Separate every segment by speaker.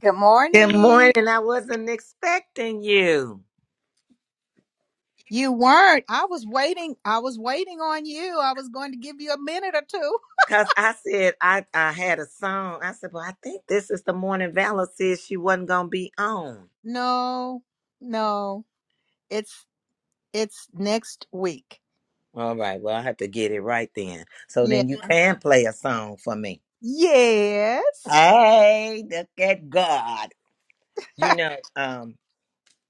Speaker 1: Good
Speaker 2: Good
Speaker 1: morning.
Speaker 2: morning. I wasn't expecting you.
Speaker 1: You weren't. I was waiting. I was waiting on you. I was going to give you a minute or two.
Speaker 2: Cause I said I, I had a song. I said, Well, I think this is the morning Valor said she wasn't gonna be on.
Speaker 1: No, no. It's it's next week.
Speaker 2: All right, well I have to get it right then. So
Speaker 1: Yeah.
Speaker 2: then you can play a song for me.
Speaker 1: Yes.
Speaker 2: Hey, look at God. You know, um,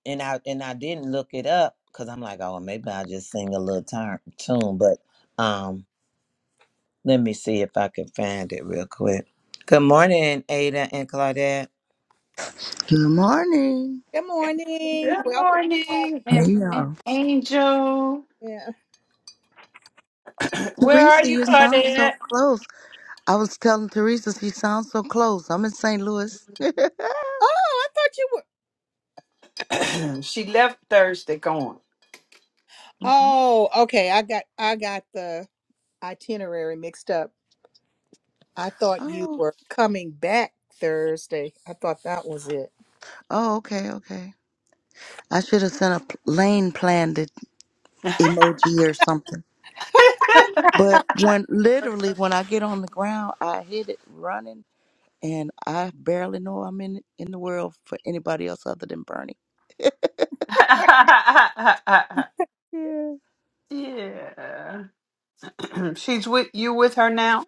Speaker 2: and I and I didn't look it up because I'm like, oh maybe I'll just sing a little turn, tune, but um let me see if I can find it real quick. Good morning, Ada and Claudette.
Speaker 3: Good morning.
Speaker 1: Good morning.
Speaker 4: Good
Speaker 1: Welcome. back.
Speaker 4: morning, and,
Speaker 3: Hey
Speaker 4: and
Speaker 3: y'all.
Speaker 4: Angel.
Speaker 1: Yeah.
Speaker 4: Where are
Speaker 3: Teresa,
Speaker 4: you,
Speaker 3: you sound so
Speaker 4: Claudette?
Speaker 3: close. I was telling Teresa she sounds so close. I'm in St. Louis.
Speaker 1: Oh, I thought you were.
Speaker 4: she left Thursday gone.
Speaker 3: hmm
Speaker 1: Oh, okay. I got I got the itinerary mixed up. I thought you
Speaker 3: Oh.
Speaker 1: were coming back Thursday. I thought that was it.
Speaker 3: Oh, okay, okay. I should have sent a p- lane planted emoji or something. But when literally when I get on the ground, I hit it running and I barely know I'm in in the world for anybody else other than Bernie. Yeah.
Speaker 4: yeah. She's with you with her now?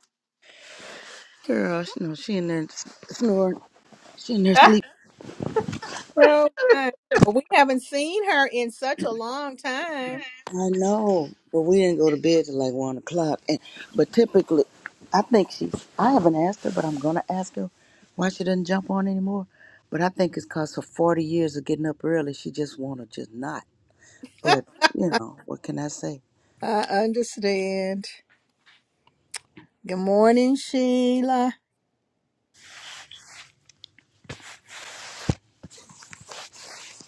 Speaker 3: Girl, she know she in there s- snoring. She in there sleeping.
Speaker 1: So much. Well, We haven't seen her in such a long time.
Speaker 3: I know, but we didn't go to bed till like one o'clock. And but typically, I think she. I haven't asked her, but I'm gonna ask her why she doesn't jump on anymore. But I think it's cause for forty years of getting up early, she just wanna just not. But you know, what can I say?
Speaker 1: I understand. Good morning, Sheila.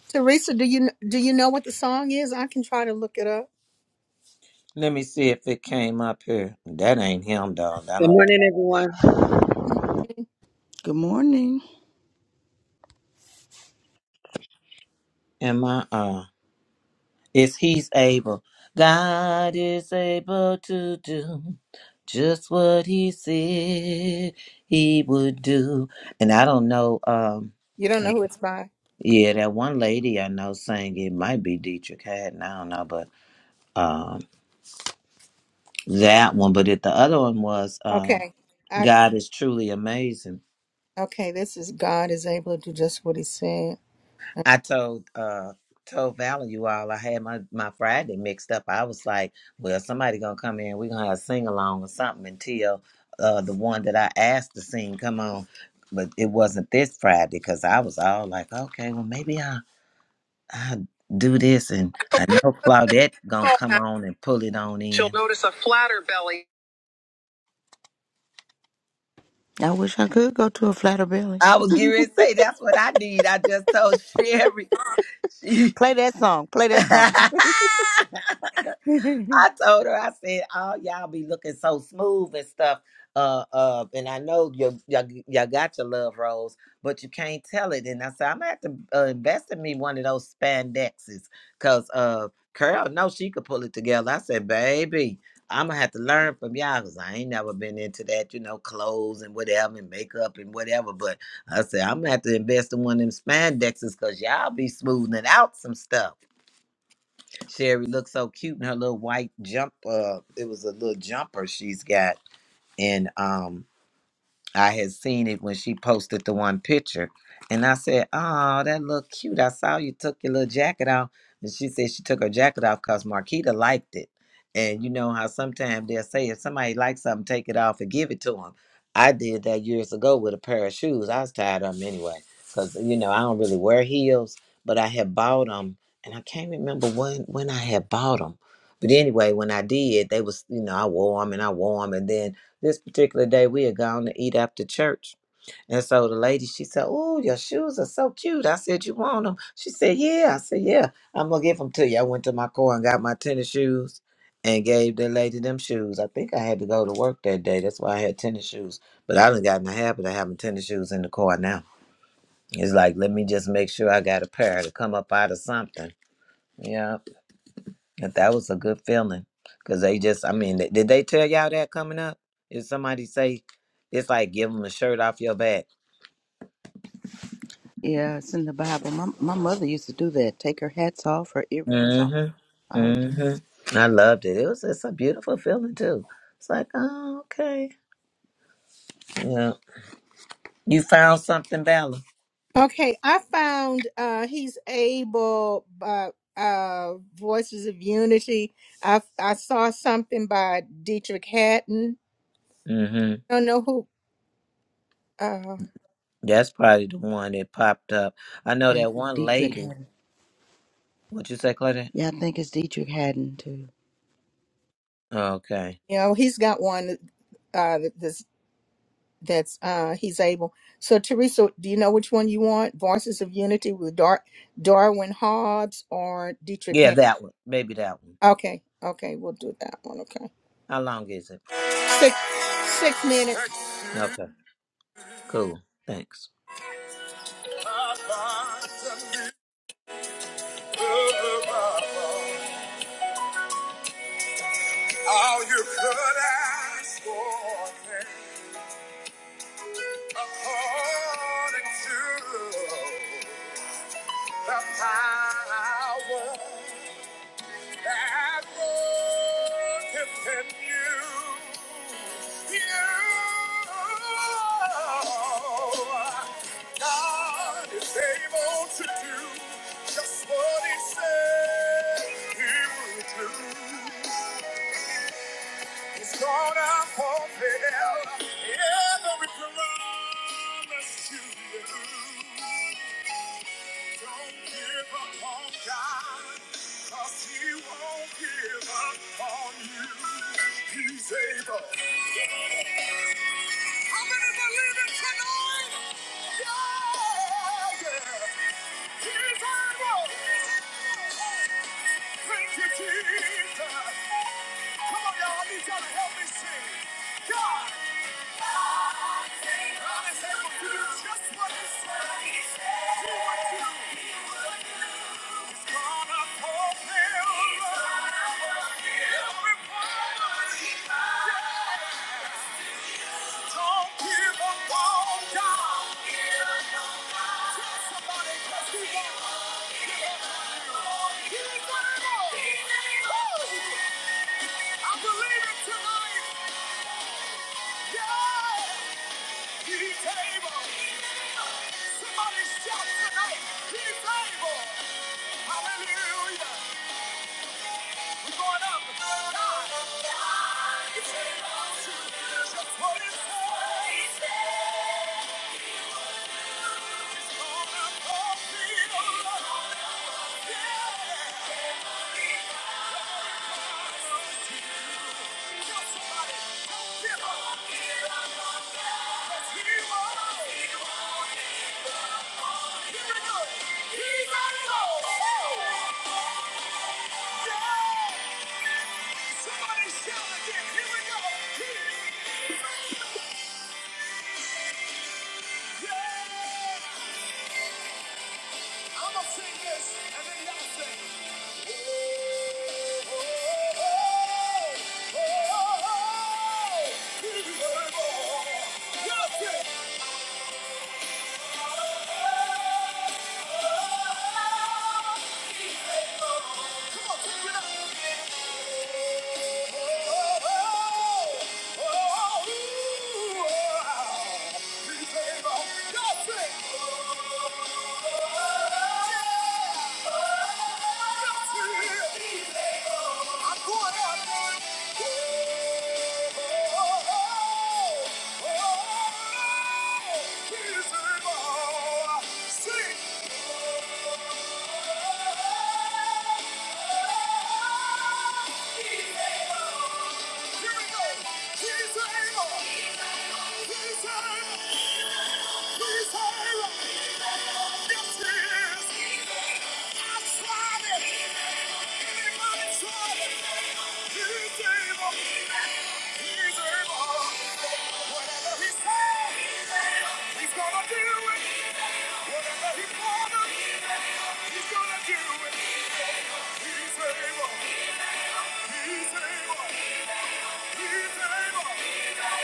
Speaker 1: Teresa, do you kn- do you know what the song is? I can try to look it up.
Speaker 2: Let me see if it came up here. That ain't him, dog. I don't.
Speaker 3: Good morning.
Speaker 2: Am I? Uh, it's he's able. God is able to do just what he said he would do. And I don't know. Um,
Speaker 1: You don't know
Speaker 2: I-
Speaker 1: who it's by.
Speaker 2: yeah, that one lady I know sang it might be Dietrich Haddon. I don't know, but um, that one. But it, the other one was um,
Speaker 1: Okay. I
Speaker 2: God is truly amazing.
Speaker 1: okay, this is God is able to do just what he said.
Speaker 2: I told uh told Val you all I had my my Friday mixed up. I was like, well, somebody gonna come in. We gonna have a sing along or something until uh the one that I asked to sing come on, but it wasn't this Friday because I was all like, okay, well maybe I I do this and I know Claudette gonna come on and pull it on
Speaker 1: She'll
Speaker 2: in.
Speaker 1: notice a flatter belly.
Speaker 3: I wish I could go to a flatter belly.
Speaker 2: I was getting ready to say that's what I need. I just told Sherry she.
Speaker 3: Play that song. Play that song.
Speaker 2: I told her, I said, "Oh, y'all be looking so smooth and stuff." Uh, uh, and I know you y'all, y'all got your love rolls, but you can't tell it. And I said, "I'm gonna have to uh, invest in me one of those spandexes, cause uh, Carol, no, she could pull it together." I said, "Baby, I'm gonna have to learn from y'all, cause I ain't never been into that, you know, clothes and whatever, and makeup and whatever." But I said, "I'm gonna have to invest in one of them spandexes, cause y'all be smoothing out some stuff." Sherry looks so cute in her little white jump. Uh, it was a little jumper she's got, and um, I had seen it when she posted the one picture. And I said, Oh, that look cute. I saw you took your little jacket off. And she said she took her jacket off because Marquita liked it. And you know how sometimes they'll say, if somebody likes something, take it off and give it to them. I did that years ago with a pair of shoes. I was tired of them anyway. Because, you know, I don't really wear heels, but I had bought them. And I can't remember when, when I had bought them. But anyway, when I did, they was, you know, I wore them and I wore them. And then this particular day, we had gone to eat after church. And so the lady, she said, Oh, your shoes are so cute. I said, You want them? She said, Yeah. I said, Yeah, I'm going to give them to you. I went to my car and got my tennis shoes and gave the lady them shoes. I think I had to go to work that day. That's why I had tennis shoes. But I done got in the habit of having tennis shoes in the car now. It's like, let me just make sure I got a pair to come up out of something. Yeah. But that was a good feeling because they just, I mean, th- did they tell y'all that coming up? Did somebody say it's like give them a shirt off your back?
Speaker 3: Yeah, it's in the Bible. My my mother used to do that. Take her hats off, her earrings off.
Speaker 2: Mm-hmm.
Speaker 3: All of that.
Speaker 2: Mm-hmm. I loved it. It was just a beautiful feeling too. It's like, oh, okay. Yeah. You found something, Bella.
Speaker 1: Okay, I found uh, he's able by uh, Voices of Unity. I I saw something by Dietrich Hatton.
Speaker 2: Mm-hmm.
Speaker 1: I don't know who. Uh,
Speaker 2: That's probably the one that popped up. I know
Speaker 3: Yeah, I
Speaker 2: that
Speaker 3: think
Speaker 2: one
Speaker 3: Dietrich
Speaker 2: lady.
Speaker 3: Haddon.
Speaker 2: What you say, Claudette?
Speaker 3: Yeah, I think it's Dietrich Haddon too.
Speaker 2: Okay.
Speaker 1: you know, he's got one uh, that's that's uh, he's able. So Teresa, do you know which one you want? Voices of Unity with Dar- Darwin Hobbs or Dietrich
Speaker 2: Yeah,
Speaker 1: Hatton?
Speaker 2: that one. Maybe that one.
Speaker 1: Okay, okay, we'll do that one. Okay,
Speaker 2: How long is it?
Speaker 1: six six minutes.
Speaker 2: Okay. Cool. Thanks.
Speaker 1: All you could ask for according to the power That worketh in you. You. God is able to do just what He said He would do. It's gonna fulfill every promise to you. Don't give up on God, 'cause he won't give up on you. He's able. How many believe it tonight? Yeah, yeah. He's able. Thank you, Jesus. Come on, y'all. I need y'all to help me sing. God. God is able to do just what he said. He said. Do what you He would do. He's gonna fulfill. Every promise. Every promise. Don't give up on God. Tell somebody, 'cause He won't. He ain't gonna know. Woo! I believe it tonight. Yeah. He's able. Somebody shout tonight. He's able. Hallelujah. We're going up. God, God, it belongs to you. That's what it says. It's on our feet, oh Lord. Yeah. Tell somebody, don't give up. Cause he won't. He won't. Here we go. He's our Lord. Yeah. Somebody shout again. Here we go. Yeah. I'ma sing this, and then y'all sing. Oh, oh, oh, oh, oh, oh, oh. Here we go. Y'all sing. That's it. Here we go. He's able. He's able. He's able. Yes, he is. I tried it. Anybody tried it? He's able. He's able. Whatever he said, he's gonna do it. Whatever he promised, he's gonna do it. He's able. He's able. He's not a man that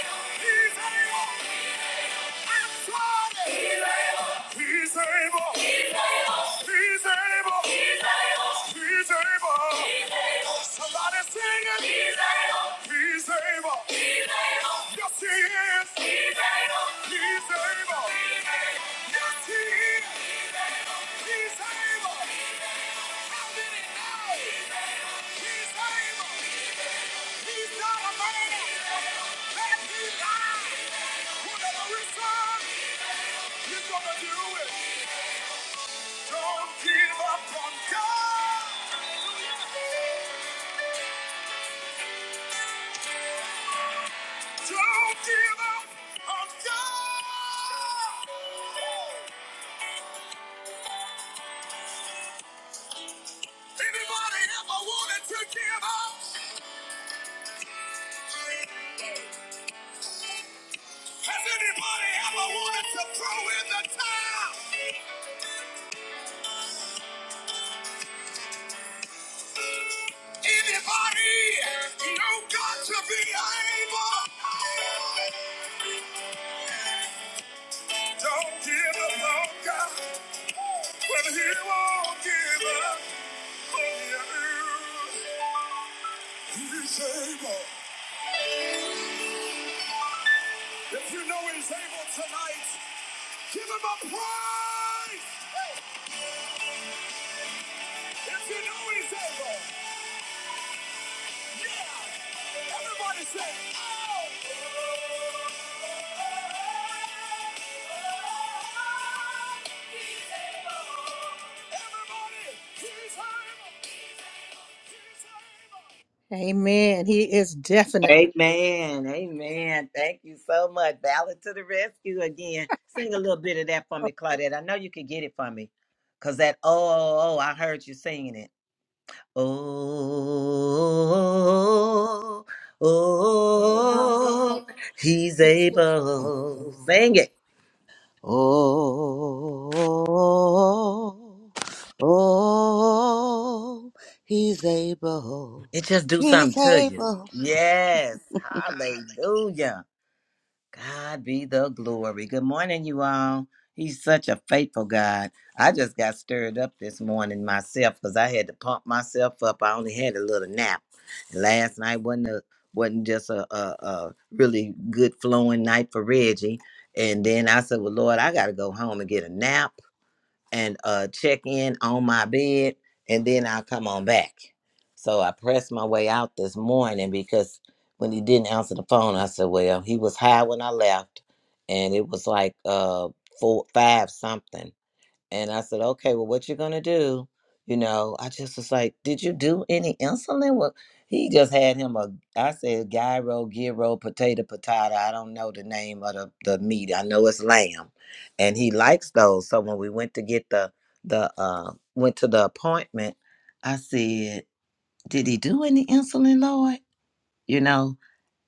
Speaker 1: he lies. Whatever is done. He's gonna do it. Don't give up on God. Don't give up on God. Anybody ever wanted to give up? Has anybody ever wanted to throw in the towel? Anybody know God to be able? Don't give up on God. Well, he won't give up. He's able. If you know he's able tonight, give him a praise. If you know he's able, yeah. Everybody say, oh. He's able. Everybody, he's able. He's able. He's able. Amen. He is definitely.
Speaker 2: Amen. Amen. Thank you so much. Valor to the rescue again. Sing a little bit of that for me, Claudette. I know you could get it for me. Cause that oh, oh, oh, I heard you singing it. Oh, oh,
Speaker 3: Oh,
Speaker 2: he's
Speaker 3: he's
Speaker 2: able.
Speaker 3: able.
Speaker 2: Sing it.
Speaker 3: Oh, oh, he's able.
Speaker 2: It just do
Speaker 3: He's
Speaker 2: something to you.
Speaker 3: able.
Speaker 2: Yes. Hallelujah. God be the glory. Good morning, you all. He's such a faithful God. I just got stirred up this morning myself because I had to pump myself up. I only had a little nap. Last night wasn't a, wasn't just a, a, a really good flowing night for Reggie. And then I said, Well, Lord, I got to go home and get a nap and uh check in on my bed and then I'll come on back. So I pressed my way out this morning because when he didn't answer the phone, I said, Well, he was high when I left and it was like uh four five something and I said, okay, well, what you gonna do? You know, I just was like, did you do any insulin? Well, he just had him a, I said, gyro, gyro, potato, potato. I don't know the name of the, the meat. I know it's lamb, and he likes those. So when we went to get the the uh, went to the appointment, I said, did he do any insulin, Lord? You know,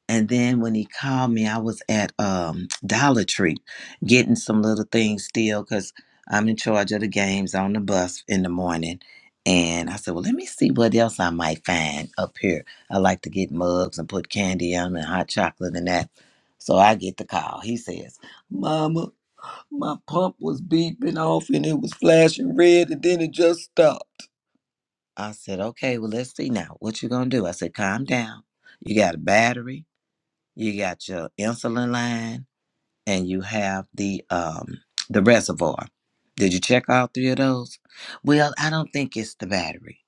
Speaker 2: and then when he called me, I was at um, Dollar Tree getting some little things still because I'm in charge of the games on the bus in the morning. And I said, well, let me see what else I might find up here. I like to get mugs and put candy on 'em and hot chocolate and that. So I get the call. He says, Mama, my pump was beeping off and it was flashing red and then it just stopped. I said, okay, well, let's see now. What you going to do? I said, calm down. You got a battery. You got your insulin line and you have the um the reservoir. Did you check all three of those? Well, I don't think it's the battery.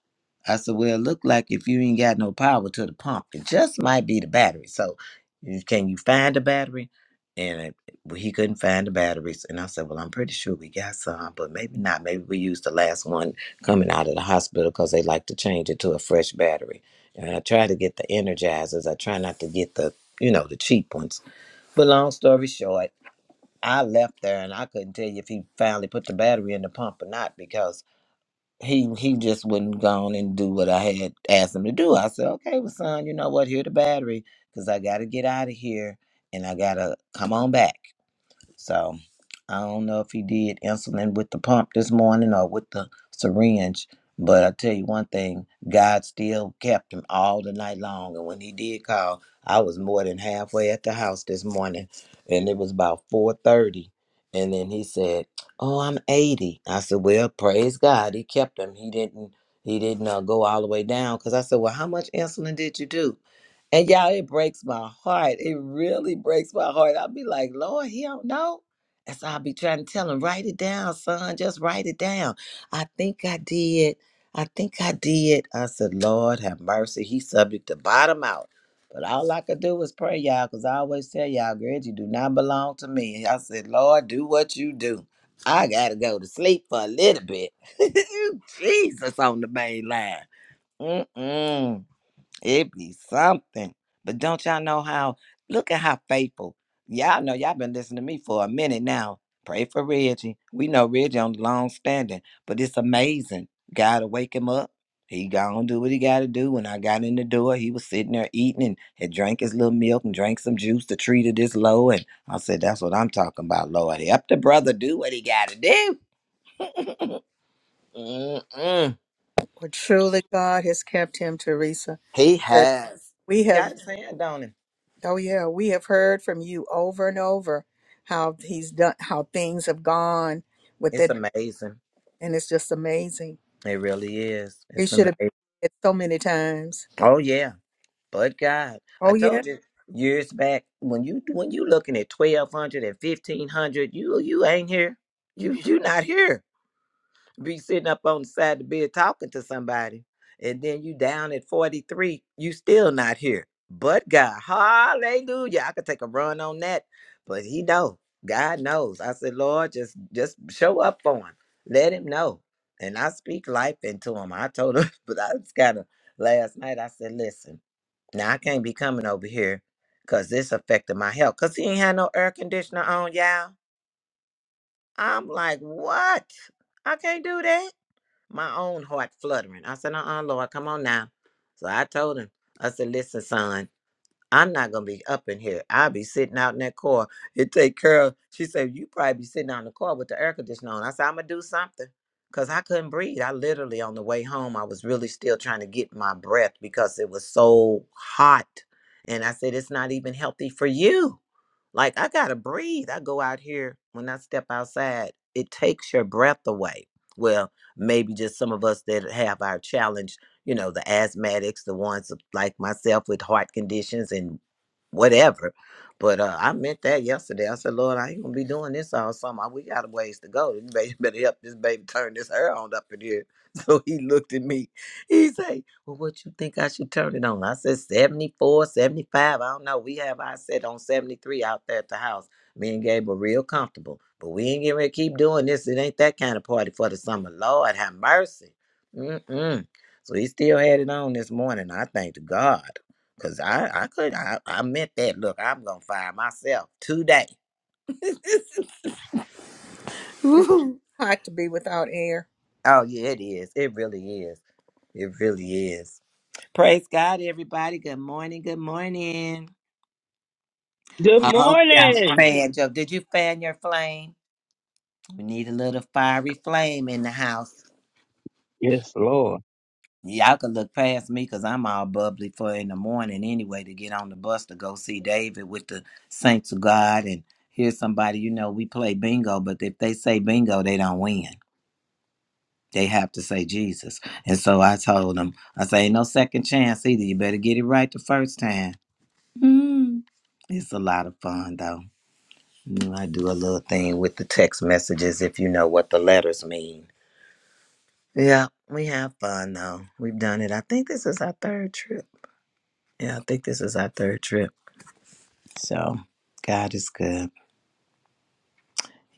Speaker 2: I said, well, it look like if you ain't got no power to the pump, it just might be the battery. So, you- can you find the battery? And it, well, he couldn't find the batteries. And I said, well, I'm pretty sure we got some, but maybe not. Maybe we used the last one coming out of the hospital because they like to change it to a fresh battery. And I try to get the energizers. I try not to get the, you know, the cheap ones. But long story short. I left there and I couldn't tell you if he finally put the battery in the pump or not because he he just wouldn't go on and do what I had asked him to do. I said, okay, well, son, you know what? Here the battery because I got to get out of here and I got to come on back. So I don't know if he did insulin with the pump this morning or with the syringe, but I tell you one thing, God still kept him all the night long. And when he did call, I was more than halfway at the house this morning, and it was about four thirty. And then he said, "Oh, I'm 80." I said, "Well, praise God, he kept him. He didn't." He didn't uh, go all the way down because I said, "Well, how much insulin did you do?" And y'all, it breaks my heart. It really breaks my heart. I'll be like, Lord, he don't know. And so I'll be trying to tell him, write it down, son. Just write it down. I think I did. I think I did. I said, Lord, have mercy. He's subject to bottom out. But all I could do was pray, y'all, because I always tell y'all, girl, you do not belong to me. I said, Lord, do what you do. I got to go to sleep for a little bit. Jesus on the main line. Mm-mm. It be something. But don't y'all know how? Look at how faithful. Y'all know y'all been listening to me for a minute now. Pray for Reggie. We know Reggie on the long standing, but it's amazing. God to wake him up. He gone do what he got to do. When I got in the door, he was sitting there eating and had drank his little milk and drank some juice to treat it this low. And I said, "That's what I'm talking about, Lord. Help the brother do what he got to do." Mm-mm.
Speaker 1: Well, truly, God has kept him, Teresa.
Speaker 2: He
Speaker 1: That
Speaker 2: has
Speaker 1: We
Speaker 2: got
Speaker 1: have,
Speaker 2: his hand on him.
Speaker 1: oh yeah, we have heard from you over and over how he's done, how things have gone with
Speaker 2: It's
Speaker 1: it,
Speaker 2: amazing.
Speaker 1: and it's just amazing.
Speaker 2: It really is.
Speaker 1: He
Speaker 2: It's
Speaker 1: should have
Speaker 2: amazing.
Speaker 1: been dead so many times.
Speaker 2: Oh yeah, but God, I
Speaker 1: Oh yeah.
Speaker 2: told you years back when you when you looking at 1200 and 1500, you you ain't here. You you not here be sitting up on the side of the bed talking to somebody, and then you down at 43, you still not here. But God, hallelujah. I could take a run on that, but he know. God knows. I said, Lord, just just show up for him. Let him know. And I speak life into him. I told him, but I was kind of last night. I said, listen, now I can't be coming over here because this affected my health. Cause he ain't had no air conditioner on, y'all. I'm like, what? I can't do that my own heart fluttering. I said, uh uh Lord, come on now. So I told him, I said, listen, son, I'm not gonna be up in here. I'll be sitting out in that car and take care of she said, You probably be sitting out in the car with the air conditioner on. I said, I'm gonna do something. Cause I couldn't breathe. I literally on the way home, I was really still trying to get my breath because it was so hot. And I said, It's not even healthy for you. Like I gotta breathe. I go out here when I step outside, it takes your breath away. Well, maybe just some of us that have our challenge, you know, the asthmatics, the ones like myself with heart conditions and whatever. But uh, I meant that yesterday. I said, Lord, I ain't gonna be doing this all summer. We got a ways to go. You better better help this baby turn this hair on up in here. So he looked at me. He say, well, what you think I should turn it on? I said 74, 75. I don't know. We have I said on 73 out there at the house. Me and Gabe are real comfortable. But we ain't getting ready to keep doing this. It ain't that kind of party for the summer. Lord have mercy. Mm-mm. So he still had it on this morning. I thank to God. Cause I, I could I, I meant that. Look, I'm gonna fire myself today.
Speaker 1: It's
Speaker 2: Woo.
Speaker 1: hot to be without air.
Speaker 2: Oh yeah, it is. It really is. It really is. Praise God, everybody. Good morning. Good morning.
Speaker 5: Good
Speaker 2: I hope y'all
Speaker 5: morning.
Speaker 2: fanned up. Did you fan your flame? We need a little fiery flame in the house.
Speaker 5: Yes, Lord.
Speaker 2: Y'all can look past me because I'm all bubbly for in the morning anyway to get on the bus to go see David with the Saints of God and here's somebody, you know, we play bingo, but if they say bingo, they don't win. They have to say Jesus. And so I told them, I say, "Ain't no second chance either. You better get it right the first time. Mm. It's a lot of fun though. Mm, I do a little thing with the text messages if you know what the letters mean. Yeah, we have fun though. We've done it. I think this is our third trip. Yeah, I think this is our third trip. So God is good.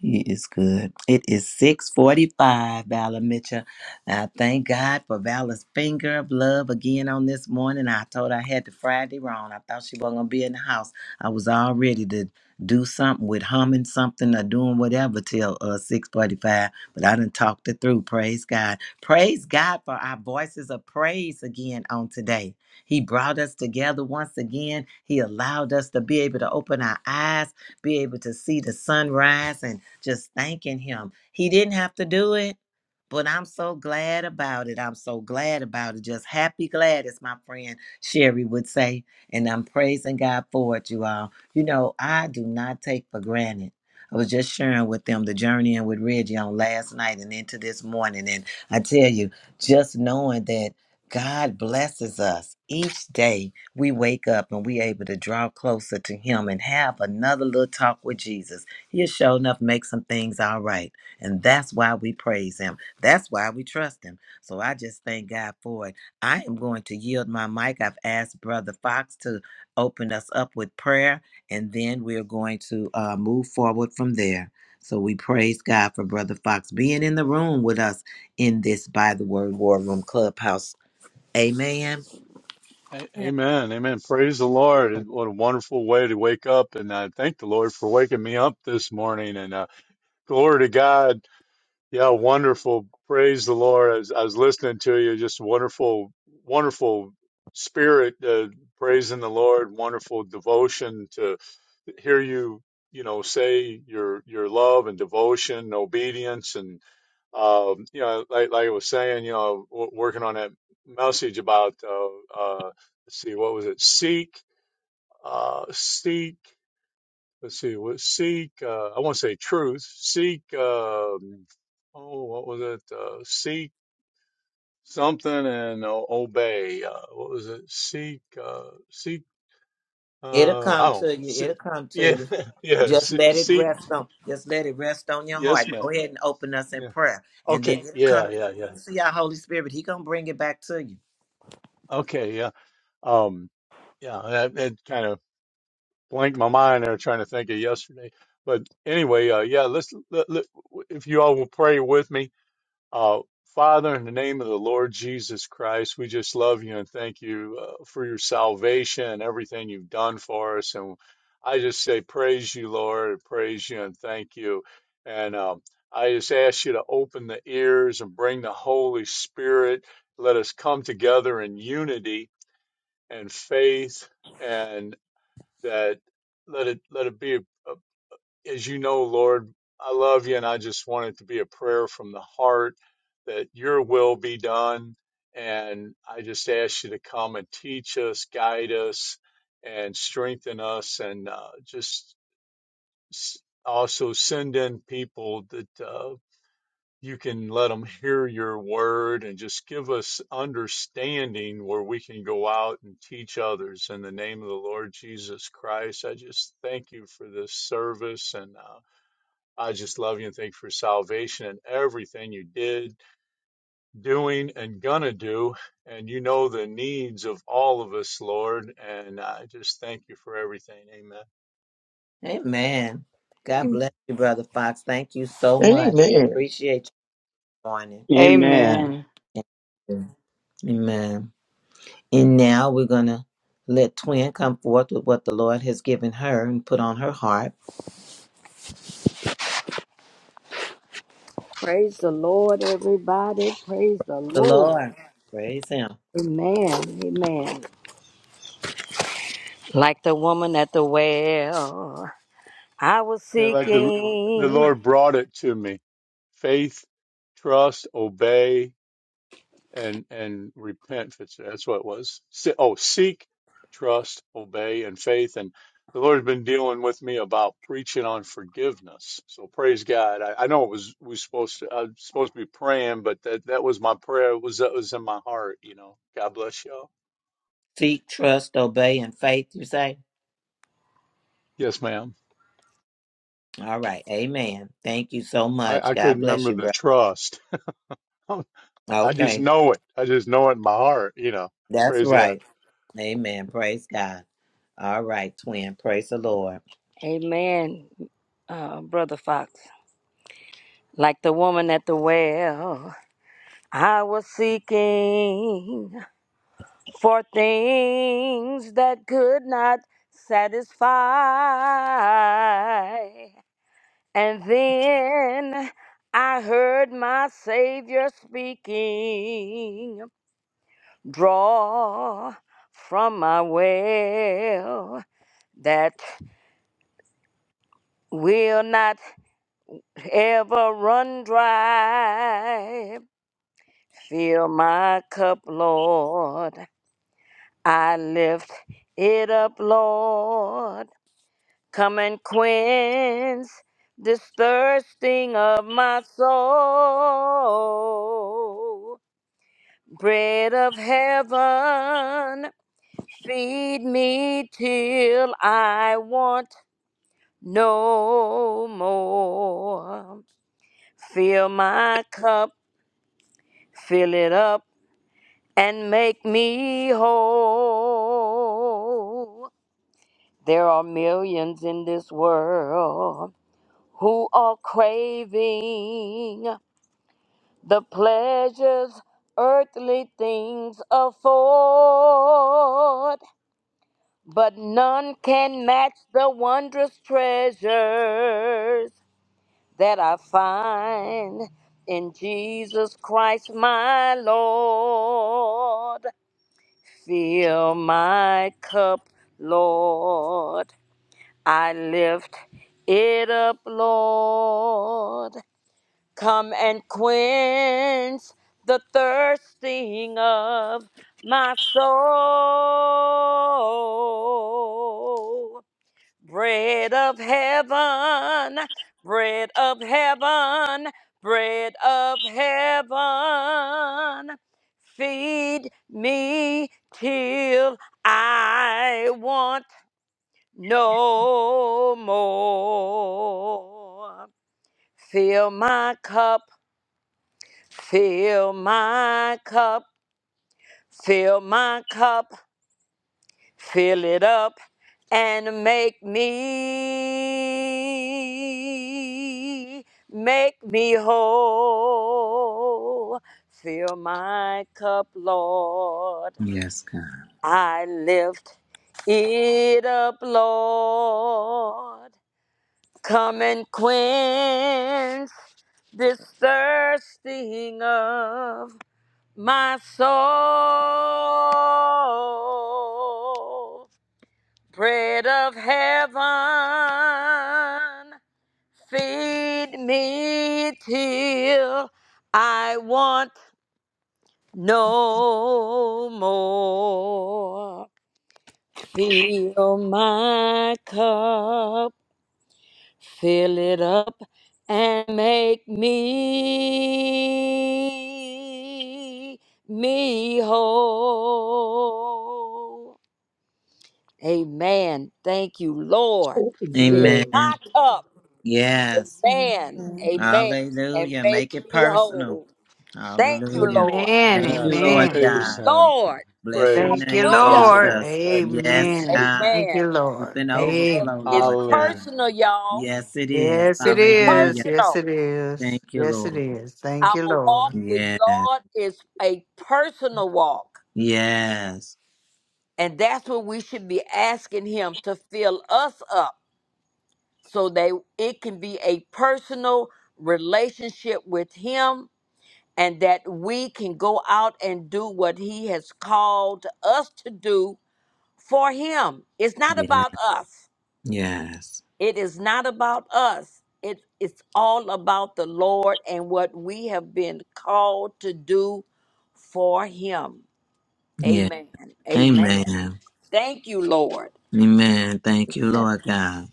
Speaker 2: He is good. It is 645, Valor Mitchell. I thank God for Valor's finger of love again on this morning. I told her I had the Friday wrong. I thought she wasn't going to be in the house. I was all ready to do something with humming something or doing whatever till uh, 645, but I didn't talk it through. Praise God. Praise God for our voices of praise again on today. He brought us together once again. He allowed us to be able to open our eyes be able to see the sunrise and just thanking him. He didn't have to do it. But I'm so glad about it. I'm so glad about it. Just happy glad, as my friend Sherry would say. And I'm praising God for it, you all. You know, I do not take for granted. I was just sharing with them the journey and with Reggie on last night and into this morning. And I tell you, just knowing that God blesses us each day we wake up and we able to draw closer to Him and have another little talk with Jesus. He'll sure enough make some things all right. And that's why we praise Him. That's why we trust him. So I just thank God for it. I am going to yield my mic. I've asked Brother Fox to open us up with prayer, and then we're going to uh, move forward from there. So we praise God for Brother Fox being in the room with us in this By the Word War Room Clubhouse. Amen.
Speaker 6: A-
Speaker 1: Yeah.
Speaker 6: Amen. Amen. Praise the Lord. And What a wonderful way to wake up. And I thank the Lord for waking me up this morning. And uh, glory to God. Yeah, wonderful. Praise the Lord. As I was listening to you, just wonderful, wonderful spirit uh, praising the Lord, wonderful devotion hear you, you know, say your your love and devotion, and obedience, and um, you know, like like I was saying, you know, w- working on that message about uh, uh, let's see, what was it? Seek, uh, seek. Let's see, what seek? Uh, I want to say truth. Seek. Um, oh, what was it? Uh, seek something and o- obey. Uh, what was it? Seek. Uh, seek.
Speaker 2: It'll
Speaker 6: Uh, I
Speaker 2: come
Speaker 6: don't.
Speaker 2: to you.
Speaker 6: Seek,
Speaker 2: It'll come to
Speaker 6: yeah,
Speaker 2: you.
Speaker 6: yeah.
Speaker 2: Just
Speaker 6: se-
Speaker 2: let it
Speaker 6: Seek.
Speaker 2: rest on. Just let it rest on your heart.
Speaker 6: Yes, ma'am.
Speaker 2: Go ahead and open us in
Speaker 6: Yeah.
Speaker 2: prayer, and
Speaker 6: Okay.
Speaker 2: then it'll come
Speaker 6: Yeah.
Speaker 2: to
Speaker 6: Yeah. Yeah.
Speaker 2: you. You see our Holy Spirit. He gonna bring it back to you.
Speaker 6: Okay. Yeah. Um. Yeah. That, that kind of blanked my mind. there trying to think of yesterday, but anyway. Uh. Yeah. Let's. Let, let, if you all will pray with me, Uh, Father, in the name of the Lord Jesus Christ, we just love you and thank you uh, for your salvation and everything you've done for us. And I just say, praise you, Lord, praise you and thank you. And um, I just ask you to open the ears and bring the Holy Spirit. Let us come together in unity and faith, and that let it let it be. a, as you know, Lord, I love you, and I just want it to be a prayer from the heart that your will be done. And I just ask you to come and teach us, guide us, and strengthen us, and uh, just s- also send in people that uh, you can let them hear your word and just give us understanding where we can go out and teach others. In the name of the Lord Jesus Christ, I just thank you for this service and. Uh, I just love you and thank you for salvation and everything you did, doing, and gonna do. And you know the needs of all of us, Lord. And I just thank you for everything. Amen.
Speaker 2: Amen. God
Speaker 1: Amen.
Speaker 2: bless you, brother Fox. Thank you so
Speaker 7: Amen.
Speaker 2: much. We appreciate you joining.
Speaker 5: Amen.
Speaker 4: amen.
Speaker 2: Amen. And now we're gonna let Twin come forth with what the Lord has given her and put on her heart.
Speaker 8: Praise the Lord, everybody. Praise the
Speaker 2: The
Speaker 8: Lord.
Speaker 2: Lord, praise Him.
Speaker 8: Amen. Amen. Like the woman at the well, I was
Speaker 6: And like the the
Speaker 8: seeking.
Speaker 6: Lord brought it to me. Faith, trust, obey, and and repent. It's, that's what it was. Se- oh, seek, trust, obey, and faith. And the Lord's been dealing with me about preaching on forgiveness. So praise God. I, I know it was we supposed to I was supposed to be praying, but that that was my prayer. It was that was in my heart. You know. God bless y'all.
Speaker 2: Seek, trust, obey, and faith. You say.
Speaker 6: Yes, ma'am.
Speaker 2: All right. Amen. Thank you so much.
Speaker 6: I I
Speaker 2: God
Speaker 6: couldn't
Speaker 2: bless
Speaker 6: remember
Speaker 2: you,
Speaker 6: the
Speaker 2: brother.
Speaker 6: trust. I just
Speaker 2: Okay.
Speaker 6: know it. I just know it in my heart. You know.
Speaker 2: That's
Speaker 6: Praise God.
Speaker 2: right. Amen. Praise God. All right, twin. Praise the Lord.
Speaker 8: Amen, uh, Brother Fox. Like the woman at the well, I was seeking for things that could not satisfy. And then I heard my Savior speaking, Draw from my well that will not ever run dry. Fill my cup, Lord. I lift it up, Lord. Come and quench this thirsting of my soul. Bread of heaven, feed me till I want no more. Fill my cup, fill it up, and make me whole. There are millions in this world who are craving the pleasures earthly things afford. But none can match the wondrous treasures that I find in Jesus Christ, my Lord. Fill my cup, Lord. I lift it up, Lord. Come and quench the thirsting of my soul. Bread of heaven, bread of heaven, bread of heaven. Feed me till I want no more. Fill my cup, fill my cup, fill my cup. Fill it up and make me, make me whole. Fill my cup, Lord.
Speaker 2: Yes, God.
Speaker 8: I lift it up, Lord. Come and quench this thirsting of my soul. Bread of heaven, feed me till I want no more. Fill my cup, fill it up, and make me me whole. Amen. Thank you, Lord. Fill
Speaker 2: Amen.
Speaker 7: Amen.
Speaker 8: my cup.
Speaker 2: Yes.
Speaker 8: Amen.
Speaker 1: Amen.
Speaker 8: Amen. And
Speaker 2: Hallelujah.
Speaker 8: make
Speaker 2: Make it
Speaker 8: me
Speaker 2: personal.
Speaker 8: whole. Thank you,
Speaker 2: Hallelujah.
Speaker 8: Lord.
Speaker 4: Amen.
Speaker 2: Thank you,
Speaker 6: Yes,
Speaker 8: Thank
Speaker 2: Lord
Speaker 4: Amen.
Speaker 8: you,
Speaker 6: praise
Speaker 2: God.
Speaker 6: Him.
Speaker 8: Lord.
Speaker 2: Bless your
Speaker 6: Praise
Speaker 4: Thank you,
Speaker 6: Him.
Speaker 2: name,
Speaker 6: Praise the
Speaker 8: Hallelujah.
Speaker 4: Lord.
Speaker 6: Lord.
Speaker 2: Jesus.
Speaker 6: Thank you,
Speaker 2: Yes,
Speaker 4: Amen.
Speaker 6: Jesus.
Speaker 2: God.
Speaker 4: Thank
Speaker 8: Amen.
Speaker 4: you,
Speaker 2: With
Speaker 4: Lord.
Speaker 2: an
Speaker 8: Amen.
Speaker 2: overflow,
Speaker 4: Amen.
Speaker 8: It's
Speaker 2: Lord
Speaker 6: Hallelujah.
Speaker 2: God.
Speaker 8: personal, y'all.
Speaker 2: Yes, it is.
Speaker 4: Yes, it
Speaker 8: It's
Speaker 4: is.
Speaker 2: Hallelujah.
Speaker 4: Yes,
Speaker 8: personal.
Speaker 4: it
Speaker 2: Thank
Speaker 4: is.
Speaker 2: you,
Speaker 4: Yes, it
Speaker 2: Lord.
Speaker 4: is. Thank
Speaker 8: Our
Speaker 4: you,
Speaker 8: walk
Speaker 4: Lord.
Speaker 8: with
Speaker 2: Yes.
Speaker 8: God is a personal walk.
Speaker 2: Yes.
Speaker 8: And that's what we should be asking Him to fill us up so that it can be a personal relationship with Him and that we can go out and do what he has called us to do for him. It's not
Speaker 2: Yes.
Speaker 8: about us.
Speaker 2: Yes.
Speaker 8: It is not about us. It, it's all about the Lord and what we have been called to do for him.
Speaker 2: Yeah.
Speaker 8: Amen. Amen.
Speaker 2: Amen.
Speaker 8: Thank you, Lord.
Speaker 2: Amen. Thank you, Lord God.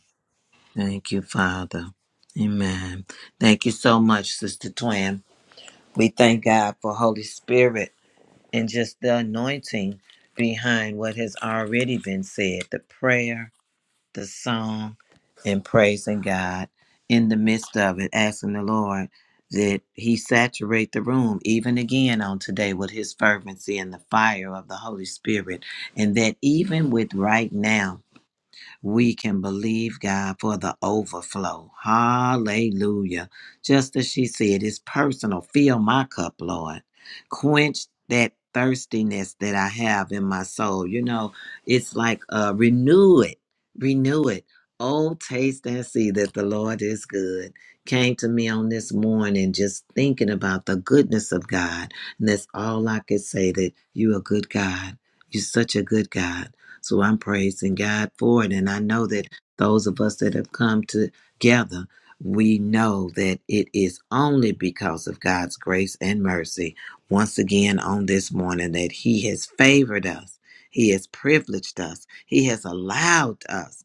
Speaker 2: Thank you, Father. Amen. Thank you so much, Sister Twin. We thank God for Holy Spirit and just the anointing behind what has already been said, the prayer, the song and praising God in the midst of it, asking the Lord that He saturate the room even again on today with His fervency and the fire of the Holy Spirit, and that even with right now we can believe God for the overflow. Hallelujah. Just as she said, it's personal. Fill my cup, Lord. Quench that thirstiness that I have in my soul. You know, it's like uh, renew it, renew it. Oh, taste and see that the Lord is good. Came to me on this morning just thinking about the goodness of God. And that's all I could say that you a good God. You're such a good God. So I'm praising God for it. And I know that those of us that have come together, we know that it is only because of God's grace and mercy, once again on this morning, that He has favored us. He has privileged us. He has allowed us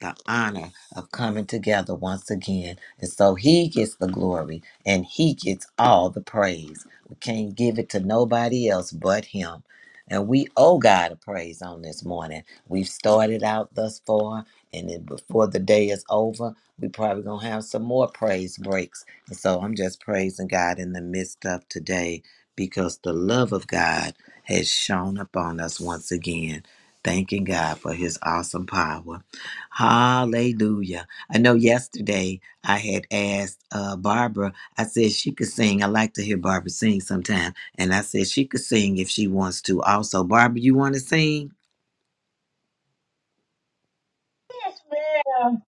Speaker 2: the honor of coming together once again. And so he gets the glory and he gets all the praise. We can't give it to nobody else but him. And we owe God a praise on this morning. We've started out thus far, and then before the day is over, we probably gonna have some more praise breaks. And so I'm just praising God in the midst of today because the love of God has shone upon us once again. Thanking God for his awesome power Hallelujah. I know yesterday I had asked uh, Barbara, I said she could sing. I like to hear Barbara sing sometime. And I said she could sing if she wants to also. Barbara, you want to sing?
Speaker 9: ma'am.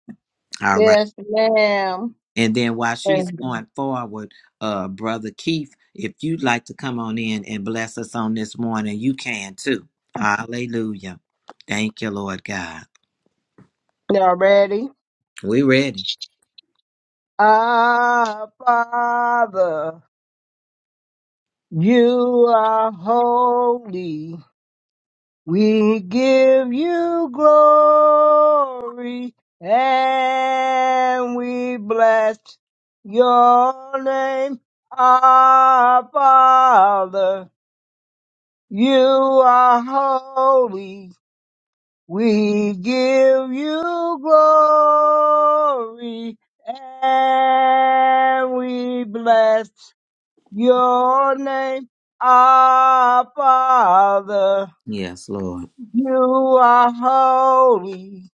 Speaker 2: All right.
Speaker 9: Yes, ma'am.
Speaker 2: And then while she's
Speaker 9: And
Speaker 2: going forward, uh, Brother Keith, if you'd like to come on in and bless us on this morning, you can too. Hallelujah. Thank you, Lord God.
Speaker 9: Y'all ready?
Speaker 2: We ready.
Speaker 9: Our Father, you are holy. We give you glory and we bless your name. Our Father, you are holy. We give you glory and we bless your name, our Father.
Speaker 2: Yes, Lord.
Speaker 9: You are holy.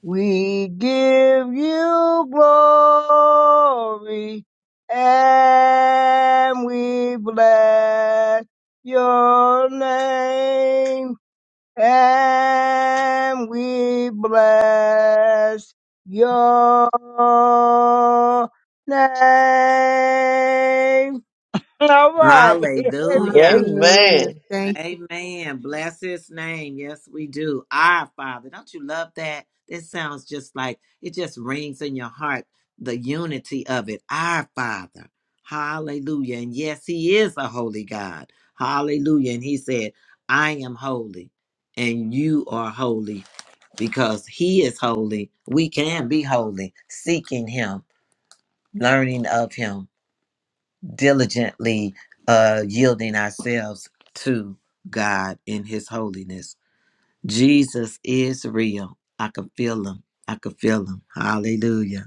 Speaker 9: We give you glory and we bless your name and we bless your name. All right.
Speaker 2: Hallelujah.
Speaker 1: Hallelujah.
Speaker 7: Amen.
Speaker 1: Thank
Speaker 2: Amen. Bless his name. Yes, we do. Our Father. Don't you love that? This sounds just like it just rings in your heart the unity of it. Our Father. Hallelujah. And yes, he is a holy God. Hallelujah. And he said, I am holy and you are holy because he is holy. We can be holy, seeking him, learning of him diligently uh, yielding ourselves to God in His holiness. Jesus is real. I can feel Him. I can feel Him. Hallelujah.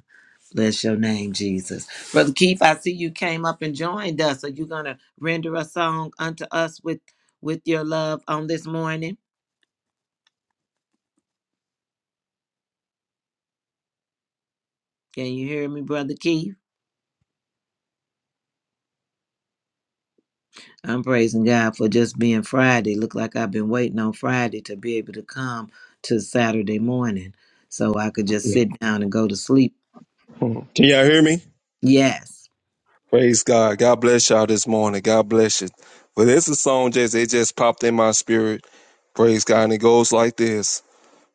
Speaker 2: Bless your name, Jesus. Brother Keith, I see you came up and joined us. Are you going to render a song unto us with, with your love on this morning? Can you hear me, Brother Keith? I'm praising God for just being Friday. Look like I've been waiting on Friday to be able to come to Saturday morning so I could just sit down and go to sleep.
Speaker 10: Can y'all hear me?
Speaker 2: Yes,
Speaker 10: Praise God. God bless y'all this morning. God bless you. But this is a song just it just popped in my spirit. Praise God. And it goes like this.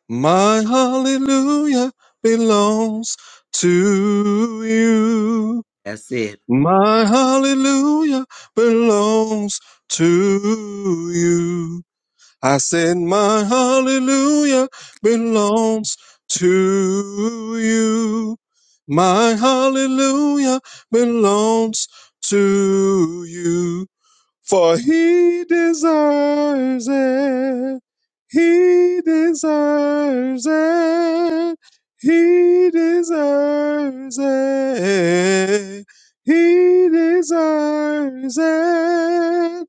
Speaker 10: My hallelujah belongs to you.
Speaker 2: that's it.
Speaker 10: My hallelujah belongs to you. I said, My hallelujah belongs to you. My hallelujah belongs to you. For he deserves it. He deserves it. He deserves it. He deserves it.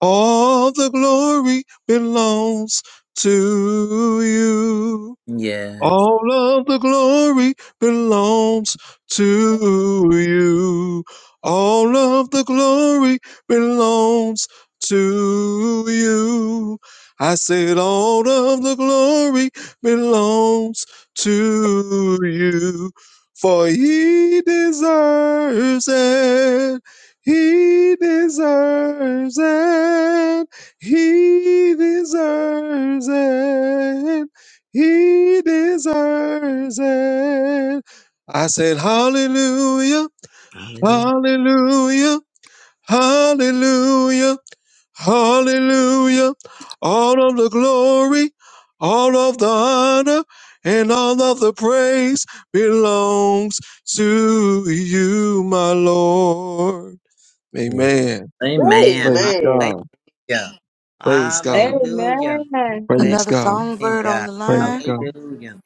Speaker 10: All the glory belongs to you.
Speaker 2: Yes.
Speaker 10: All of the glory belongs to you. All of the glory belongs to you. I said, All of the glory belongs to you. For he deserves it. He deserves it. He deserves it. He deserves it. I said, Hallelujah,
Speaker 2: Hallelujah.
Speaker 10: Hallelujah, Hallelujah, Hallelujah. All of the glory, all of the honor, and all of the praise belongs to you, my Lord.
Speaker 2: Yes.
Speaker 10: Amen.
Speaker 2: Amen.
Speaker 10: Praise
Speaker 7: Amen.
Speaker 10: God.
Speaker 2: Hallelujah.
Speaker 10: Praise God.
Speaker 9: Amen.
Speaker 2: Hallelujah.
Speaker 9: Amen.
Speaker 2: Bless
Speaker 10: Praise
Speaker 3: Another
Speaker 2: your
Speaker 10: God.
Speaker 2: name,
Speaker 3: songbird on
Speaker 2: God.
Speaker 3: the
Speaker 10: Praise
Speaker 3: line.
Speaker 10: God.
Speaker 2: Hallelujah.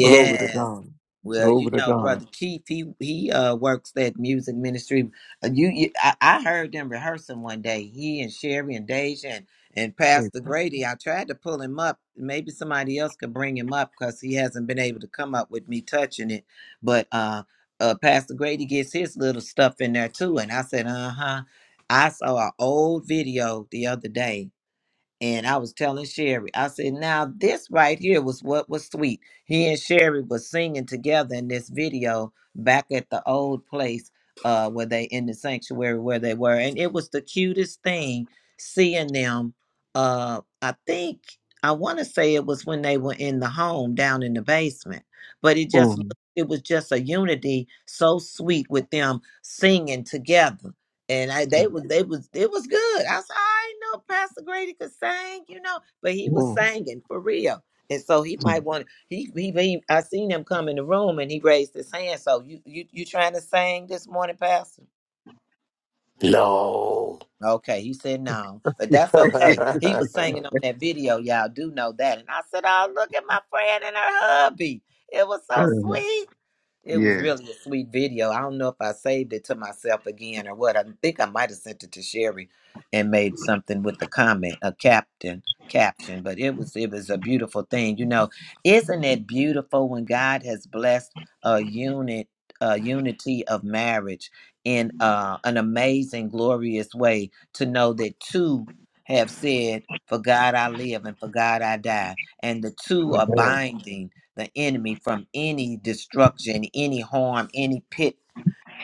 Speaker 10: Glory
Speaker 3: Amen.
Speaker 10: to God.
Speaker 2: Well,
Speaker 10: Glory
Speaker 2: you
Speaker 10: to
Speaker 2: know, brother
Speaker 10: God.
Speaker 2: Keith, he he uh works at music ministry. Uh, you, you I, I heard them rehearsing one day. He and Sherry and Deja and, and Pastor Grady. I tried to pull him up. Maybe somebody else could bring him up because he hasn't been able to come up with me touching it. But uh, uh, Pastor Grady gets his little stuff in there too. And I said, uh huh. I saw an old video the other day and I was telling Sherry, I said, now this right here was what was sweet. He and Sherry was singing together in this video back at the old place uh, where they in the sanctuary where they were. And it was the cutest thing seeing them. Uh, I think, I want to say it was when they were in the home down in the basement, but it just,
Speaker 10: Oh
Speaker 2: looked- it was just a unity so sweet with them singing together and I
Speaker 10: Yeah.
Speaker 2: they was they was it was good. I said I didn't know Pastor Grady could sing, you know, but he was
Speaker 10: Oh
Speaker 2: singing for real. And so he might want to, he, he he I seen him come in the room and he raised his hand. So you you you trying to sing this morning, Pastor?
Speaker 11: No.
Speaker 2: Okay, he said no, but that's
Speaker 10: Yeah.
Speaker 2: okay. He was singing on that video, y'all do know that. And I said, oh look at my friend and her hubby. It was so sweet. It was
Speaker 10: yes.
Speaker 2: really a sweet video. I don't know if I saved it to myself again or what. I think I might have sent it to Sherry and made something with the comment, a captain caption. But it was it was a beautiful thing. You know, isn't it beautiful when God has blessed a unit a unity of marriage in uh, an amazing, glorious way to know that two have said, For God I live and for God I die. And the two are binding the enemy from any destruction, any harm, any pit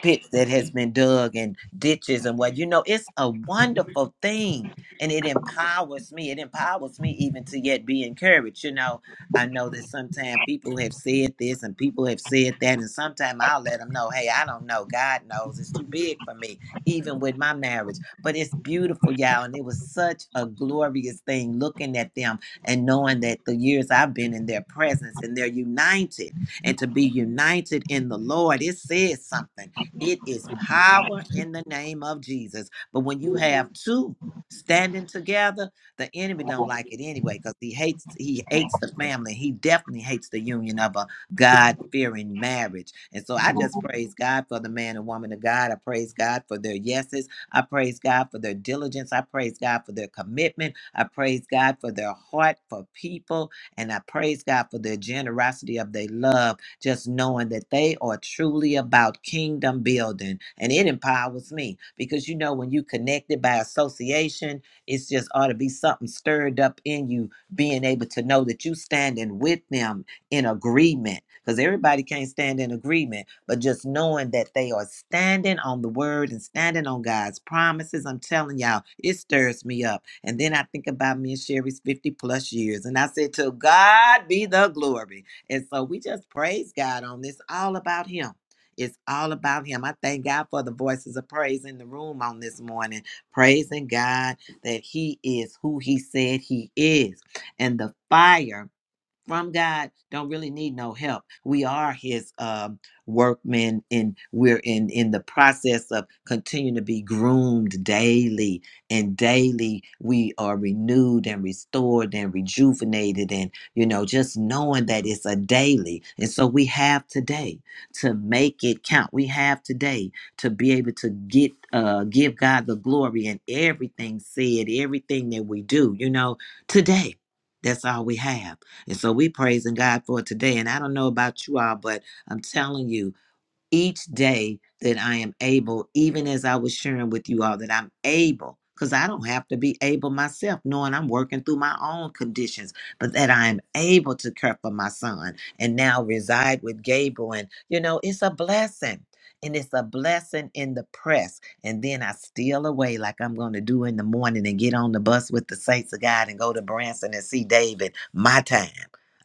Speaker 2: pits that has been dug and ditches and what you know it's a wonderful thing and it empowers me it empowers me even to yet be encouraged you know i know that sometimes people have said this and people have said that and sometimes i'll let them know hey i don't know god knows it's too big for me even with my marriage but it's beautiful y'all and it was such a glorious thing looking at them and knowing that the years i've been in their presence and they're united and to be united in the lord it says something it is power in the name of Jesus. But when you have two standing together, the enemy don't like it anyway because he hates he hates the family. He definitely hates the union of a God fearing marriage. And so I just praise God for the man and woman of God. I praise God for their yeses. I praise God for their diligence. I praise God for their commitment. I praise God for their heart for people. And I praise God for their generosity of their love just knowing that they are truly about kingdom building. And it empowers me because you know, when you connected by association, it's just ought to be something stirred up in you, being able to know that you standing with them in agreement. Because everybody can't stand in agreement, but just knowing that they are standing on the word and standing on God's promises, I'm telling y'all, it stirs me up. And then I think about me and Sherry's 50 plus years. And I said, To God be the glory. And so we just praise God on this. All about Him. It's all about Him. I thank God for the voices of praise in the room on this morning, praising God that He is who He said He is. And the fire from God don't really need no help. We are His um, workmen, and we're in in the process of continuing to be groomed daily, and daily we are renewed and restored and rejuvenated, and you know just knowing that it's a daily, and so we have today to make it count. We have today to be able to get uh, give God the glory in everything said, everything that we do. You know today. That's all we have and so we praising God for it today. And I don't know about you all, but I'm telling you, each day that I am able, even as I was sharing with you all, that I'm able, because I don't have to be able myself, knowing I'm working through my own conditions, but that I am able to care for my son and now reside with Gabriel. And, you know, it's a blessing. And it's a blessing in the press. And then I steal away like I'm going to do in the morning and get on the bus with the saints of God and go to Branson and see David, my time.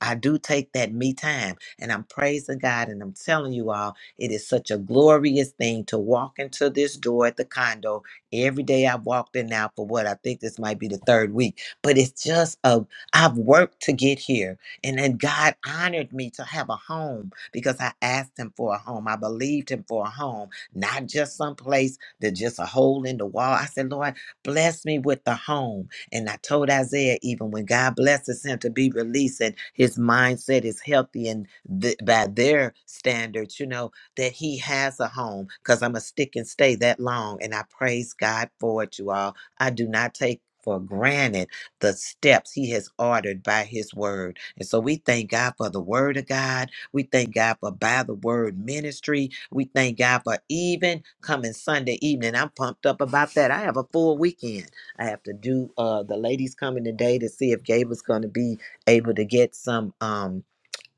Speaker 2: I do take that me time. And I'm praising God. And I'm telling you all, it is such a glorious thing to walk into this door at the condo. Every day I've walked in now for what I think this might be the third week, but it's just a I've worked to get here. And then God honored me to have a home because I asked him for a home. I believed him for a home, not just some place that just a hole in the wall. I said, Lord, bless me with the home. And I told Isaiah, even when God blesses him to be released and his mindset is healthy and th- by their standards, you know, that he has a home because I'm going to stick and stay that long. And I praise God for it, you all. I do not take for granted the steps he has ordered by his word. And so we thank God for the word of God. We thank God for by the word ministry. We thank God for even coming Sunday evening. I'm pumped up about that. I have a full weekend. I have to do uh the ladies coming today to see if Gabe is going to be able to get some um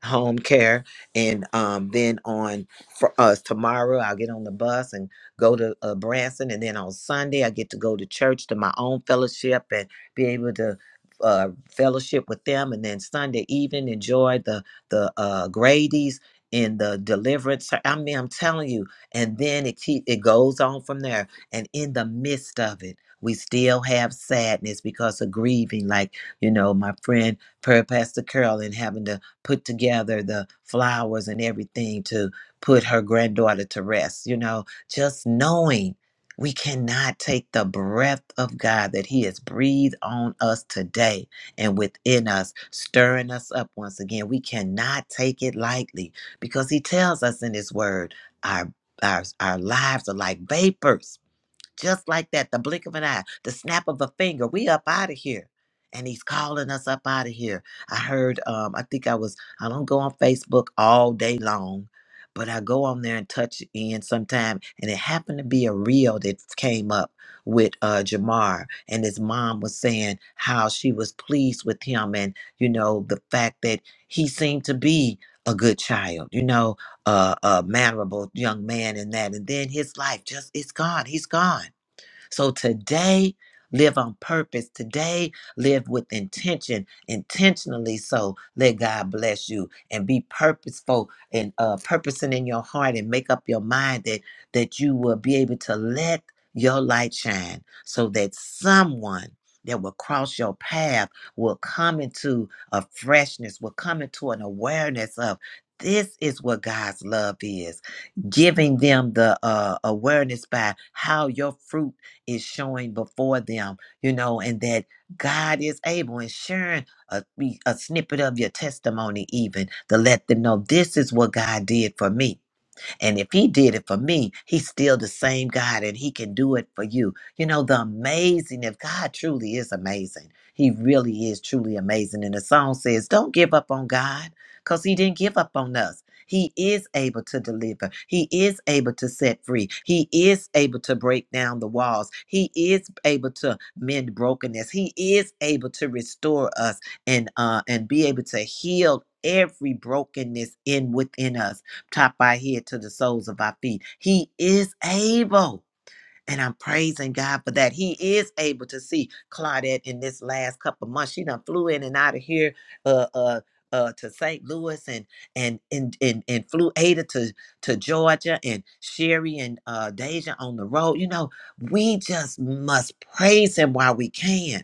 Speaker 2: home care and um then on for us tomorrow i'll get on the bus and go to uh, branson and then on sunday i get to go to church to my own fellowship and be able to uh fellowship with them and then sunday evening enjoy the the uh grady's in the deliverance ser- i mean i'm telling you and then it keep it goes on from there and in the midst of it we still have sadness because of grieving like you know my friend prayer pastor carol and having to put together the flowers and everything to put her granddaughter to rest. You know, just knowing we cannot take the breath of God that He has breathed on us today and within us, stirring us up once again. We cannot take it lightly because He tells us in His Word, our our, our lives are like vapors just like that, the blink of an eye, the snap of a finger, we up out of here. And he's calling us up out of here. I heard, um, I think I was, I don't go on Facebook all day long, but I go on there and touch in sometime. And it happened to be a reel that came up with uh, Jamar. And his mom was saying how she was pleased with him and, you know, the fact that he seemed to be a good child, you know, uh, a mannerable young man and that. And then his life just, it's gone. He's gone so today, live on purpose. Today, live with intention, intentionally. So let God bless you and be purposeful and uh, purposing in your heart and make up your mind that that you will be able to let your light shine, so that someone that will cross your path will come into a freshness, will come into an awareness of this is what God's love is giving them the uh, awareness by how your fruit is showing before them, you know, and that God is able and sharing a, a snippet of your testimony, even to let them know this is what God did for me and if he did it for me, he's still the same God and he can do it for you. You know, the amazing, if God truly is amazing, he really is truly amazing. And the song says, Don't give up on God because he didn't give up on us. He is able to deliver. He is able to set free. He is able to break down the walls. He is able to mend brokenness. He is able to restore us and uh, and be able to heal every brokenness in within us top of our head to the soles of our feet. He is able. And I'm praising God for that. He is able to see Claudette in this last couple months. She done flew in and out of here uh, uh, uh, to St. Louis and and and and, and flew Ada to to Georgia and Sherry and uh, Deja on the road. You know, we just must praise Him while we can.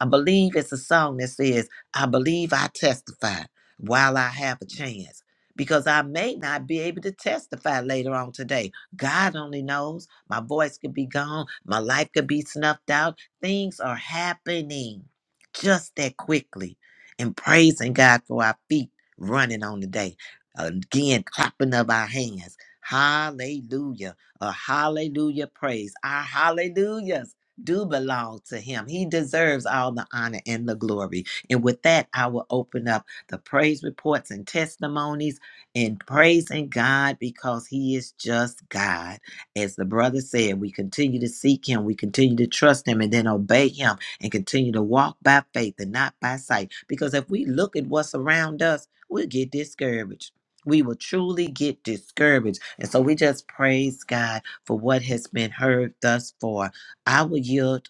Speaker 2: I believe it's a song that says, "I believe I testify while I have a chance." Because I may not be able to testify later on today God only knows. My voice could be gone. My life could be snuffed out. Things are happening just that quickly. And praising God for our feet running on the day. Again, clapping of our hands. Hallelujah. A hallelujah praise. Our hallelujahs do belong to him. He deserves all the honor and the glory. And with that, I will open up the praise reports and testimonies and praising God because He is just God. As the brother said, we continue to seek Him, we continue to trust Him, and then obey Him and continue to walk by faith and not by sight. Because if we look at what's around us, we'll get discouraged. We will truly get discouraged. And so we just praise God for what has been heard thus far. I will yield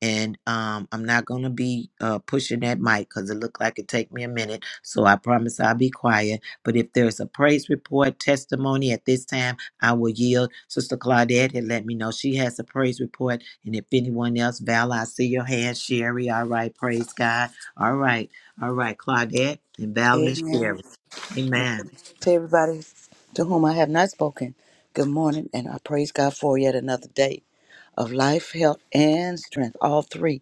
Speaker 2: and um, I'm not gonna be uh, pushing that mic because it looked like it take me a minute. So I promise I'll be quiet. But if there's a praise report testimony at this time, I will yield. Sister Claudette had let me know she has a praise report, and if anyone else, Val, I see your hand. Sherry, all right, praise God. All right, all right, Claudette and Val and Sherry.
Speaker 3: Amen. And
Speaker 2: Amen.
Speaker 3: To everybody to whom I have not spoken, good morning, and I praise God for yet another day of life, health, and strength. All three.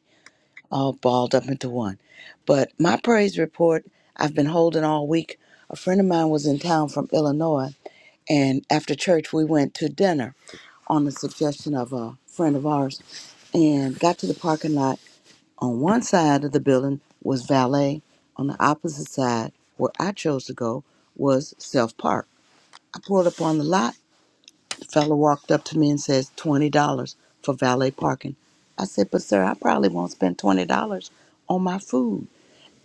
Speaker 3: all balled up into one. But my praise report I've been holding all week. A friend of mine was in town from Illinois, and after church, we went to dinner on the suggestion of a friend of ours and got to the parking lot. On one side of the building was valet, on the opposite side, where I chose to go, was self park. I pulled up on the lot. The fellow walked up to me and says, $20 for valet parking. I said, But sir, I probably won't spend $20 on my food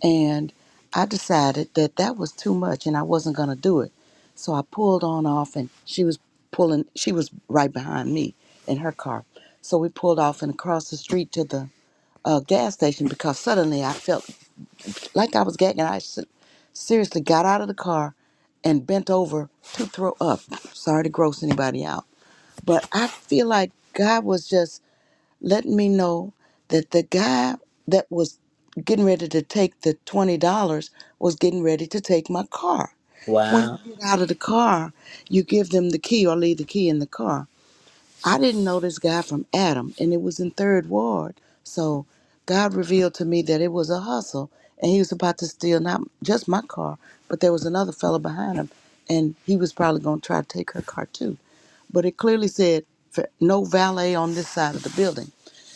Speaker 3: and I decided that that was too much and I wasn't going to do it. So I pulled on off and she was pulling she was right behind me in her car. So we pulled off and across the street to the uh, gas station because suddenly I felt like I was gagging. I se- seriously got out of the car and bent over to throw up. Sorry to gross anybody out, but I feel like God was just letting me know that the guy that was getting ready to take the $20 was getting ready to take my car. When
Speaker 2: Wow.
Speaker 3: you get out of the car, you give them the key or leave the key in the car. I didn't know this guy from Adam, and it was in Third Ward. So God revealed to me that it was a hustle, and he was about to steal not just my car, but there was another fella behind him, and he was probably going to try to take her car too. But it clearly said, "For- no valet on this side of the building.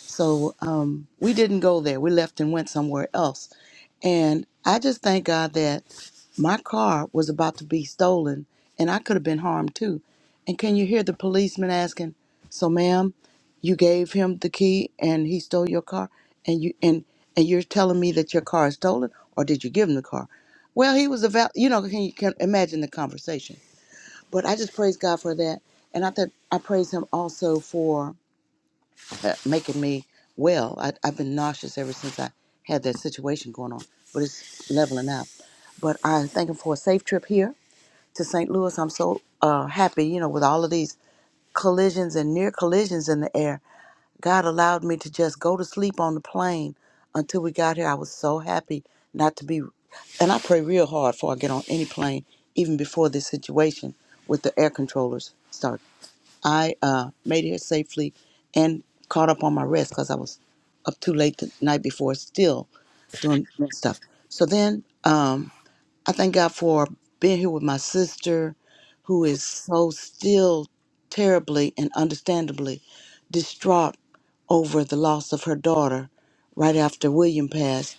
Speaker 3: So um, we didn't go there. We left and went somewhere else. And I just thank God that my car was about to be stolen and I could have been harmed too. And can you hear the policeman asking, So ma'am, you gave him the key and he stole your car and you and and you're telling me that your car is stolen or did you give him the car? Well, he was a val- you know, can you can imagine the conversation. But I just praise God for that. And I th- I praise him also for uh, making me well. I, I've been nauseous ever since I had that situation going on, but it's leveling out. But I'm thanking for a safe trip here to St. Louis. I'm so uh, happy, you know, with all of these collisions and near collisions in the air. God allowed me to just go to sleep on the plane until we got here. I was so happy not to be, and I pray real hard before I get on any plane, even before this situation with the air controllers started. I uh, made it here safely and caught up on my rest because I was up too late the night before, still doing stuff. So then um, I thank God for being here with my sister, who is so still terribly and understandably distraught over the loss of her daughter right after William passed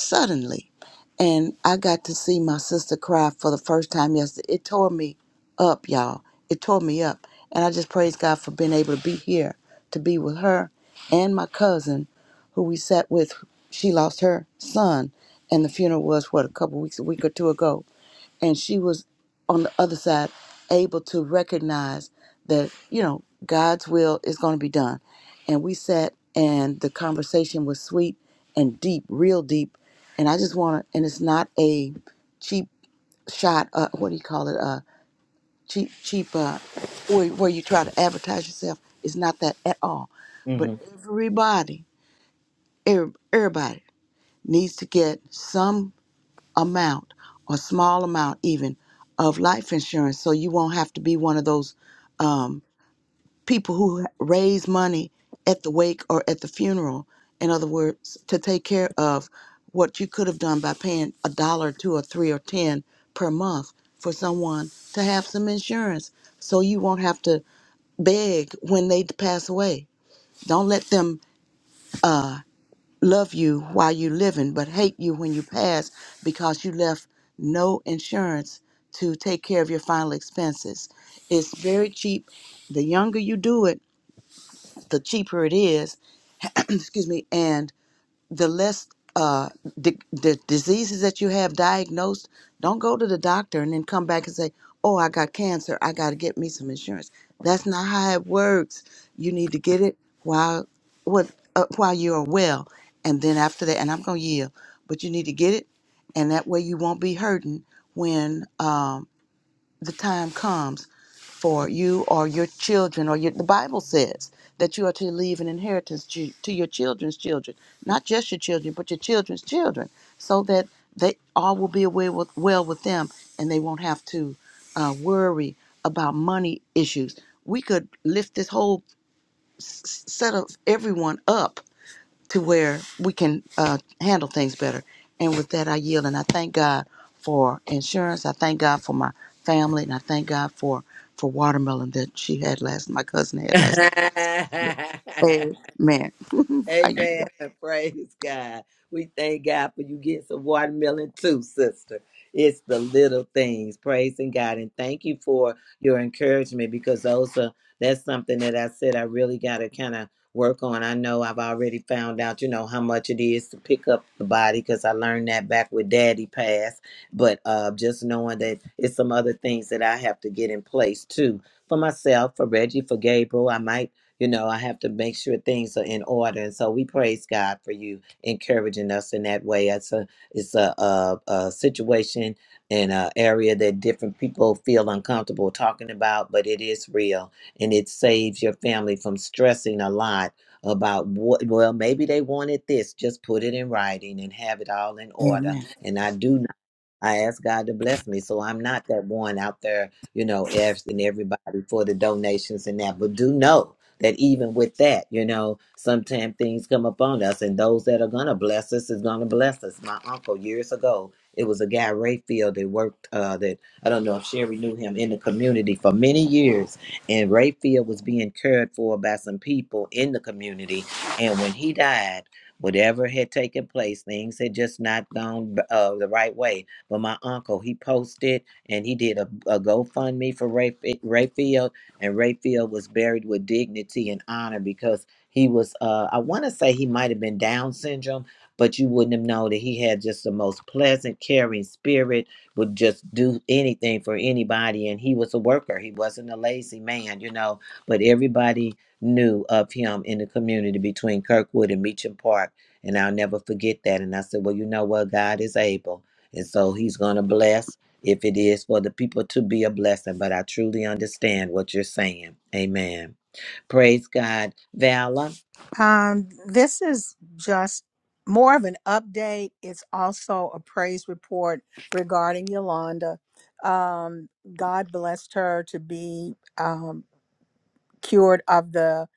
Speaker 3: suddenly. And I got to see my sister cry for the first time yesterday. It tore me up, y'all. It tore me up. And I just praise God for being able to be here, to be with her and my cousin, who we sat with. She lost her son, and the funeral was, what, a couple weeks, a week or two ago and she was on the other side able to recognize that you know god's will is going to be done and we sat and the conversation was sweet and deep real deep and i just want to and it's not a cheap shot uh, what do you call it uh cheap cheap uh where, where you try to advertise yourself it's not that at all but
Speaker 2: hmm
Speaker 3: everybody every, everybody needs to get some amount or small amount even of life insurance so you won't have to be one of those um, people who raise money at the wake or at the funeral in other words to take care of what you could have done by paying a dollar two or three or ten per month for someone to have some insurance so you won't have to beg when they pass away don't let them uh, love you while you're living, but hate you when you pass because you left no insurance to take care of your final expenses. It's very cheap. The younger you do it, the cheaper it is. Excuse me. And the less uh the, the diseases that you have diagnosed don't go to the doctor and then come back and say oh i got cancer i got to get me some insurance that's not how it works you need to get it while what uh, while you are well and then after that and i'm going to yield but you need to get it and that way you won't be hurting when um the time comes for you or your children or your, the bible says that you are to leave an inheritance to, to your children's children not just your children but your children's children so that they all will be aware with, well with them and they won't have to uh, worry about money issues we could lift this whole s- s- set of everyone up to where we can uh, handle things better. And with that, I yield and I thank God for insurance. I thank God for my family, and I thank God for for watermelon that she had last. My cousin had last. night. Amen. I
Speaker 2: Amen.
Speaker 3: yield.
Speaker 2: Praise God. We thank God for you getting some watermelon too, sister. It's the little things. Praising God. And thank you for your encouragement because those are that's something that I said I really gotta kind of work on. I know I've already found out, you know, how much it is to pick up the body because I learned that back with Daddy passed. But uh just knowing that it's some other things that I have to get in place too. For myself, for Reggie, for Gabriel. I might you know, I have to make sure things are in order. And so we praise God for you encouraging us in that way. It's a it's a, a, a situation and an area that different people feel uncomfortable talking about, but it is real and it saves your family from stressing a lot about what well maybe they wanted this just put it in writing and have it all in order
Speaker 3: Amen.
Speaker 2: and i do I ask God to bless me. So I'm not that one out there, you know, asking everybody for the donations and that. But do know that even with that, you know, sometimes things come upon us and those that are gonna bless us is gonna bless us. My uncle years ago, it was a guy Rayfield that worked uh that I don't know if Sherry knew him in the community for many years. And Rayfield was being cared for by some people in the community. And when he died, whatever had taken place, things had just not gone uh, the right way but my uncle, he posted and he did a, a GoFundMe for Ray, Rayfield, and Rayfield was buried with dignity and honor because he was, uh, I want to say he might have been Down syndrome, but you wouldn't have known that he had just the most pleasant, caring spirit, would just do anything for anybody. And he was a worker, he wasn't a lazy man, you know, but everybody knew of him in the community between Kirkwood and Meacham Park. And I'll never forget that. And I said, Well, you know what? God is able. And so he's going to bless if it is for the people to be a blessing. But I truly understand what you're saying. Amen. Praise God. Vala,
Speaker 1: Um, this is just more of an update. It's also a praise report regarding Yolanda. Um, God blessed her to be. um, cured of the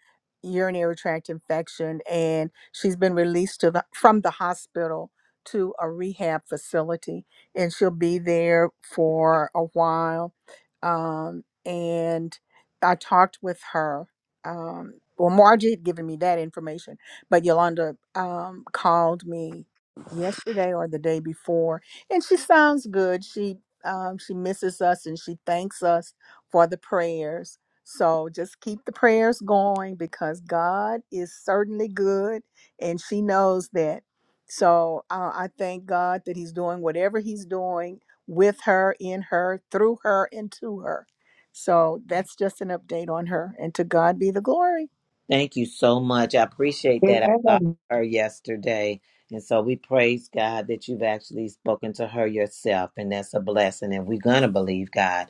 Speaker 1: urinary tract infection and she's been released to the, from the hospital to a rehab facility and she'll be there for a while um, and i talked with her um, well margie had given me that information but yolanda um, called me yesterday or the day before and she sounds good she um, she misses us and she thanks us for the prayers so just keep the prayers going because God is certainly good and she knows that. So uh, I thank God that He's doing whatever He's doing with her, in her, through her, and to her. So that's just an update on her. And to God be the glory.
Speaker 2: thank you so much. I appreciate that. I saw
Speaker 9: Amen.
Speaker 2: her yesterday. And so we praise God that you've actually spoken to her yourself. And that's a blessing. And we're going to believe God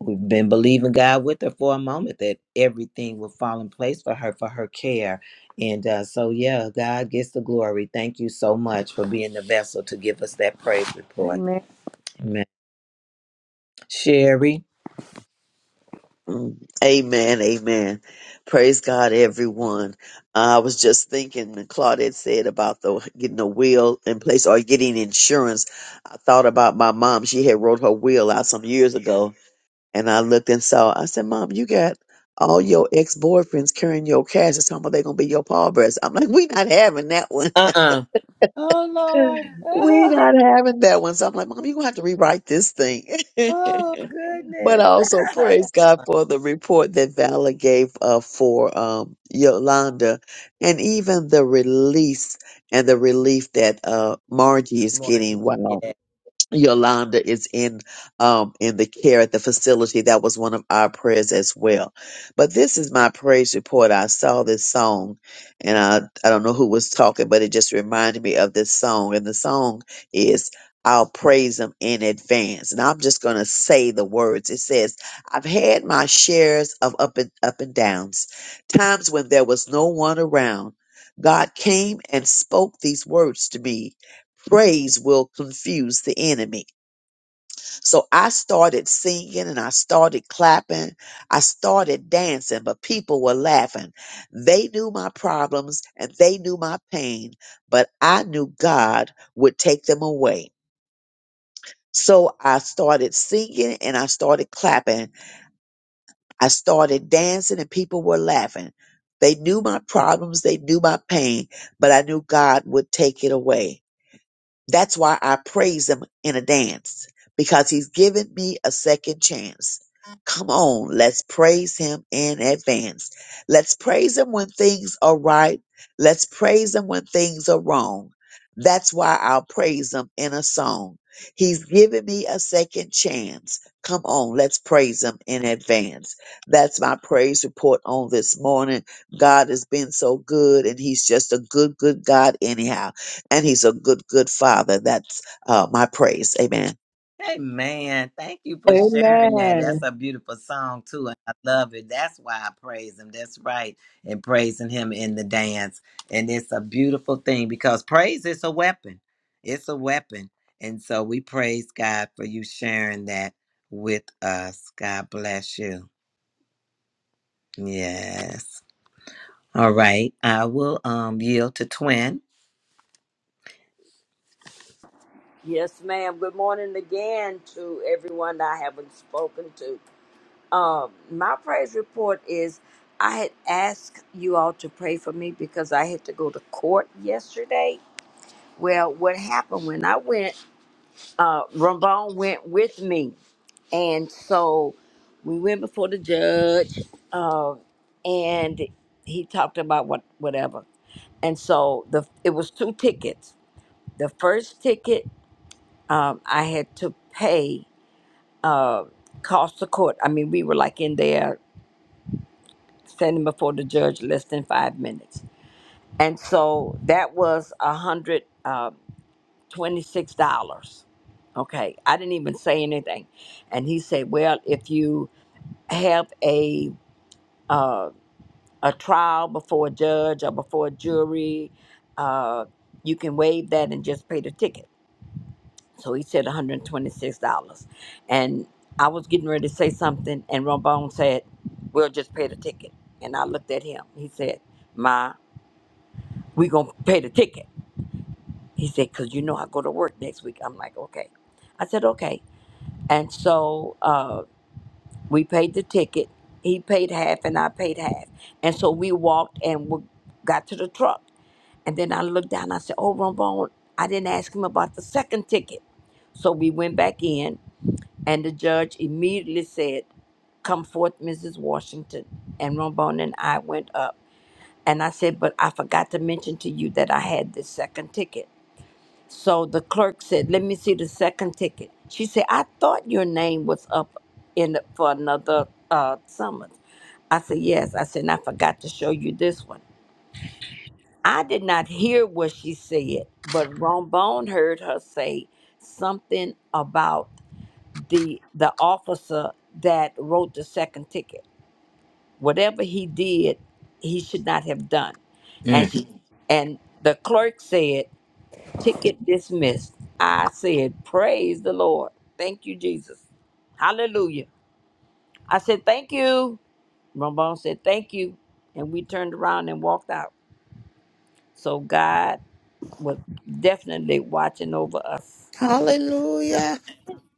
Speaker 2: We've been believing God with her for a moment that everything will fall in place for her, for her care. And uh, so, yeah, God gets the glory. Thank you so much for being the vessel to give us that praise report.
Speaker 1: Amen.
Speaker 2: Amen. Sherry.
Speaker 7: Mm. Amen. Amen. Praise God, everyone. I was just thinking when Claudette said about the getting a will in place or getting insurance. I thought about my mom. She had wrote her will out some years ago, and I looked and saw. I said, "Mom, you got all your ex boyfriends carrying your cash. It's how much they gonna be your pallbearers." I'm like, "We not having that one."
Speaker 2: Uh uh Oh,
Speaker 7: We're
Speaker 2: Lord.
Speaker 7: not having that one. So I'm like, Mom, you're gonna have to rewrite this thing.
Speaker 2: Oh,
Speaker 7: but I
Speaker 2: goodness.
Speaker 7: also praise God for the report that Vala gave uh, for um, Yolanda and even the release and the relief that uh, Margie is
Speaker 2: Margie.
Speaker 7: getting. Wow.
Speaker 2: Yeah.
Speaker 7: Yolanda is in um in the care at the facility. That was one of our prayers as well. But this is my praise report. I saw this song and I I don't know who was talking, but it just reminded me of this song. And the song is I'll praise him in advance. And I'm just gonna say the words. It says, I've had my shares of up and up and downs, times when there was no one around. God came and spoke these words to me praise will confuse the enemy. So I started singing and I started clapping. I started dancing, but people were laughing. They knew my problems and they knew my pain, but I knew God would take them away. So I started singing and I started clapping. I started dancing and people were laughing. They knew my problems, they knew my pain, but I knew God would take it away. That's why I praise him in a dance because he's given me a second chance. Come on, let's praise him in advance. Let's praise him when things are right. Let's praise him when things are wrong. That's why I'll praise him in a song. He's given me a second chance. Come on, let's praise him in advance. That's my praise report on this morning. God has been so good, and he's just a good, good God, anyhow and he's a good, good father. That's uh, my praise. Amen.
Speaker 2: Hey man, thank you for sharing that.
Speaker 9: Amen.
Speaker 2: That's
Speaker 9: Amen.
Speaker 2: a beautiful song too, and I love it. That's why I praise him. That's right, and praising him in the dance, and it's a beautiful thing because praise is a weapon. It's a weapon, and so we praise God for you sharing that with us. God bless you. Yes. All right, I will um yield to Twin.
Speaker 8: Yes, ma'am. Good morning again to everyone I haven't spoken to. Um, my praise report is I had asked you all to pray for me because I had to go to court yesterday. Well, what happened when I went, uh, Ramon went with me. And so we went before the judge, um, and he talked about what whatever. And so the it was two tickets. The first ticket um, I had to pay uh, cost of court. I mean, we were like in there. standing before the judge less than five minutes. And so that was a hundred um, twenty-six dollars. Okay, I didn't even say anything, and he said, "Well, if you have a uh, a trial before a judge or before a jury, uh, you can waive that and just pay the ticket." So he said one hundred twenty-six dollars, and I was getting ready to say something, and Rombone said, "We'll just pay the ticket." And I looked at him. He said, "Ma." we gonna pay the ticket. He said, cause you know I go to work next week. I'm like, okay. I said, okay. And so uh, we paid the ticket. He paid half and I paid half. And so we walked and we got to the truck. And then I looked down. I said, oh, Rombone, I didn't ask him about the second ticket. So we went back in, and the judge immediately said, Come forth, Mrs. Washington. And Rombone and I went up. And I said, But I forgot to mention to you that I had this second ticket. So the clerk said, "Let me see the second ticket." She said, "I thought your name was up in the, for another uh, summons." I said, "Yes." I said, and "I forgot to show you this one." I did not hear what she said, but Rombone heard her say something about the the officer that wrote the second ticket. Whatever he did, he should not have done. And
Speaker 2: Mm.
Speaker 8: she and the clerk said. Ticket dismissed. I said, Praise the Lord. Thank you, Jesus. Hallelujah. I said, Thank you. Ramon said, Thank you. And we turned around and walked out. So God was definitely watching over us.
Speaker 3: Hallelujah.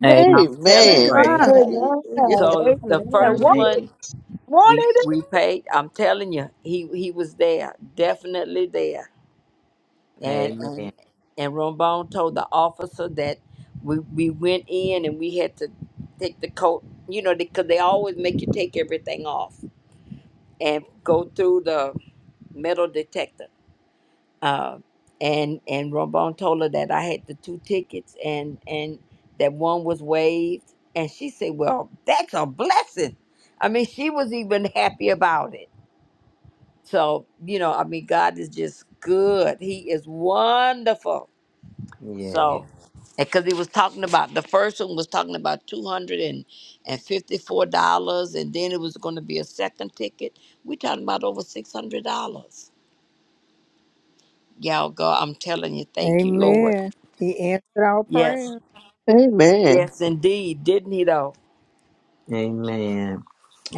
Speaker 2: Amen.
Speaker 8: I'm
Speaker 1: To
Speaker 8: telling
Speaker 7: Amen.
Speaker 3: Glory.
Speaker 8: you.
Speaker 2: Praise.
Speaker 1: God.
Speaker 3: Hallelujah.
Speaker 8: So the first
Speaker 9: What,
Speaker 2: Amen.
Speaker 1: Yeah.
Speaker 8: one
Speaker 9: what
Speaker 8: we
Speaker 9: it is?
Speaker 8: we paid, I'm telling you, he he was there, definitely there. and
Speaker 2: Amen.
Speaker 8: and and Rombone told the officer that we we went in and we had to take the coat, you know, because they always make you take everything off and go through the metal detector. Uh, and and Rombone told her that I had the two tickets and and that one was waived, and she said, "Well, that's a blessing." I mean, she was even happy about it. So you know, I mean, God is just good. He is wonderful
Speaker 2: Yeah.
Speaker 8: So, because he was talking about the first one was talking about two hundred and and fifty four dollars, and then it was going to be a second ticket. We talking about over six hundred dollars. Y'all go. I'm telling you, thank you, Lord.
Speaker 1: Amen. He answered our
Speaker 8: Yes,
Speaker 1: prayer.
Speaker 7: Amen.
Speaker 8: yes, indeed. Didn't he though?
Speaker 2: Amen.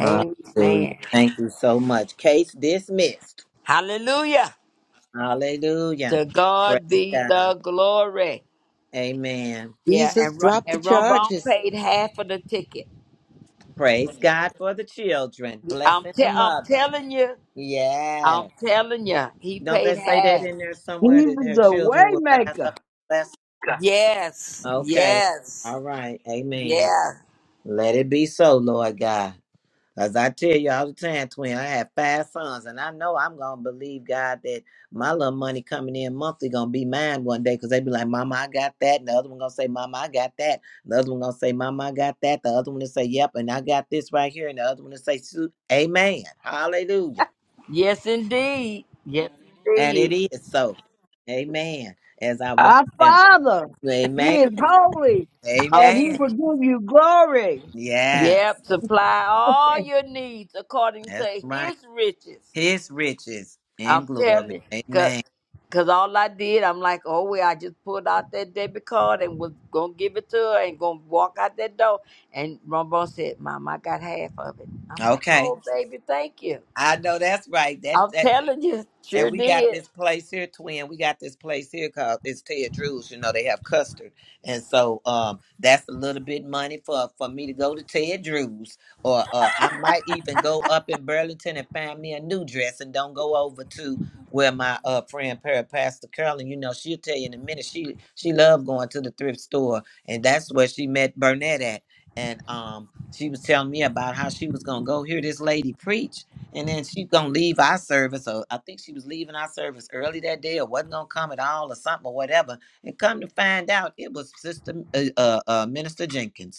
Speaker 2: Hallelujah. Thank you so much. Case dismissed.
Speaker 8: Hallelujah.
Speaker 2: Hallelujah.
Speaker 8: To God
Speaker 2: Praise
Speaker 8: be
Speaker 2: God.
Speaker 8: the glory.
Speaker 2: Amen.
Speaker 8: Yeah,
Speaker 3: Jesus
Speaker 8: and Ro-
Speaker 3: dropped the
Speaker 8: and Rombone
Speaker 3: charges.
Speaker 8: paid half of the ticket.
Speaker 2: Praise God for the children.
Speaker 8: I'm
Speaker 2: Blessing the
Speaker 8: te- I'm
Speaker 2: mother.
Speaker 8: telling you. I'm
Speaker 2: Yes.
Speaker 8: telling you, he
Speaker 2: Don't
Speaker 8: paid
Speaker 2: they say that
Speaker 8: half.
Speaker 2: in there somewhere that
Speaker 9: Jesus
Speaker 2: her
Speaker 9: a
Speaker 2: children will rise up?
Speaker 9: waymaker,
Speaker 2: and Bless.
Speaker 8: Yes,
Speaker 2: Okay.
Speaker 8: yes,
Speaker 2: All right. Amen.
Speaker 8: yes,
Speaker 2: Let it be so, Lord God. As I tell you all the time, twin, I have five sons, and I know I'm gonna believe God that my little money coming in monthly gonna be mine one day, cause they be like, "Mama, I got that," and the other one gonna say, "Mama, I got that," the other one gonna say, "Mama, I got that," the other one to say, "Yep," and I got this right here, and the other one to say, "Su- "Amen, Hallelujah,"
Speaker 8: yes, indeed. Yes,
Speaker 2: and it
Speaker 8: indeed.
Speaker 2: is so, Amen. As I watch
Speaker 9: our
Speaker 2: them,
Speaker 9: Father. He
Speaker 2: Amen,
Speaker 9: is holy,
Speaker 8: I'm
Speaker 9: and
Speaker 8: t-
Speaker 9: He
Speaker 2: Amen.
Speaker 9: will give you glory.
Speaker 2: Yes,
Speaker 8: Yep, supply all your needs according to
Speaker 2: that's right.
Speaker 8: his riches.
Speaker 2: His riches in
Speaker 8: I'm
Speaker 2: glory,
Speaker 8: telling you,
Speaker 2: Amen.
Speaker 8: because all I did, I'm like, oh, well, I just pulled out that debit card and was going to give it to her and going to walk out that door. And Rumbone said, Mom, I got half of it. I'm like,
Speaker 2: Okay.
Speaker 8: oh, baby, thank you.
Speaker 2: I know that's right. That
Speaker 8: I'm
Speaker 2: that
Speaker 8: telling you, sure
Speaker 2: and we got
Speaker 8: did.
Speaker 2: this place here, twin. We got this place here called it's Ted Drew's. You know they have custard, and so um that's a little bit money for for me to go to Ted Drew's, or uh I might even go up in Burlington and find me a new dress, and don't go over to where my uh friend Para Pastor Carolyn. You know she'll tell you in a minute. She she loved going to the thrift store, and that's where she met Burnett at, and um. She was telling me about how she was gonna go hear this lady preach, and then she gonna leave our service, or I think she was leaving our service early that day, or wasn't gonna come at all, or something, or whatever. And come to find out, it was Sister uh, uh, uh, Minister Jenkins.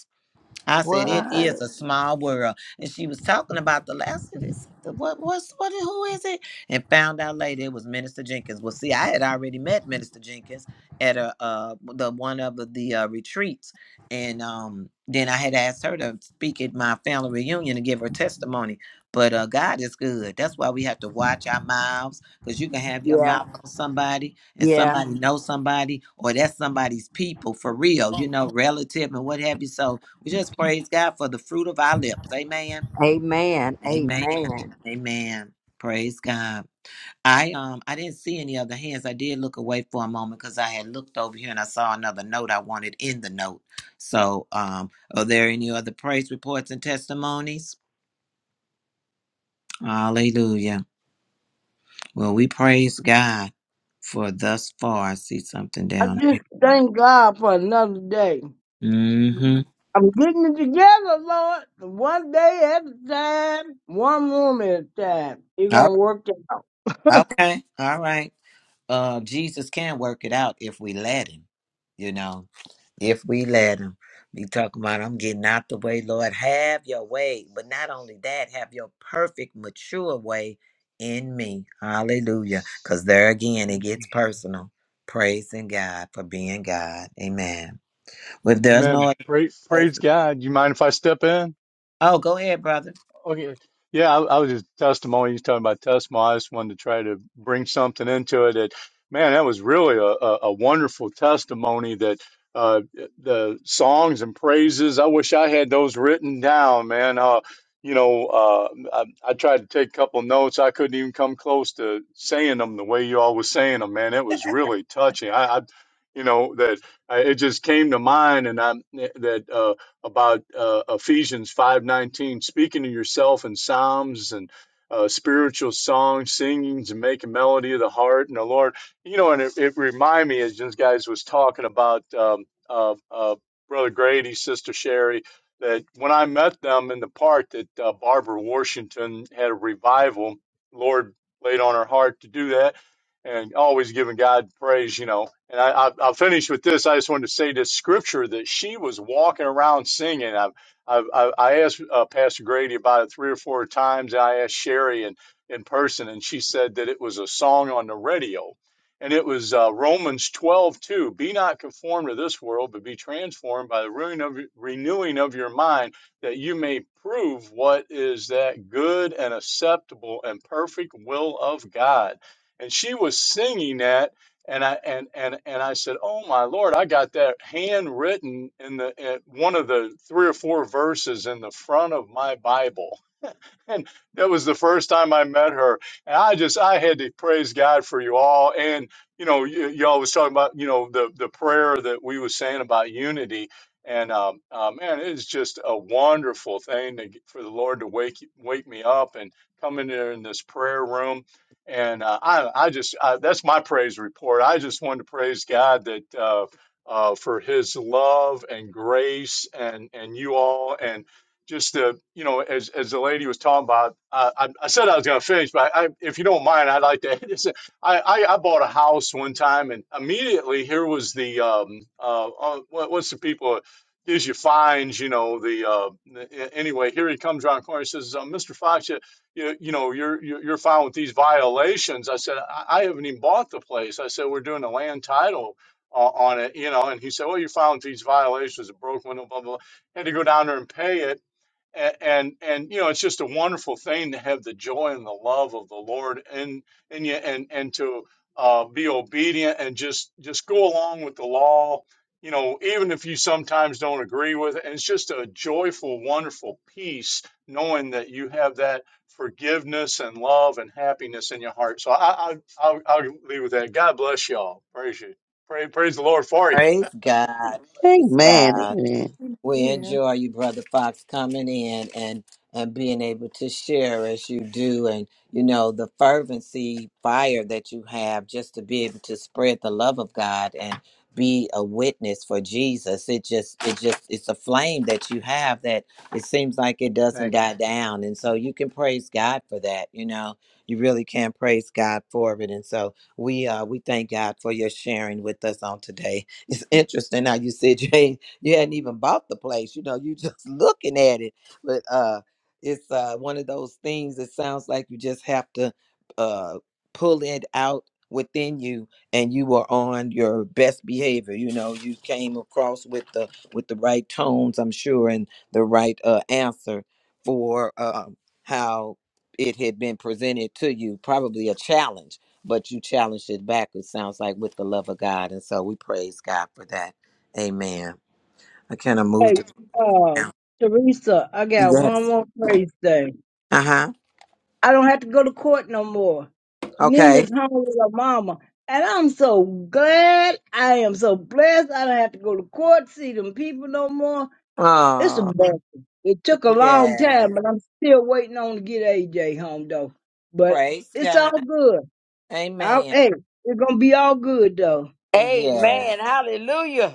Speaker 2: I said it is
Speaker 8: What?
Speaker 2: a small world, and she was talking about the last. of this. the- What what's what? Who is it? And found out later it was Minister Jenkins. Well, see, I had already met Minister Jenkins at a uh the one of the, the uh, retreats, and um then I had asked her to speak at my family reunion and give her testimony. But uh, God is good. That's why we have to watch our mouths, because you can have your
Speaker 8: Yeah,
Speaker 2: mouth on somebody, and
Speaker 8: yeah.
Speaker 2: somebody know somebody, or that's somebody's people for real, you know, relative and what have you. So we just praise God for the fruit of our lips. Amen.
Speaker 8: Amen.
Speaker 2: Amen.
Speaker 8: Amen.
Speaker 2: Amen. Praise God. I um I didn't see any other hands. I did look away for a moment because I had looked over here and I saw another note I wanted in the note. So um are there any other praise reports and testimonies? Hallelujah. Well, we praise God for thus far. I see something
Speaker 9: I
Speaker 2: down here.
Speaker 9: just thank God for another day.
Speaker 2: Mm-hmm.
Speaker 9: I'm getting it together, Lord. One day at a time, one room at a time. You're
Speaker 2: All right.
Speaker 9: gonna work it out.
Speaker 2: Okay. All right. Uh Jesus can work it out if we let him you know if we let him be talking about i'm getting out the way lord have your way but not only that have your perfect mature way in me hallelujah because there again it gets
Speaker 6: Mhm.
Speaker 2: personal praising god for being god amen if there's no other
Speaker 6: Amen. Praise,
Speaker 2: place
Speaker 6: praise God. You mind if I step in?
Speaker 2: oh go ahead brother
Speaker 6: Okay. Yeah, I, I was just testimony. He's talking about testimony. I just wanted to try to bring something into it. That man, that was really a, a, a wonderful testimony. That uh, the songs and praises. I wish I had those written down, man. Uh, you know, uh, I, I tried to take a couple notes. I couldn't even come close to saying them the way you all was saying them, man. It was really touching. I, I you know, that I, it just came to mind, and I that. uh, about uh, Ephesians 5:19, speaking to yourself in psalms and uh, spiritual songs, singings, and making melody of the heart and the Lord. You know, and it, it reminded me as this guys was talking about um, uh, uh, Brother Grady, Sister Sherry, that when I met them in the park, that uh, Barbara Washington had a revival. Lord laid on her heart to do that, and always giving God praise. You know, and I, I, I'll finish with this. I just wanted to say this scripture that she was walking around singing. i i I asked uh, Pastor Grady about it three or four times. And I asked Sherry in, in person, and she said that it was a song on the radio. And it was uh, Romans 12 2. Be not conformed to this world, but be transformed by the renewing of, renewing of your mind, that you may prove what is that good and acceptable and perfect will of God. And she was singing that and I and and and I said, "Oh my Lord, I got that handwritten in the in one of the three or four verses in the front of my Bible." and that was the first time I met her. And I just I had to praise God for you all. And you know, y- y'all was talking about you know the the prayer that we was saying about unity. And um, uh, man, it's just a wonderful thing to, get- for the Lord to wake you- wake me up and come in there in this prayer room. And uh, I I just I, that's my praise report. I just wanted to praise God that. Uh, uh, for his love and grace and and you all and just to, you know, as as the lady was talking about, uh, I, I said I was going to finish, but I, if you don't mind, I'd like to. Just, I, I I bought a house one time, and immediately here was the um uh, uh what, what's the people gives you fines, you know the uh the- anyway here he comes around the corner he says uh, Mr. Fox you, you you know you're you're you're found with these violations. I said I, I haven't even bought the place. I said we're doing a land title. o- On it, you know, and he said, "Well, you are found these violations, a broken window, blah blah." blah." Had to go down there and pay it, and, and and you know it's just a wonderful thing to have the joy and the love of the Lord in in you and and to uh, be obedient and just just go along with the law you know even if you sometimes don't agree with it and it's just a joyful wonderful peace knowing that you have that forgiveness and love and happiness in your heart so I, I I'll, I'll leave with that God bless y'all praise you pray praise the Lord for you
Speaker 2: praise god praise
Speaker 7: Amen.
Speaker 2: god
Speaker 7: Amen.
Speaker 2: We
Speaker 1: Yeah.
Speaker 2: enjoy you, Brother Fox, coming in and and being able to share as you do, and you know the fervency, fire that you have, just to be able to spread the love of God and be a witness for Jesus. It just, it just, it's a flame that you have that it seems like it doesn't die down, and so you can praise God for that. You know, you really can praise God for it, and so we uh we thank God for your sharing with us on today. It's interesting how you said you you hadn't even bought the place, you know, you just looking at it. But uh it's uh one of those things that sounds like you just have to uh pull it out within you and you were on your best behavior you know you came across with the with the right tones i'm sure and the right uh answer for uh, how it had been presented to you probably a challenge but you challenged it back it sounds like with the love of god and so we praise god for that amen I kind of
Speaker 9: Hey,
Speaker 2: moved it
Speaker 9: uh,
Speaker 2: down.
Speaker 9: Teresa, I got
Speaker 2: Yes.
Speaker 9: one more praise thing.
Speaker 2: Uh huh.
Speaker 9: I don't have to go to court no more.
Speaker 2: Okay.
Speaker 9: Nina's home with her mama, and I'm so glad. I am so blessed. I don't have to go to court, see them people no more. It's a
Speaker 2: Oh,
Speaker 9: blessing. It took a long
Speaker 2: yes.
Speaker 9: time, but I'm still waiting on to get AJ home though. But
Speaker 2: Praise
Speaker 9: it's
Speaker 2: God.
Speaker 9: all good. I,
Speaker 2: Amen.
Speaker 9: hey, it's gonna be all good though.
Speaker 2: Yes.
Speaker 8: Amen. Hallelujah.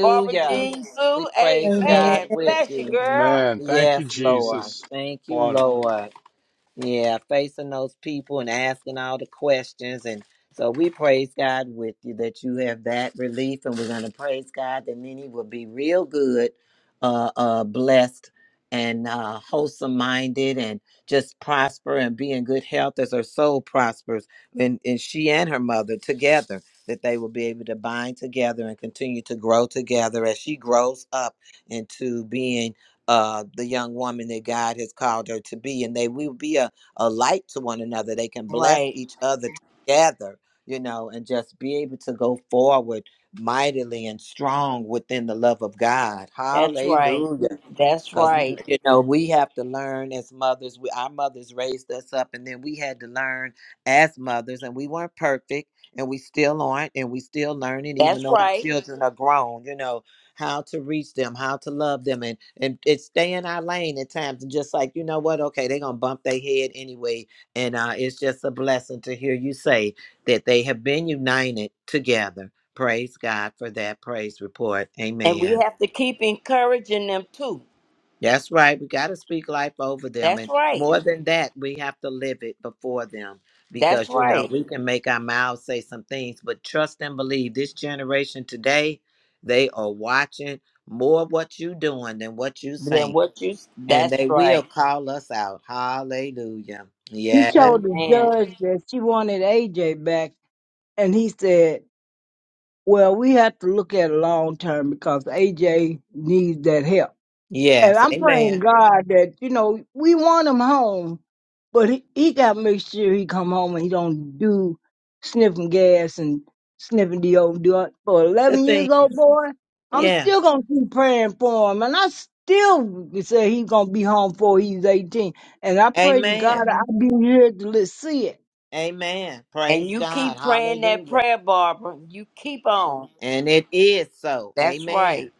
Speaker 8: Barbara Jean
Speaker 2: We
Speaker 8: Sue.
Speaker 2: praise
Speaker 1: Amen.
Speaker 2: God
Speaker 8: Amen.
Speaker 2: with
Speaker 8: Bless you,
Speaker 2: you.
Speaker 8: girl.
Speaker 6: amen thank
Speaker 2: Yes,
Speaker 6: you
Speaker 2: Lord.
Speaker 6: Jesus
Speaker 2: Thank you,
Speaker 6: wonderful
Speaker 2: Lord. Yeah, facing those people and asking all the questions. And so we praise God with you that you have that relief. And we're going to praise God that many will be real good, uh, uh, blessed, and uh, wholesome minded, and just prosper and be in good health as her soul prospers. And, and she and her mother together, that they will be able to bind together and continue to grow together as she grows up into being uh, the young woman that God has called her to be, and they will be a, a light to one another. They can bless
Speaker 8: Right.
Speaker 2: each other together, you know, and just be able to go forward mightily and strong within the love of God.
Speaker 8: That's right.
Speaker 2: Hallelujah.
Speaker 8: That's
Speaker 2: Cause Mhm.
Speaker 8: right.
Speaker 2: you know we have to learn as mothers. We, our mothers raised us up, and then we had to learn as mothers, and we weren't perfect, and we still aren't, and we still learning. Even
Speaker 8: That's
Speaker 2: though our
Speaker 8: right.
Speaker 2: children are grown, you know how to reach them, how to love them, and and, and stay in our lane at times, and just like you know what, okay, they're gonna bump their head anyway, and uh, it's just a blessing to hear you say that they have been united together. Praise God for that praise report.
Speaker 8: And we
Speaker 2: Amen.
Speaker 8: have to keep encouraging them too.
Speaker 2: That's right. We got to speak life over them.
Speaker 8: That's
Speaker 2: And
Speaker 8: right.
Speaker 2: more than that, we have to live it before them
Speaker 8: That's
Speaker 2: because, you know,
Speaker 8: right.
Speaker 2: we can make our mouths say some things, but trust and believe this generation today, they are watching more what you doing than what you
Speaker 8: Then
Speaker 2: saying.
Speaker 8: what you
Speaker 2: And
Speaker 8: that's
Speaker 2: they will
Speaker 8: right.
Speaker 2: call us out. Hallelujah.
Speaker 9: He
Speaker 2: Yes.
Speaker 9: told the
Speaker 8: Amen.
Speaker 9: judge that she wanted AJ back, and he said, "Well, we have to look at it long term because AJ needs that help." And
Speaker 2: Yes.
Speaker 9: I'm praying
Speaker 2: Amen.
Speaker 9: God that you know we want him home, But he, he got to make sure he come home and he don't do sniffing gas and sniffing deodorant. For
Speaker 2: The
Speaker 9: 11
Speaker 2: thing.
Speaker 9: years old boy, I'm
Speaker 2: Yeah.
Speaker 9: still going to keep praying for him. And I still say he's going to be home before he's 18. And I pray to God
Speaker 2: Amen.
Speaker 9: I'll be here to let see it.
Speaker 2: Amen.
Speaker 8: And
Speaker 2: Praise
Speaker 8: you
Speaker 2: God.
Speaker 8: keep praying that
Speaker 2: Hallelujah.
Speaker 8: prayer, Barbara. You keep on.
Speaker 2: And it is so.
Speaker 8: That's
Speaker 2: Amen.
Speaker 8: right.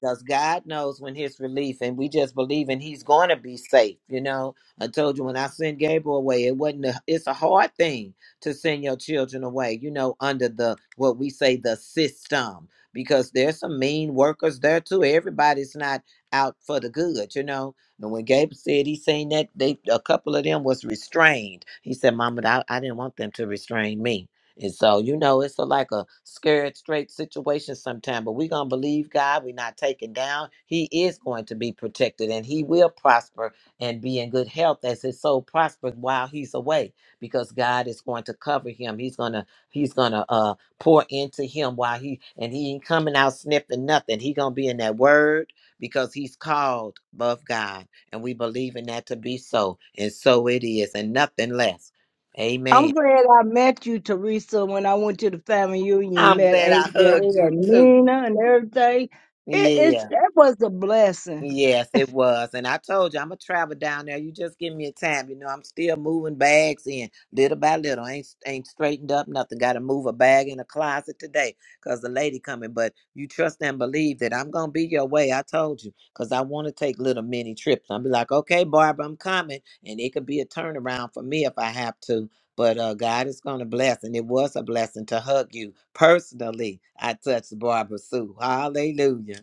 Speaker 2: because God knows when His relief, and we just believe in He's going to be safe. You know, I told you when I sent Gabriel away, it wasn't. A, it's a hard thing to send your children away. You know, under the what we say the system, because there's some mean workers there too. Everybody's not out for the good. You know, and when Gabriel said he seen that, they a couple of them was restrained. He said, "Mama, I, I didn't want them to restrain me." And so, you know, it's a, like a scared straight situation sometimes, but we're going to believe God. We're not taken down. He is going to be protected and he will prosper and be in good health as his soul prospers while he's away because God is going to cover him. He's going to, he's going to uh, pour into him while he, and he ain't coming out sniffing nothing. He going to be in that word because he's called above God. And we believe in that to be so. And so it is and nothing less. Amen.
Speaker 9: I'm glad I met you, Teresa, when I went to the family union,
Speaker 2: I'm
Speaker 9: met
Speaker 2: glad I
Speaker 9: AJ
Speaker 2: hugged you
Speaker 9: and
Speaker 2: too.
Speaker 9: Nina and everything. It,
Speaker 2: Yeah.
Speaker 9: it's, it was a blessing.
Speaker 2: Yes, it was. And I told you, I'm going to travel down there. You just give me a time. You know, I'm still moving bags in little by little. Ain't ain't straightened up nothing. Got to move a bag in a closet today because the lady coming. But you trust and believe that I'm going to be your way. I told you because I want to take little mini trips. I'll be like, okay, Barbara, I'm coming. And it could be a turnaround for me if I have to. But uh, God is going to bless. And it was a blessing to hug you personally. I touched Barbara Sue. Hallelujah.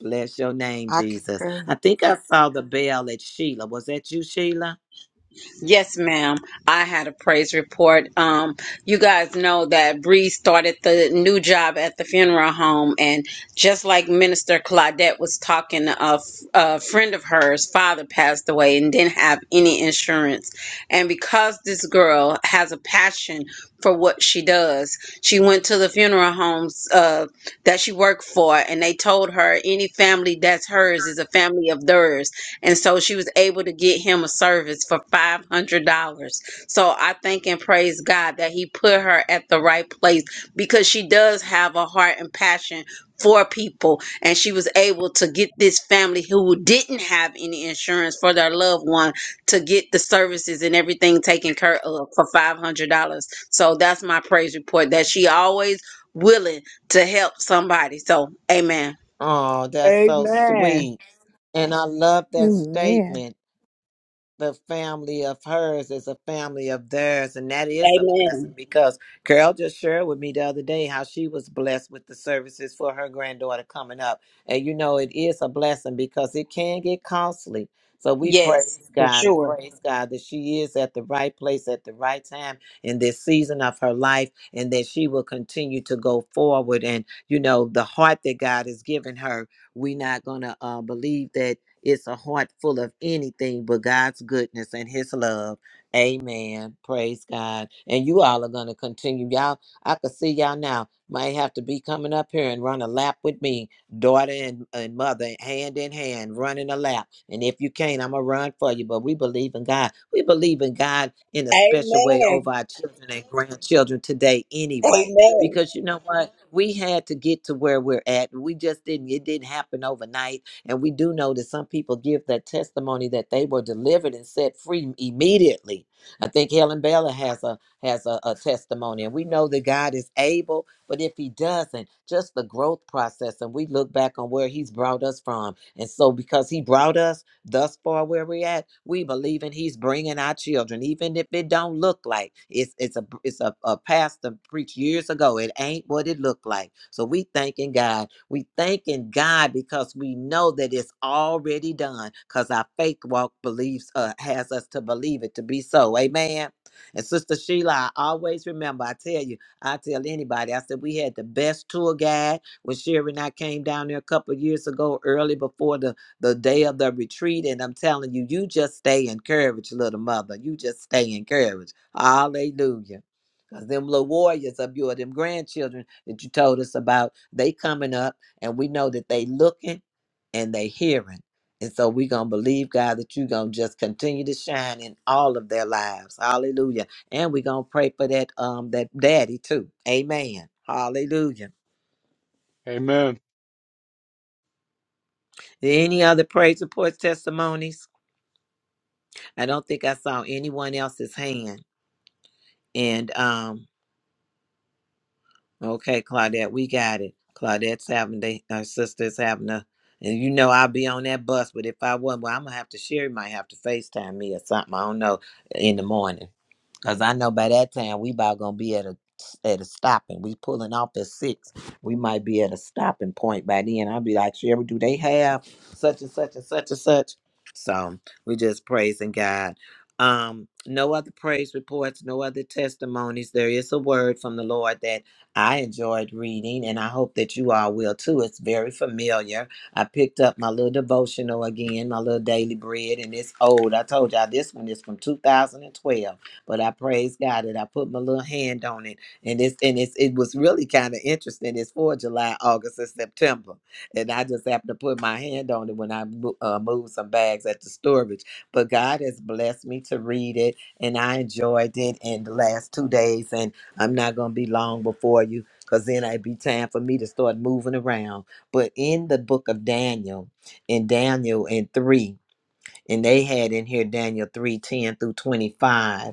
Speaker 2: Bless your name,
Speaker 3: I
Speaker 2: Jesus.
Speaker 3: concur.
Speaker 2: I think I saw the bell at Sheila. Was that you, Sheila?
Speaker 12: Yes, ma'am. I had a praise report. Um, you guys know that Bree started the new job at the funeral home, and just like Minister Claudette was talking, a, f- a friend of hers, father passed away and didn't have any insurance. And because this girl has a passion for what she does, she went to the funeral homes uh, that she worked for, and they told her any family that's hers is a family of theirs and so she was able to get him a service for $500. So I thank and praise God that he put her at the right place because she does have a heart and passion for people. And she was able to get this family who didn't have any insurance for their loved one to get the services and everything taken care of for $500. So that's my praise report that she always willing to help somebody. So amen.
Speaker 2: Oh, that's so
Speaker 9: Amen.
Speaker 2: sweet. And I love that
Speaker 1: Amen.
Speaker 2: statement. the family of hers is a family of theirs, and that is a blessing
Speaker 12: Amen.
Speaker 2: because Carol just shared with me the other day how she was blessed with the services for her granddaughter coming up, and you know it is a blessing because it can get costly. So we praise
Speaker 12: Yes, for
Speaker 2: God and
Speaker 12: sure.
Speaker 2: praise God that she is at the right place at the right time in this season of her life, and that she will continue to go forward. And you know the heart that God has given her, we're not gonna uh, believe that it's a heart full of anything but God's goodness and His love. Amen. Praise God. And you all are going to continue. Y'all, I can see y'all now. Might have to be coming up here and run a lap with me, daughter and, and mother, hand in hand, running a lap. And if you can't, I'm going to run for you. But we believe in God. We believe in God in a special way over our children and grandchildren today, anyway because you know what we had to get to where we're at we just didn't it didn't happen overnight and we do know that some people give that testimony that they were delivered and set free immediately. I think Helen Bella has a has a, a testimony, and we know that God is able. But if He doesn't, just the growth process, and we look back on where He's brought us from, and so because He brought us. Thus far, where we're at, we believe in He's bringing our children, even if it don't look like it's it's a it's a, a pastor preached years ago. It ain't what it looked like. So we thanking God. We thanking God because we know that it's already done. Cause our faith walk believes uh, has us to believe it to be so. Amen. And Sister Sheila, I always remember. I tell you, I tell anybody. I said we had the best tour guide when Sherry and I came down there a couple of years ago, early before the the day of the retreat. And I'm telling you, you just stay encouraged, little mother. You just stay encouraged. Hallelujah. Because them little warriors of your them grandchildren that you told us about, they coming up and we know that they looking and they hearing. And so we going to believe, God, that you going to just continue to shine in all of their lives. Hallelujah. And we going to pray for that um that daddy too. Amen. Hallelujah.
Speaker 6: amen
Speaker 2: Any other praise reports, testimonies? I don't think I saw anyone else's hand. And um, okay, Claudette, we got it. Claudette's having they her sister's having a and you know I'll be on that bus, but if I wasn't, well, I'm gonna have to Sherry might have to FaceTime me or something. I don't know in the morning. Cause I know by that time we about gonna be at a at a stopping. We pulling off at six. We might be at a stopping point by then. I'll be like, Sherry, do they have such and such and such and such? So we just praising God. Um, no other praise reports, no other testimonies. There is a word from the Lord that I enjoyed reading, and I hope that you all will too. It's very familiar. I picked up my little devotional again, my little daily bread, and it's old. I told y'all this one is from 2012 but I praise God that I put my little hand on it, and it's and it's it was really kind of interesting. It's for July, August, and September, and I just happened to put my hand on it when I mo- uh, moved some bags at the storage. But God has blessed me to read it, and I enjoyed it in the last two days. And I'm not gonna be long before you, cause then it'd be time for me to start moving around. But in the book of Daniel, in Daniel in three, and they had in here Daniel three ten through twenty five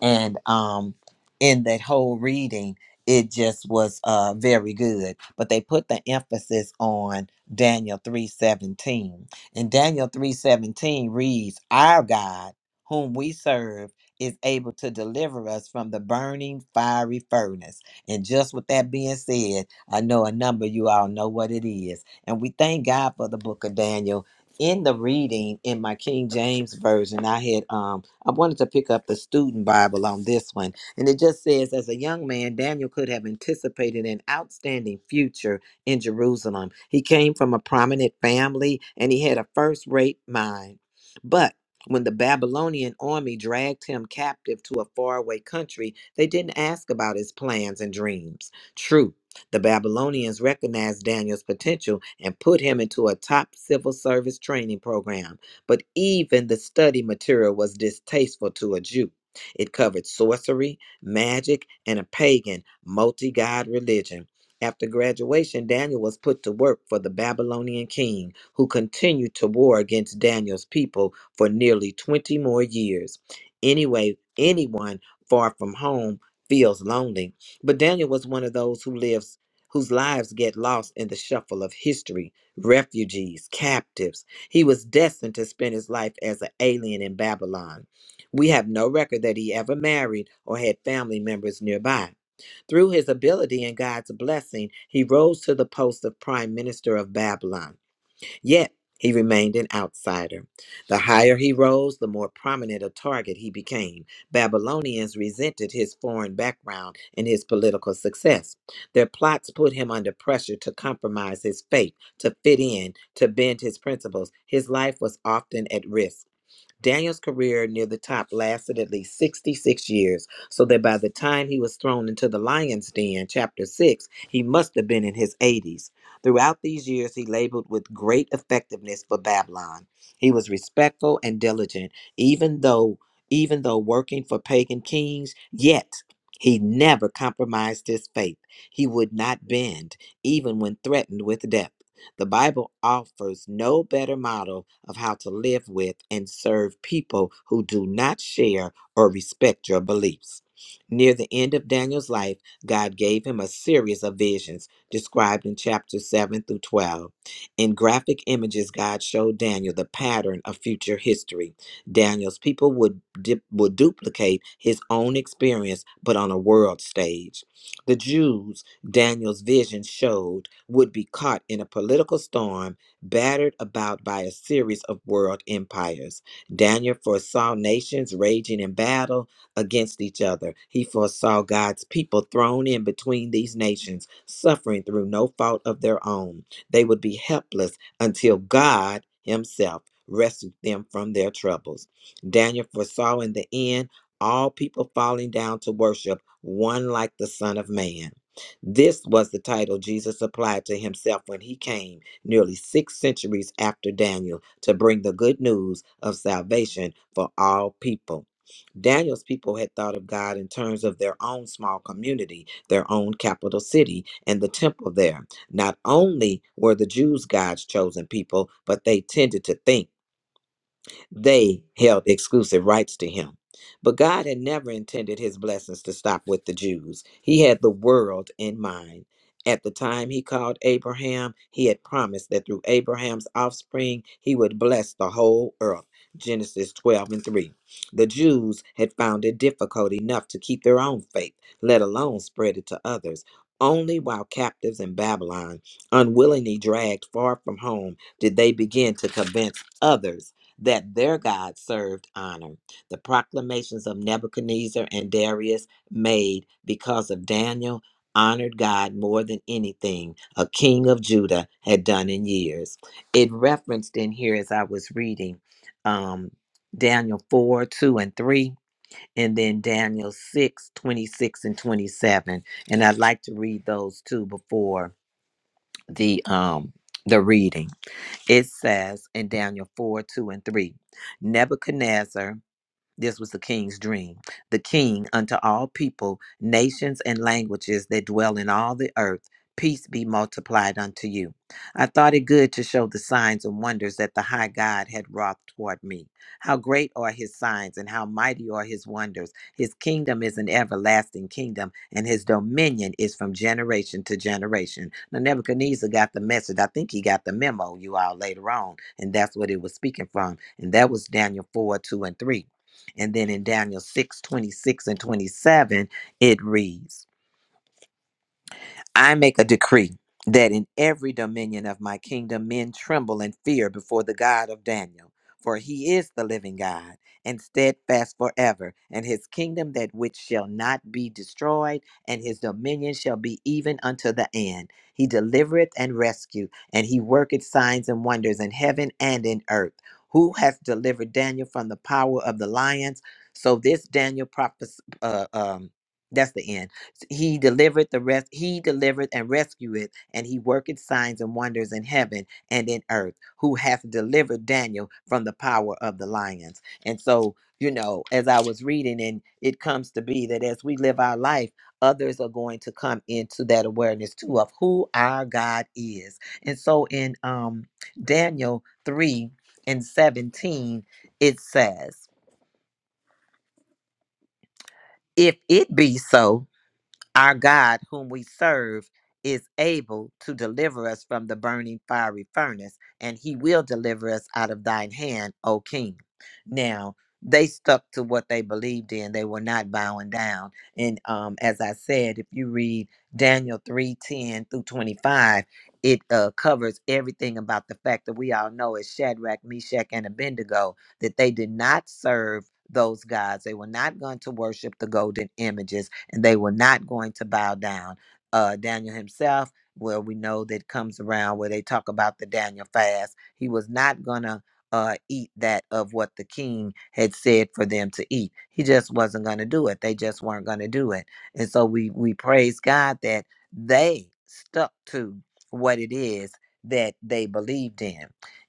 Speaker 2: and um in that whole reading it just was uh very good but they put the emphasis on daniel 317 and daniel 317 reads our god whom we serve is able to deliver us from the burning fiery furnace and just with that being said i know a number of you all know what it is and we thank god for the book of daniel in the reading in my king james version i had um I wanted to pick up the student Bible on this one. And it just says, as a young man, Daniel could have anticipated an outstanding future in Jerusalem. He came from a prominent family and he had a first rate mind. But when the Babylonian army dragged him captive to a faraway country, they didn't ask about his plans and dreams. True, the Babylonians recognized Daniel's potential and put him into a top civil service training program but even the study material was distasteful to a Jew. It covered sorcery, magic, and a pagan, multi god religion. After graduation, Daniel was put to work for the Babylonian king, who continued to war against Daniel's people for nearly 20 more years. Anyway, anyone far from home feels lonely, but Daniel was one of those who lives whose lives get lost in the shuffle of history, refugees, captives, he was destined to spend his life as an alien in Babylon. We have no record that he ever married or had family members nearby. Through his ability and God's blessing, he rose to the post of prime minister of Babylon. Yet he remained an outsider. The higher he rose, the more prominent a target he became. Babylonians resented his foreign background and his political success. Their plots put him under pressure to compromise his faith, to fit in, to bend his principles. His life was often at risk. Daniel's career near the top lasted at least 66 years, so that by the time he was thrown into the lion's den, chapter 6, he must have been in his 80s. Throughout these years, he labored with great effectiveness for Babylon. He was respectful and diligent, even though even though working for pagan kings, yet he never compromised his faith. He would not bend, even when threatened with death. The Bible offers no better model of how to live with and serve people who do not share or respect your beliefs. Near the end of Daniel's life, God gave him a series of visions described in chapters 7 through 12. In graphic images, God showed Daniel the pattern of future history. Daniel's people would, dip, would duplicate his own experience, but on a world stage. The Jews Daniel's vision showed would be caught in a political storm battered about by a series of world empires. Daniel foresaw nations raging in battle against each other. He foresaw God's people thrown in between these nations, suffering through no fault of their own. They would be helpless until God Himself rescued them from their troubles. Daniel foresaw in the end all people falling down to worship one like the Son of Man. This was the title Jesus applied to himself when he came nearly six centuries after Daniel to bring the good news of salvation for all people. Daniel's people had thought of God in terms of their own small community, their own capital city, and the temple there. Not only were the Jews God's chosen people, but they tended to think. They held exclusive rights to him. But God had never intended his blessings to stop with the Jews. He had the world in mind. At the time he called Abraham, he had promised that through Abraham's offspring, he would bless the whole earth. Genesis 12 and 3. The Jews had found it difficult enough to keep their own faith, let alone spread it to others. Only while captives in Babylon, unwillingly dragged far from home, did they begin to convince others that their God served honor. The proclamations of Nebuchadnezzar and Darius made because of Daniel honored God more than anything a king of Judah had done in years. It referenced in here as I was reading um, Daniel 4, 2, and 3, and then Daniel 6 26 and 27. And I'd like to read those two before the um the reading. It says in Daniel 4 2 and 3 Nebuchadnezzar, this was the king's dream. The king unto all people, nations, and languages that dwell in all the earth, peace be multiplied unto you. I thought it good to show the signs and wonders that the high God had wrought toward me. How great are his signs and how mighty are his wonders. His kingdom is an everlasting kingdom, and his dominion is from generation to generation. Now, Nebuchadnezzar got the message. I think he got the memo, you all, later on, and that's what it was speaking from. And that was Daniel 4 2 and 3. And then in Daniel 6 26 and 27, it reads, I make a decree that in every dominion of my kingdom men tremble and fear before the God of Daniel, for he is the living God and steadfast forever, and his kingdom that which shall not be destroyed, and his dominion shall be even unto the end. He delivereth and rescueth, and he worketh signs and wonders in heaven and in earth. Who hath delivered Daniel from the power of the lions? So this Daniel prophes- uh, um, that's the end he delivered the rest he delivered and rescueth and he worketh signs and wonders in heaven and in earth who hath delivered daniel from the power of the lions and so you know as i was reading and it comes to be that as we live our life others are going to come into that awareness too of who our god is and so in um daniel 3 and 17 it says if it be so Our God, whom we serve, is able to deliver us from the burning fiery furnace, and he will deliver us out of thine hand, O king. Now, they stuck to what they believed in. They were not bowing down. And um, as I said, if you read Daniel 3 10 through 25, it uh, covers everything about the fact that we all know as Shadrach, Meshach, and Abednego that they did not serve those gods. They were not going to worship the golden images and they were not going to bow down. Uh, Daniel himself, where we know that comes around where they talk about the Daniel fast, he was not going to uh, eat that of what the king had said for them to eat. He just wasn't going to do it. They just weren't going to do it. And so we, we praise God that they stuck to what it is that they believed in.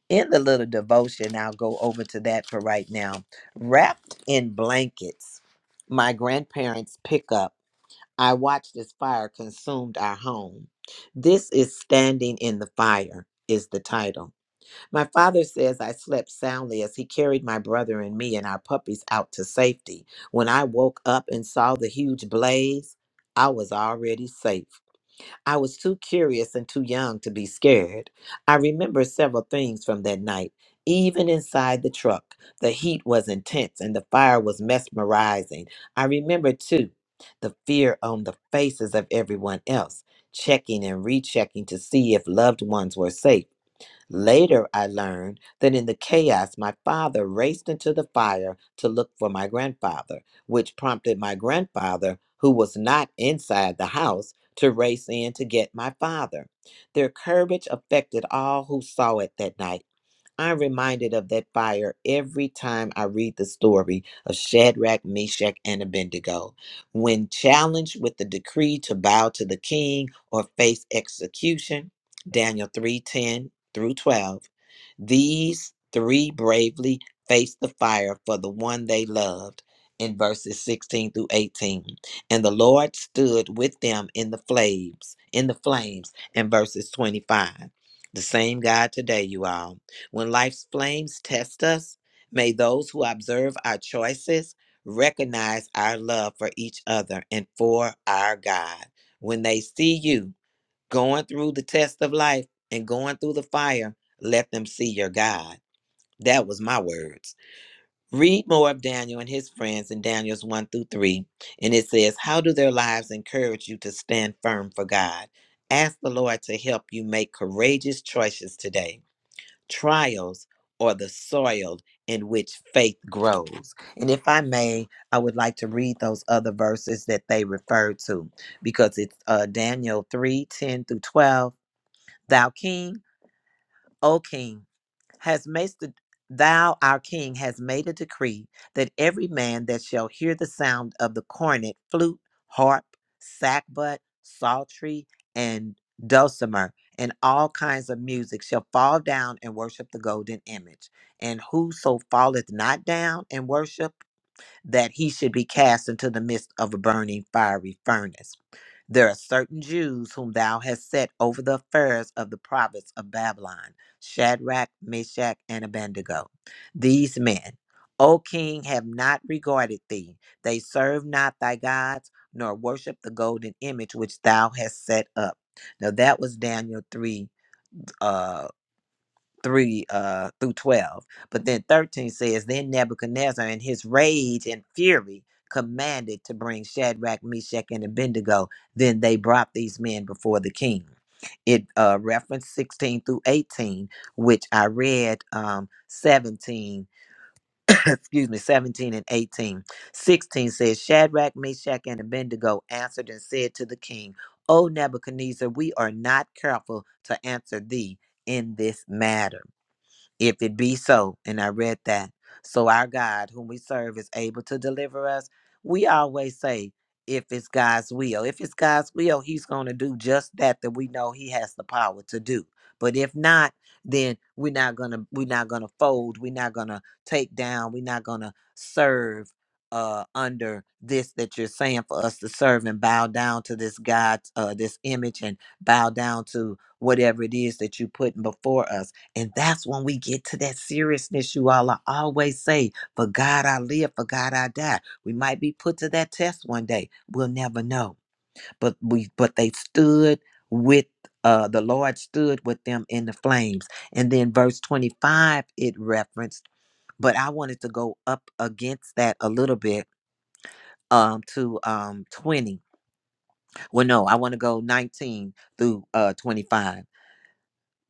Speaker 2: In the little devotion, I'll go over to that for right now Wrapped in blankets, my grandparents' pickup, I watched as fire consumed our home. This is Standing in the Fire, is the title. My father says I slept soundly as he carried my brother and me and our puppies out to safety. When I woke up and saw the huge blaze, I was already safe. I was too curious and too young to be scared. I remember several things from that night. Even inside the truck, the heat was intense and the fire was mesmerizing. I remember, too, the fear on the faces of everyone else, checking and rechecking to see if loved ones were safe. Later, I learned that in the chaos, my father raced into the fire to look for my grandfather, which prompted my grandfather, who was not inside the house, to race in to get my father. Their courage affected all who saw it that night I'm reminded of that fire every time I read the story of Shadrach, Meshach, and Abednego. When challenged with the decree to bow to the king or face execution, Daniel 3:10 through 12, these three bravely faced the fire for the one they loved in verses 16 through 18. And the Lord stood with them in the flames, in the flames in verses 25. The same God today, you all. When life's flames test us, may those who observe our choices recognize our love for each other and for our God. When they see you going through the test of life and going through the fire, let them see your God. That was my words. Read more of Daniel and his friends in Daniel's 1 through 3. And it says, How do their lives encourage you to stand firm for God? Ask the Lord to help you make courageous choices today. Trials are the soil in which faith grows. And if I may, I would like to read those other verses that they refer to because it's uh, Daniel 3 10 through 12. Thou king, O king has made the thou our king has made a decree that every man that shall hear the sound of the cornet, flute, harp, sackbut, psaltery, and dulcimer, and all kinds of music shall fall down and worship the golden image. And whoso falleth not down and worship that he should be cast into the midst of a burning fiery furnace. There are certain Jews whom thou hast set over the affairs of the province of Babylon Shadrach, Meshach, and Abednego. These men, O king, have not regarded thee. They serve not thy gods, nor worship the golden image which thou hast set up. Now that was Daniel 3 uh, 3 uh, through 12. But then 13 says, Then Nebuchadnezzar in his rage and fury commanded to bring Shadrach, Meshach, and Abednego. Then they brought these men before the king. It uh, referenced 16 through 18, which I read um, 17, excuse me, 17 and 18. 16 says, Shadrach, Meshach, and Abednego answered and said to the king, O Nebuchadnezzar, we are not careful to answer thee in this matter if it be so, and I read that. So our God, whom we serve, is able to deliver us. We always say, if it's God's will, if it's God's will, He's going to do just that that we know He has the power to do. But if not, then we're not gonna we're not gonna fold. We're not gonna take down. We're not gonna serve uh under this that you're saying for us to serve and bow down to this God, uh, this image, and bow down to whatever it is that you put before us. And that's when we get to that seriousness you all I always say, for God I live, for God I die. We might be put to that test one day. We'll never know. But we but they stood with uh the Lord stood with them in the flames. And then verse 25 it referenced, but I wanted to go up against that a little bit um to um 20. Well no, I want to go 19 through uh 25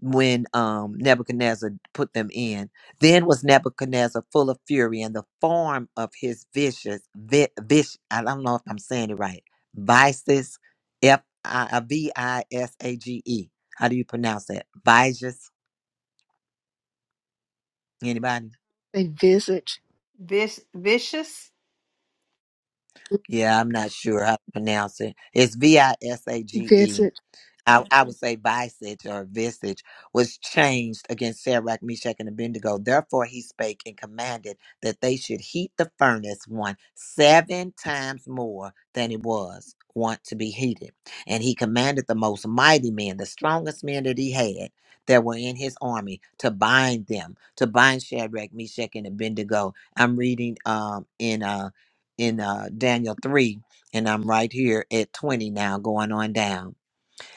Speaker 2: when um, Nebuchadnezzar put them in. Then was Nebuchadnezzar full of fury, and the form of his vicious, vi- vish, I don't know if I'm saying it right, vices, F I uh, V I S A G E. How do you pronounce that? Vices. Anybody?
Speaker 1: They visit,
Speaker 4: Vis- vicious?
Speaker 2: Yeah, I'm not sure how to pronounce it. It's V I S A G E
Speaker 1: visit.
Speaker 2: I, I would say visage or visage was changed against Shadrach, Meshach, and Abednego. Therefore, he spake and commanded that they should heat the furnace one seven times more than it was want to be heated. And he commanded the most mighty men, the strongest men that he had that were in his army, to bind them, to bind Shadrach, Meshach, and Abednego. I'm reading um in uh in uh Daniel three, and I'm right here at twenty now, going on down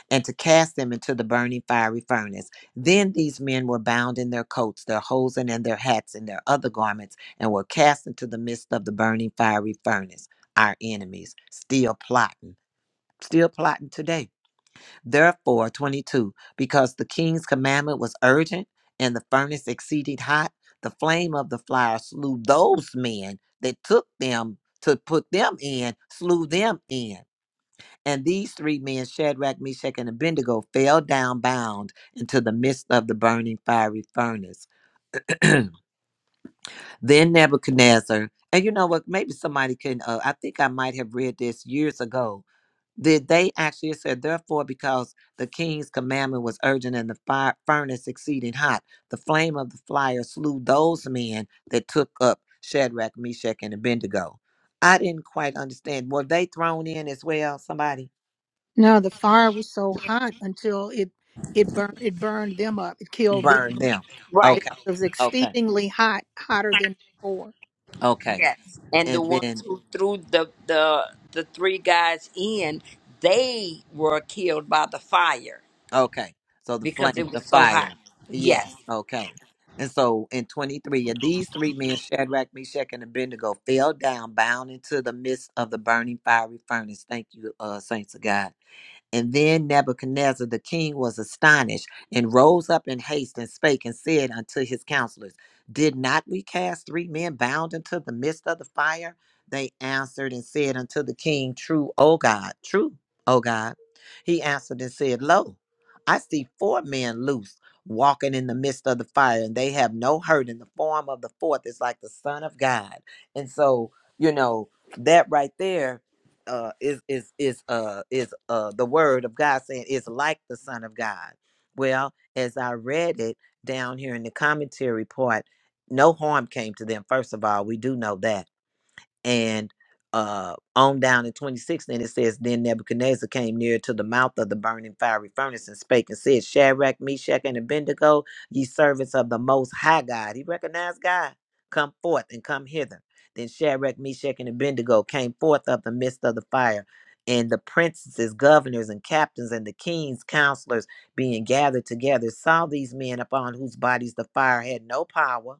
Speaker 2: and to cast them into the burning fiery furnace. Then these men were bound in their coats, their hosen, and their hats, and their other garments, and were cast into the midst of the burning fiery furnace. Our enemies still plotting, still plotting today. Therefore, 22, because the king's commandment was urgent and the furnace exceeded hot, the flame of the fire slew those men that took them to put them in, slew them in. And these three men, Shadrach, Meshach, and Abednego, fell down bound into the midst of the burning fiery furnace. then Nebuchadnezzar, and you know what? Maybe somebody can, uh, I think I might have read this years ago. Did they actually it said, therefore, because the king's commandment was urgent and the fire furnace exceeding hot, the flame of the fire slew those men that took up Shadrach, Meshach, and Abednego. I didn't quite understand. Were they thrown in as well? Somebody?
Speaker 1: Now the fire was so hot until it it burned it burned them up. It killed them.
Speaker 2: burn them.
Speaker 8: Right.
Speaker 1: because
Speaker 2: Okay,
Speaker 1: it was
Speaker 2: okay,
Speaker 1: exceedingly hot, hotter than before.
Speaker 2: okay.
Speaker 8: Yes. And the
Speaker 2: And
Speaker 8: ones
Speaker 2: then,
Speaker 8: who threw the the the three guys in, they were killed by the fire
Speaker 2: okay, so the flame
Speaker 8: because it
Speaker 2: of the
Speaker 8: was so hot.
Speaker 2: fire. Yes,
Speaker 8: Yes.
Speaker 2: okay. And so in 23, and these three men, Shadrach, Meshach, and Abednego, fell down, bound into the midst of the burning fiery furnace. Thank you, uh, saints of God. And then Nebuchadnezzar the king was astonished and rose up in haste and spake and said unto his counselors, Did not we cast three men bound into the midst of the fire? They answered and said unto the king, True, O God, true, O God. He answered and said, Lo, I see four men loose walking in the midst of the fire, and they have no hurt, and the form of the fourth is like the Son of God. And so, you know, that right there uh is is is uh is uh the word of God saying is like the Son of God. Well, as I read it down here in the commentary part, no harm came to them. First of all, we do know that and uh, on down in 26, then it says, Then Nebuchadnezzar came near to the mouth of the burning fiery furnace and spake and said, Shadrach, Meshach, and Abednego, ye servants of the Most High God. He recognized God. Come forth and come hither. Then Shadrach, Meshach, and Abednego came forth of the midst of the fire. And the princes, governors, and captains, and the king's counselors being gathered together, saw these men upon whose bodies the fire had no power,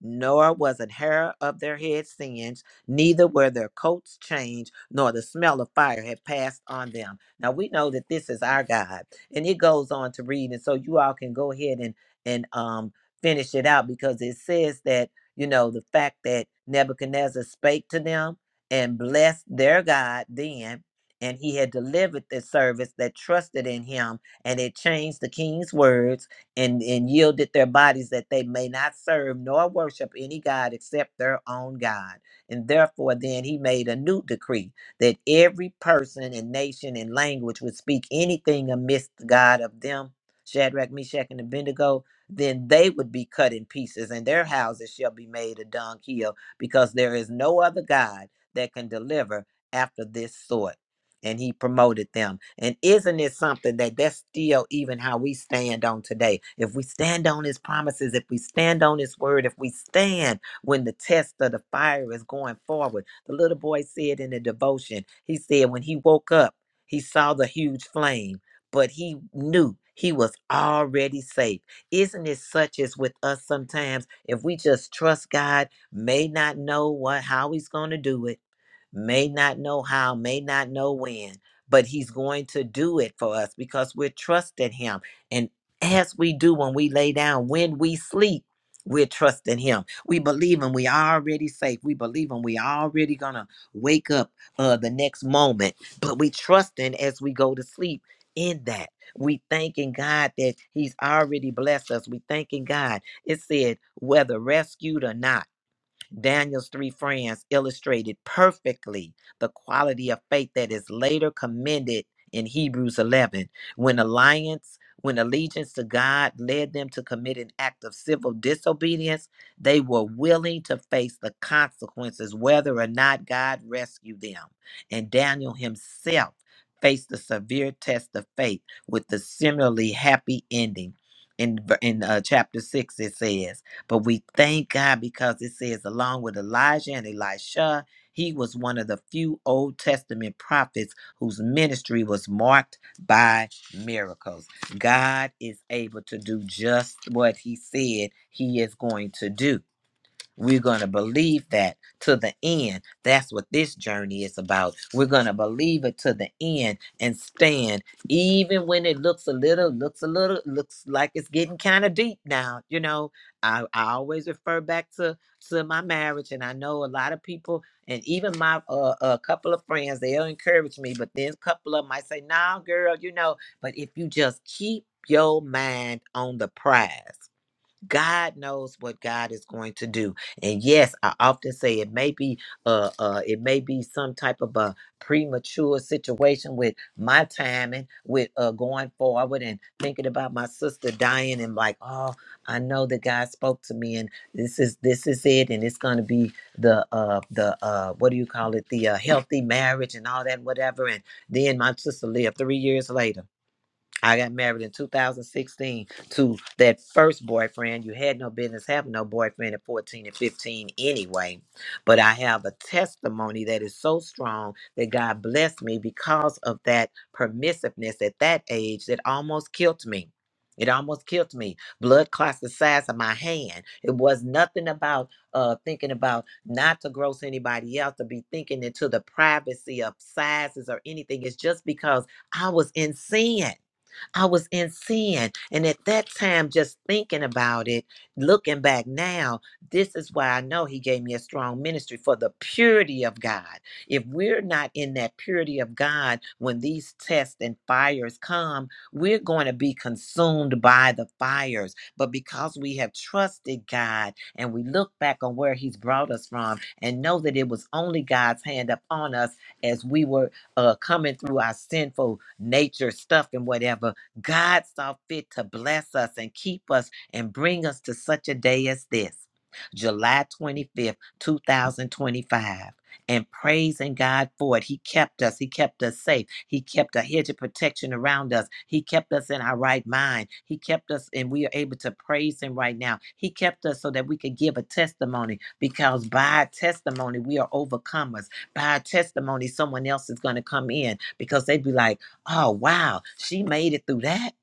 Speaker 2: nor was an hair of their head singed neither were their coats changed, nor the smell of fire had passed on them. Now we know that this is our God. And it goes on to read, and so you all can go ahead and and um finish it out because it says that, you know, the fact that Nebuchadnezzar spake to them and blessed their God then, and he had delivered the servants that trusted in him, and it changed the king's words and, and yielded their bodies that they may not serve nor worship any God except their own God. And therefore, then he made a new decree that every person and nation and language would speak anything amidst God of them, Shadrach, Meshach, and Abednego, then they would be cut in pieces, and their houses shall be made a dung hill, because there is no other God that can deliver after this sort. And he promoted them. And isn't it something that that's still even how we stand on today? If we stand on his promises, if we stand on his word, if we stand when the test of the fire is going forward. The little boy said in the devotion, he said when he woke up, he saw the huge flame, but he knew he was already safe. Isn't it such as with us sometimes? If we just trust God, may not know what how he's going to do it, may not know how, may not know when, but he's going to do it for us because we're trusting him. And as we do when we lay down, when we sleep, we're trusting him we believe and we already safe. We believe and we already gonna wake up uh the next moment. But we trusting as we go to sleep in that. We thanking God that He's already blessed us. We thanking God. It said whether rescued or not. Daniel's three friends illustrated perfectly the quality of faith that is later commended in Hebrews 11 when alliance when allegiance to God led them to commit an act of civil disobedience they were willing to face the consequences whether or not God rescued them and Daniel himself faced the severe test of faith with the similarly happy ending in, ver- in uh, chapter 6 it says but we thank God because it says, along with Elijah and Elisha, he was one of the few Old Testament prophets whose ministry was marked by miracles. God is able to do just what he said he is going to do. We're going to believe that to the end. That's what this journey is about. We're going to believe it to the end and stand even when it looks a little looks a little looks like it's getting kind of deep now, you know. I, I always refer back to to my marriage and I know a lot of people and even my uh, a couple of friends they'll encourage me but then a couple of them might say, "Nah, girl, you know, but if you just keep your mind on the prize God knows what God is going to do. And yes, I often say it may be uh uh it may be some type of a premature situation with my timing, with uh going forward and thinking about my sister dying and like, oh, I know that God spoke to me and this is this is it and it's gonna be the uh the uh what do you call it, the uh, healthy marriage and all that, whatever. And then my sister lived three years later. I got married in 2016 to that first boyfriend. You had no business having no boyfriend at 14 and 15 anyway. But I have a testimony that is so strong that God blessed me because of that permissiveness at that age that almost killed me. It almost killed me. Blood clots the size of my hand. It was nothing about uh, thinking about not to gross anybody else, to be thinking into the privacy of sizes or anything. It's just because I was in sin. I was in sin. And at that time, just thinking about it, looking back now, this is why I know He gave me a strong ministry for the purity of God. If we're not in that purity of God, when these tests and fires come, we're going to be consumed by the fires. But because we have trusted God and we look back on where He's brought us from and know that it was only God's hand upon us as we were uh, coming through our sinful nature stuff and whatever God saw fit to bless us and keep us and bring us to such a day as this, July 25th, 2025. And praising God for it. He kept us. He kept us safe. He kept a hedge of protection around us. He kept us in our right mind. He kept us, and we are able to praise Him right now. He kept us so that we could give a testimony because by our testimony, we are overcomers. By our testimony, someone else is going to come in because they'd be like, Oh, wow. She made it through that.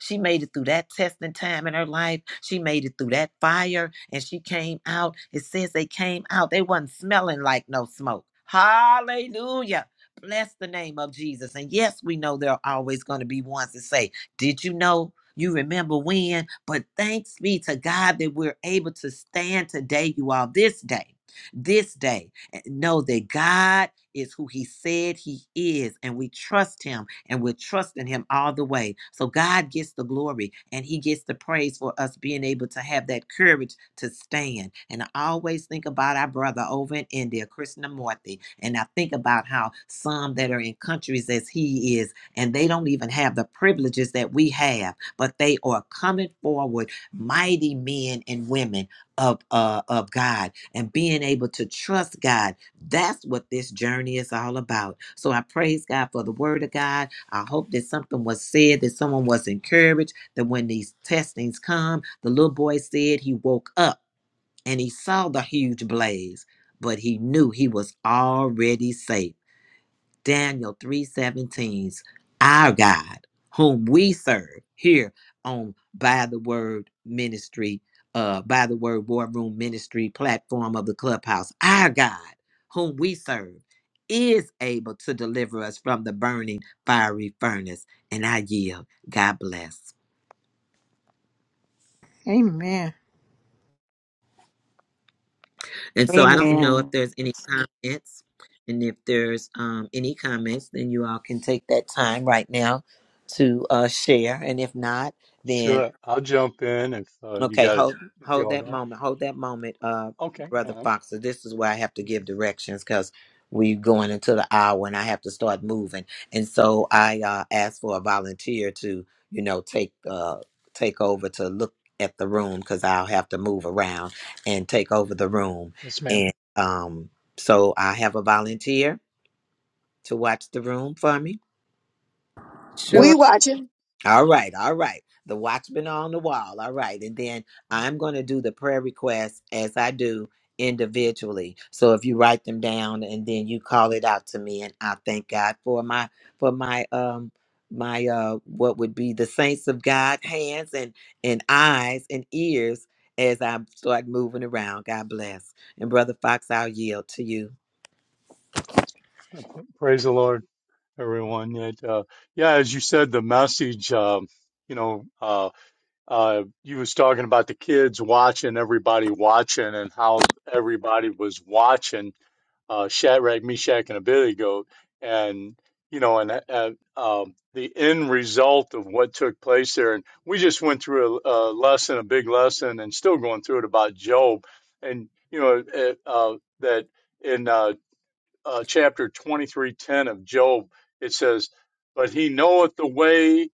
Speaker 2: She made it through that testing time in her life. She made it through that fire and she came out. It says they came out. They wasn't smelling like no smoke. Hallelujah. Bless the name of Jesus. And yes, we know there are always going to be ones that say, Did you know? You remember when? But thanks be to God that we're able to stand today, you all, this day, this day, and know that God is who he said he is, and we trust him and we're trusting him all the way. So God gets the glory and he gets the praise for us being able to have that courage to stand. And I always think about our brother over in India, Krishnamurti, and I think about how some that are in countries as he is, and they don't even have the privileges that we have, but they are coming forward, mighty men and women of uh, of God, and being able to trust God that's what this journey is all about. So I praise God for the word of God. I hope that something was said, that someone was encouraged, that when these testings come, the little boy said he woke up and he saw the huge blaze, but he knew he was already safe. Daniel three seventeen's our God whom we serve here on by the word ministry uh by the word war room ministry platform of the clubhouse our God whom we serve is able to deliver us from the burning fiery furnace and I yield God bless
Speaker 1: Amen.
Speaker 2: and so I don't know if
Speaker 4: Amen.
Speaker 2: there's any comments and if there's um, any comments then you all can take that time right now to uh, share and if not then.
Speaker 6: Sure, I'll jump in if uh, you
Speaker 2: Okay,
Speaker 6: got it.
Speaker 2: hold
Speaker 6: If
Speaker 2: hold
Speaker 6: y'all
Speaker 2: that
Speaker 6: got it.
Speaker 2: moment. Hold that moment, uh,
Speaker 6: Okay.
Speaker 2: brother
Speaker 6: Um,
Speaker 2: Foxer. This is where I have to give
Speaker 6: mhm.
Speaker 2: directions because we're going into the hour and I have to start moving. And so I uh, asked for a volunteer to, you know, take uh, take over to look at the room because I'll have to move around and take over the room.
Speaker 6: yes, ma'am.
Speaker 2: And um, so I have a volunteer to watch the room for me.
Speaker 8: Yes.
Speaker 1: Sure.
Speaker 7: We watching?
Speaker 2: All right, all right. The watchman on the wall. All right. And then I'm going to do the prayer requests as I do individually. So if you write them down and then you call it out to me and I thank God for my for my um my uh what would be the saints of God hands and and eyes and ears as I start moving around. God bless. And brother Fox, I'll yield to you.
Speaker 6: Uh, pr- Praise the Lord, everyone. It, uh, yeah, as you said, the message. Um, you know, uh, uh, you was talking about the kids watching, everybody watching, and how everybody was watching. uh, Shadrach, Meshach, and Abednego, and you know, and uh, um, the end result of what took place there. And we just went through a, a lesson, a big lesson, and still going through it about Job, and you know, it, uh, that in uh, uh, chapter twenty three ten of Job, it says, "But he knoweth the way."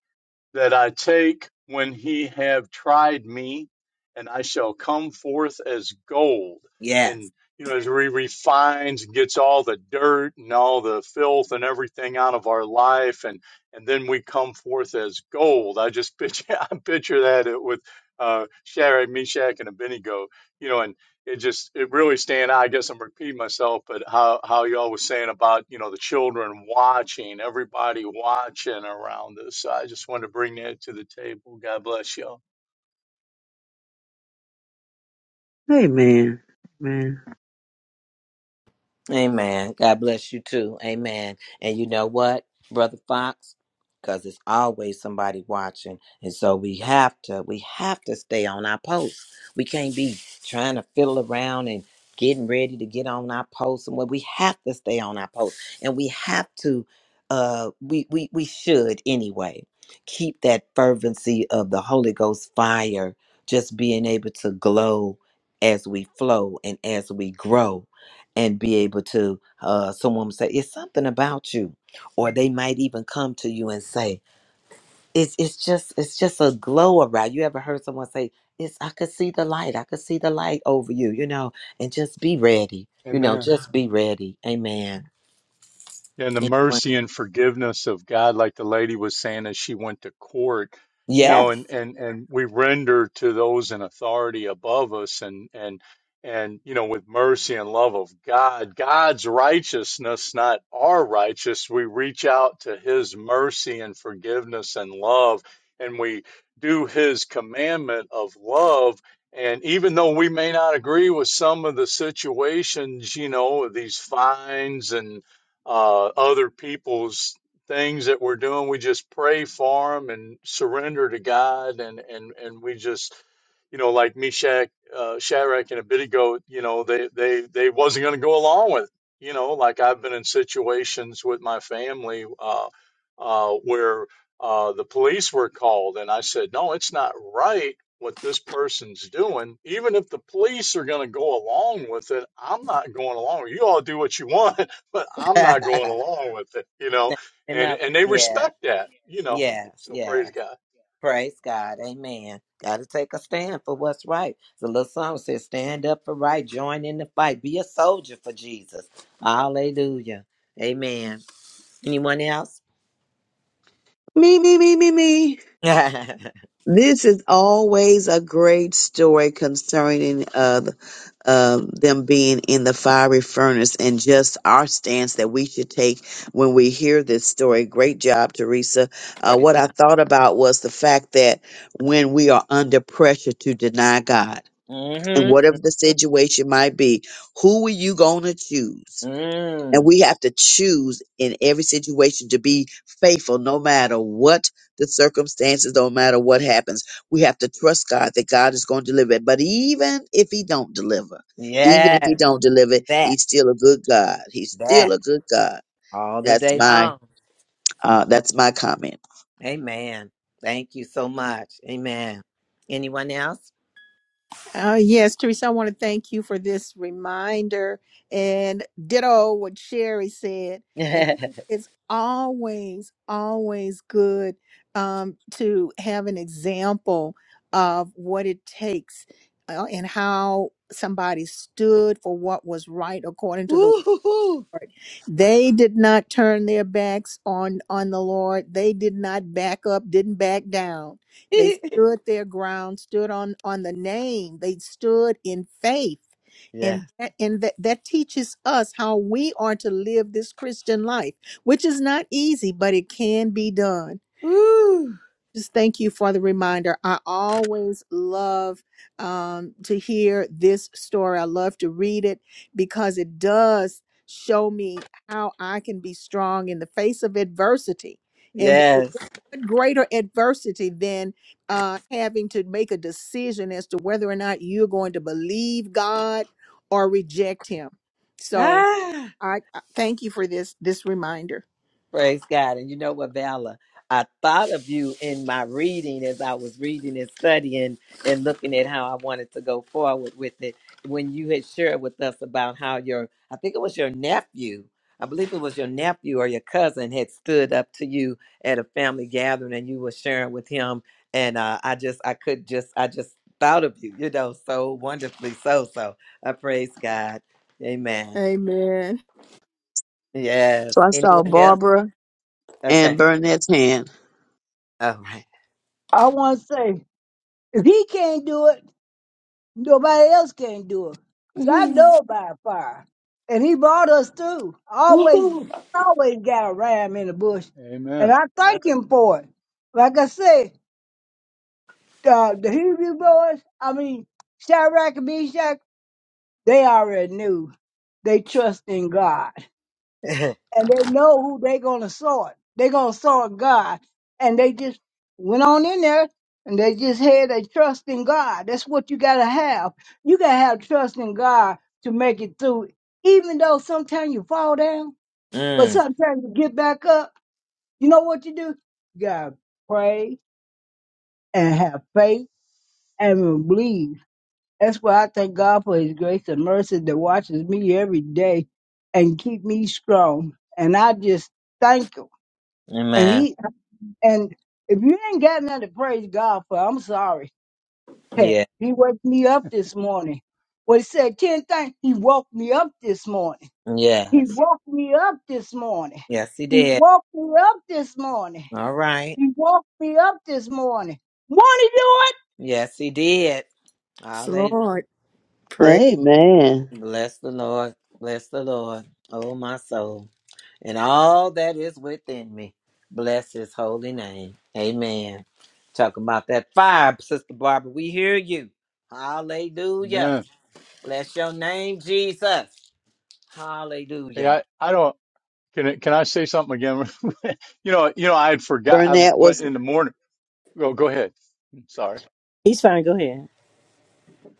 Speaker 6: that I take when he have tried me, and I shall come forth as gold.
Speaker 2: Yes.
Speaker 6: And you know, as he refines and gets all the dirt and all the filth and everything out of our life, and and then we come forth as gold. I just picture I picture that it with uh, Shadrach, Meshach, and Abednego. You know, and it just it really stand out. I guess I'm repeating myself, but how how y'all was saying about you know the children watching, everybody watching around us. I just wanted to bring that to the table. God bless y'all.
Speaker 7: Amen. Amen.
Speaker 2: Amen. God bless you too. Amen. And you know what, Brother Fox? Because it's always somebody watching. And so we have to, we have to stay on our post. We can't be trying to fiddle around and getting ready to get on our post and what we have to stay on our post. And we have to uh we we we should anyway keep that fervency of the Holy Ghost fire just being able to glow as we flow and as we grow and be able to uh someone would say it's something about you or they might even come to you and say it's it's just it's just a glow around you ever heard someone say it's i could see the light i could see the light over you you know and just be ready you know
Speaker 6: Amen.
Speaker 2: just be ready amen
Speaker 6: and the
Speaker 2: Anyone?
Speaker 6: mercy and forgiveness of God, like the lady was saying as she went to court, you
Speaker 2: yes
Speaker 6: know, and and and we render to those in authority above us, and and and you know, with mercy and love of God, God's righteousness, not our righteous, we reach out to His mercy and forgiveness and love, and we do His commandment of love. And even though we may not agree with some of the situations, you know, these fines and uh, other people's things that we're doing. We just pray for them and surrender to God, and and and we just, you know, like Meshach, uh, Shadrach, and Abednego, you know, they they they wasn't going to go along with. It. You know, like I've been in situations with my family uh, uh, where uh, the police were called, and I said, no, it's not right. What this person's doing, even if the police are going to go along with it, I'm not going along. You all do what you want, but I'm not going along with it, you know. And
Speaker 2: enough
Speaker 6: and they
Speaker 2: yeah
Speaker 6: respect that, you know.
Speaker 2: yes
Speaker 6: So
Speaker 2: yes
Speaker 6: praise God.
Speaker 2: Praise God. Amen. Got to take a stand for what's right. The little song says, Stand up for right, join in the fight, be a soldier for Jesus. Hallelujah. Amen. Anyone else?
Speaker 7: Me, me, me, me, me.
Speaker 2: Praise
Speaker 7: This is always a great story concerning uh, the- uh, them being in the fiery furnace and just our stance that we should take when we hear this story. Great job, Teresa. Uh, what I
Speaker 2: God.
Speaker 7: thought about was the fact that when we are under pressure to deny God, and
Speaker 2: Mm-hmm.
Speaker 7: whatever the situation might be, who are you going to choose? And
Speaker 2: Mm.
Speaker 7: we have to choose in every situation to be faithful, no matter what the circumstances, no matter what happens. We have to trust God that God is going to deliver it. But even if He don't deliver, even if He
Speaker 2: Yes,
Speaker 7: don't deliver,
Speaker 2: that,
Speaker 7: He's still a good God. He's still
Speaker 2: that,
Speaker 7: a good God.
Speaker 2: all the
Speaker 7: That's
Speaker 2: day
Speaker 7: my
Speaker 2: long.
Speaker 7: uh, that's my comment.
Speaker 2: Amen. Thank you so much. Amen. Anyone else?
Speaker 1: Uh, yes, Teresa, I want to thank you for this reminder and ditto what Sherry said. And it's always, always good um, to have an example of what it takes uh, and how somebody stood for what was right according to the
Speaker 2: Woo-hoo-hoo.
Speaker 1: they did not turn their backs on on the Lord. They did not back up, didn't back down. They stood their ground, stood on on the name. They stood in faith.
Speaker 2: yeah.
Speaker 1: And that, and that, that teaches us how we are to live this Christian life, which is not easy, but it can be done.
Speaker 2: Woo.
Speaker 1: Just thank you for the reminder. I always love um, to hear this story. I love to read it because it does show me how I can be strong in the face of adversity. And what
Speaker 2: Yes.
Speaker 1: what greater adversity than uh, having to make a decision as to whether or not you're going to believe God or reject Him? So
Speaker 2: Ah.
Speaker 1: I, I thank you for this this reminder.
Speaker 2: Praise God. And you know what, Vala? I thought of you in my reading as I was reading and studying and looking at how I wanted to go forward with it. When you had shared with us about how your, I think it was your nephew, I believe it was your nephew or your cousin had stood up to you at a family gathering and you were sharing with him. And uh, I just, I could just, I just thought of you, you know, so wonderfully so. So I praise God. Amen.
Speaker 1: Amen.
Speaker 2: Yes.
Speaker 7: So I saw
Speaker 2: Anyone else?
Speaker 7: Barbara
Speaker 2: Okay.
Speaker 7: and Burnett's hand.
Speaker 2: All right.
Speaker 9: I want to say, if he can't do it, Nobody else can do it. 'Cause I know about fire. And he brought us through. Always, always got a ram in the bush. And
Speaker 6: Amen.
Speaker 9: I thank him for it. Like I said, the, the Hebrew boys, I mean, Shadrach and Meshach, they already knew. They trust in God and they know who they gonna sort. They gonna sort God, and they just went on in there and they just had a trust in God. That's what you gotta have. You gotta have trust in God to make it through, even though sometimes you fall down, but
Speaker 2: Mm,
Speaker 9: sometimes you get back up. You know what you do? You gotta pray and have faith and believe. That's why I thank God for His grace and mercy that watches me every day and keep me strong. And I just thank Him and
Speaker 2: amen.
Speaker 9: he And if you ain't got nothing to praise God for, I'm sorry. Hell,
Speaker 2: Yeah.
Speaker 9: he woke me up this morning. Well, he said 10 things. He woke me up this morning. He
Speaker 2: Yes.
Speaker 9: woke me up this morning.
Speaker 2: Yes, he
Speaker 9: He
Speaker 2: did.
Speaker 9: woke me up this morning.
Speaker 2: All right.
Speaker 9: He woke me up this morning. Want
Speaker 2: Yes, he did.
Speaker 1: Yes,
Speaker 2: Hallelujah.
Speaker 1: Lord. Pray.
Speaker 7: Amen.
Speaker 2: Bless the Lord. Bless the Lord. Oh, my soul. And all that is within me. Bless his holy name. Amen. Talking about that fire, Sister Barbara. We hear you. Hallelujah.
Speaker 6: Amen.
Speaker 2: Bless your name, Jesus.
Speaker 6: Hey,
Speaker 2: Hallelujah.
Speaker 6: I, I don't, can I, can I say something again? you know, you know, I had forgot, I
Speaker 7: Burnett
Speaker 6: went
Speaker 7: was
Speaker 6: in the morning. Go, go ahead. sorry.
Speaker 13: He's fine. Go ahead.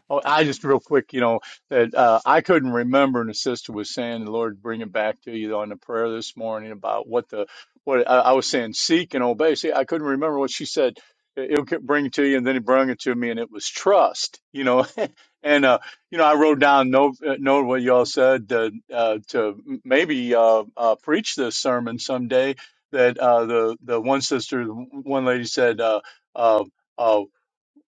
Speaker 6: Oh, I just real quick, you know, that, uh, I couldn't remember and the sister was saying, the Lord, bring it back to you on the prayer this morning about what the, what I, I was saying, seek and obey. See, I couldn't remember what she said. It- It'll get- bring it to you. And then he brought it to me and it was trust, you know, And uh, you know, I wrote down note uh, note what y'all said uh, uh, to maybe uh, uh, preach this sermon someday. That uh, the the one sister, one lady said, uh, uh, uh,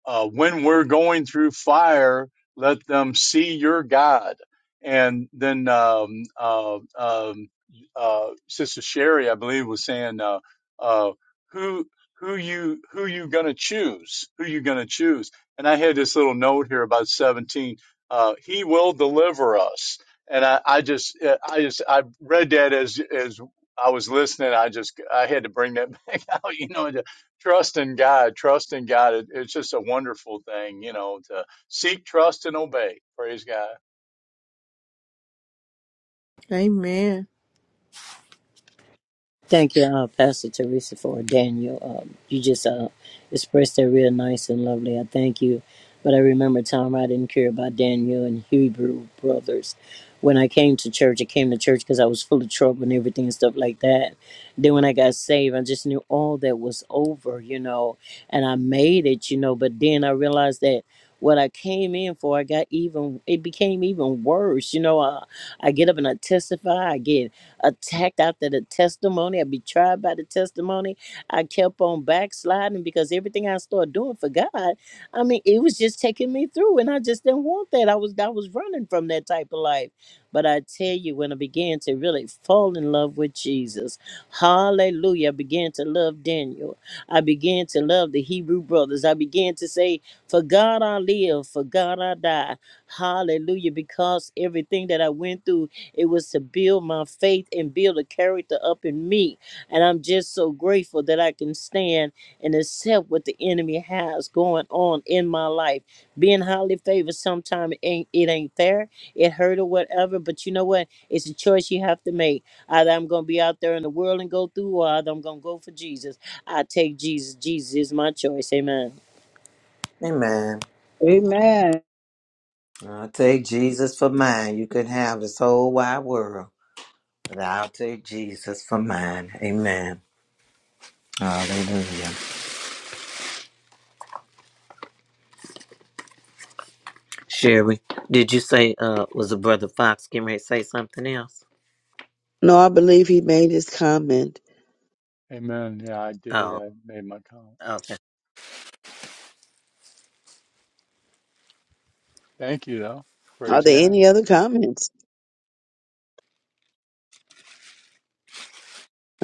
Speaker 6: uh, when we're going through fire, let them see your God. And then um, uh, um, uh, Sister Sherry, I believe, was saying, uh, uh, "Who who you who you gonna choose? Who you gonna choose?" And I had this little note here about seventeen. Uh, he will deliver us. And I, I just I just I read that as as I was listening. I just I had to bring that back out, you know, Trust in God. Trust in God. It, it's just a wonderful thing, you know, to seek, trust, and obey. Praise God.
Speaker 1: Amen.
Speaker 13: Thank you, uh, Pastor Teresa, for Daniel. Um, you just uh, expressed that real nice and lovely. I thank you. But I remember a time I didn't care about Daniel and Hebrew brothers. When I came to church, I came to church because I was full of trouble and everything and stuff like that. Then when I got saved, I just knew all that was over, you know, and I made it, you know. But then I realized that what I came in for, I got even, it became even worse, you know. I, I get up and I testify. I get attacked after the testimony. I'd be tried by the testimony. I kept on backsliding because everything I started doing for God, I mean, it was just taking me through, and I just didn't want that. I was I was running from that type of life. But I tell you, when I began to really fall in love with Jesus, hallelujah, I began to love Daniel. I began to love the Hebrew brothers. I began to say, For God I live, for God I die. Hallelujah, because everything that I went through it was to build my faith and build a character up in me. And I'm just so grateful that I can stand and accept what the enemy has going on in my life. Being highly favored sometimes ain't it ain't fair. It hurt or whatever. But you know what? It's a choice you have to make. Either I'm gonna be out there in the world and go through, or either I'm gonna go for Jesus. I take Jesus. Jesus is my choice. Amen.
Speaker 2: Amen.
Speaker 9: to do it? Amen.
Speaker 2: I'll take Jesus for mine. You can have this whole wide world. But I'll take Jesus for mine. Amen. Hallelujah. Sherry, did you say uh was a brother Fox getting ready to say something else?
Speaker 7: No, I believe he made his comment.
Speaker 6: Amen. Yeah, I did.
Speaker 2: Oh,
Speaker 6: I made my comment.
Speaker 2: okay.
Speaker 6: Thank you, though.
Speaker 7: Are
Speaker 6: Praise
Speaker 7: there
Speaker 6: God.
Speaker 7: any other comments?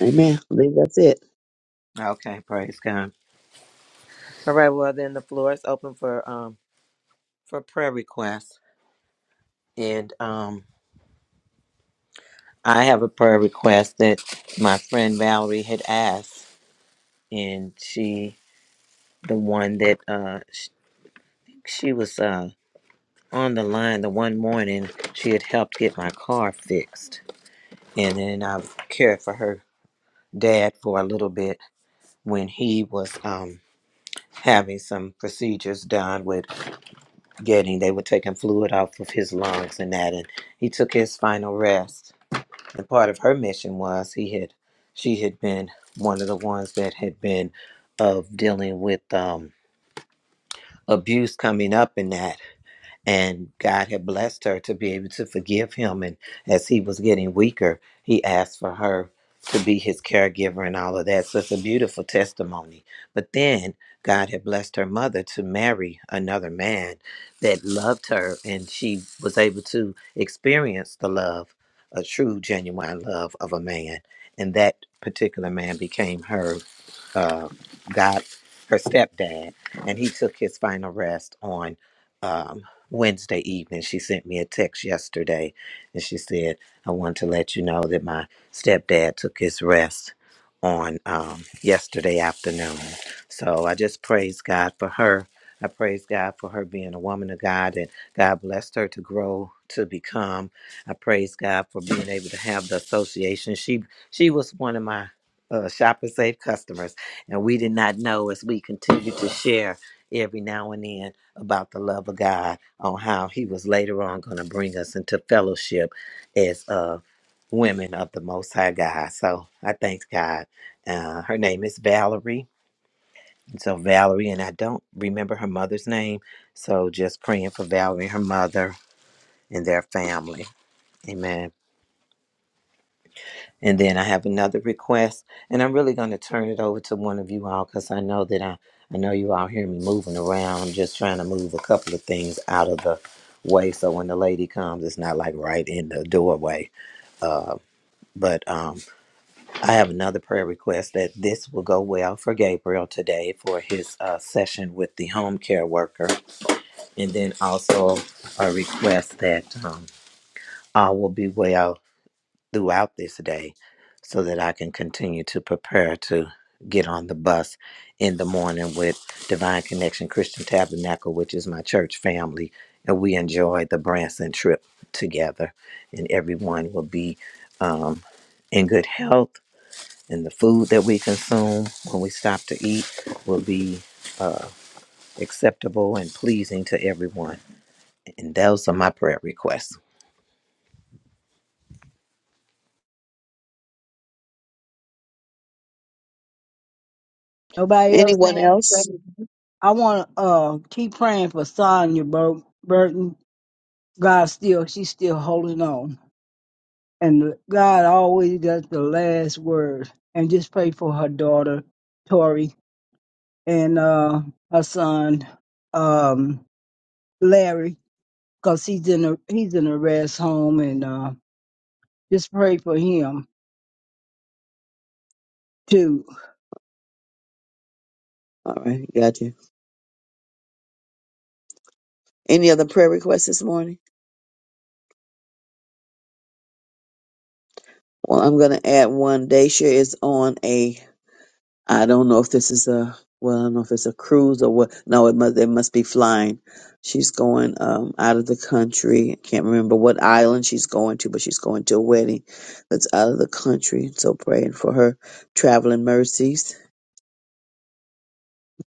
Speaker 7: Amen. I believe that's it.
Speaker 2: Okay, praise God. All right, well then the floor is open for um for prayer requests. And um I have a prayer request that my friend Valerie had asked and she the one that uh she, she was uh on the line the one morning she had helped get my car fixed and then I cared for her dad for a little bit when he was um, having some procedures done with getting they were taking fluid off of his lungs and that, and he took his final rest. And part of her mission was he had she had been one of the ones that had been of dealing with um, abuse coming up in that. and God had blessed her to be able to forgive him. And as he was getting weaker, he asked for her to be his caregiver and all of that. So it's a beautiful testimony. But then God had blessed her mother to marry another man that loved her, and she was able to experience the love, a true, genuine love of a man. And that particular man became her uh, God, her stepdad, and he took his final rest on. Um, Wednesday evening. She sent me a text yesterday and she said, I want to let you know that my stepdad took his rest on um, yesterday afternoon. So I just praise God for her. I praise God for her being a woman of God and God blessed her to grow to become. I praise God for being able to have the association. She she was one of my uh, shopper safe customers and we did not know as we continue to share every now and then about the love of God on how he was later on going to bring us into fellowship as uh, women of the Most High God. So I thank God. Uh, her name is Valerie. So Valerie, and I don't remember her mother's name. So just praying for Valerie, her mother, and their family. Amen. And then I have another request, and I'm really going to turn it over to one of you all because I know that I, I know you all hear me moving around. just trying to move a couple of things out of the way so when the lady comes, it's not like right in the doorway. Uh, but um, I have another prayer request that this will go well for Gabriel today for his uh, session with the home care worker, and then also a request that um, all will be well throughout this day so that I can continue to prepare to get on the bus in the morning with Divine Connection Christian Tabernacle, which is my church family. And we enjoy the Branson trip together, and everyone will be um, in good health. And the food that we consume when we stop to eat will be acceptable and pleasing to everyone. And those are my prayer requests.
Speaker 9: Nobody else
Speaker 7: Anyone
Speaker 9: saying
Speaker 7: else?
Speaker 9: anything. I want to uh, keep praying for Sonya Bur- Burton. God still, she's still holding on. and God always got the last word. And just pray for her daughter, Tori, and uh, her son, um, Larry, because he's in a he's in a rest home, and uh, just pray for him too.
Speaker 7: All right, got you. Any other prayer requests this morning? Well, I'm going to add one. Dacia is on a, I don't know if this is a, well, I don't know if it's a cruise or what. No, it must, it must be flying. She's going um, out of the country. Can't remember what island she's going to, but she's going to a wedding that's out of the country. So praying for her traveling mercies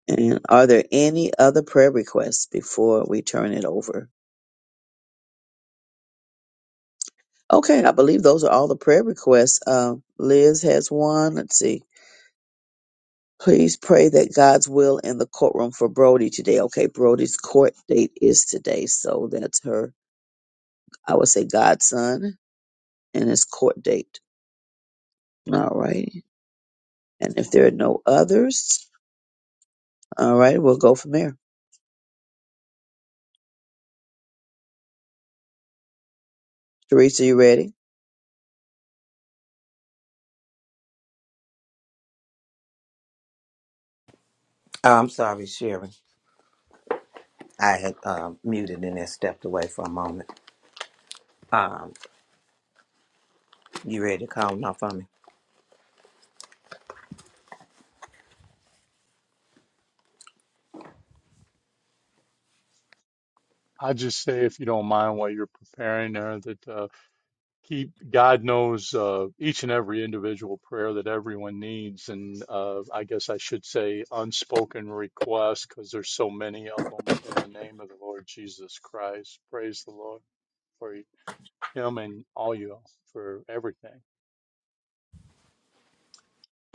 Speaker 7: And are there any other prayer requests before we turn it over? Okay, I believe those are all the prayer requests. Uh, Liz has one. Let's see. Please pray that God's will in the courtroom for Brody today. Okay, Brody's court date is today. So that's her, I would say, godson and his court date. All right. And if there are no others, all right, we'll go from there. Teresa, you ready?
Speaker 2: Oh, I'm sorry, Sherry. I had um, muted and then stepped away for a moment. Um, you ready to call them off for me?
Speaker 6: I just say, if you don't mind, while you're preparing there, that uh, keep God knows uh, each and every individual prayer that everyone needs, and uh, I guess I should say unspoken requests, because there's so many of them. In the name of the Lord Jesus Christ, praise the Lord. for you. him and all you all for everything.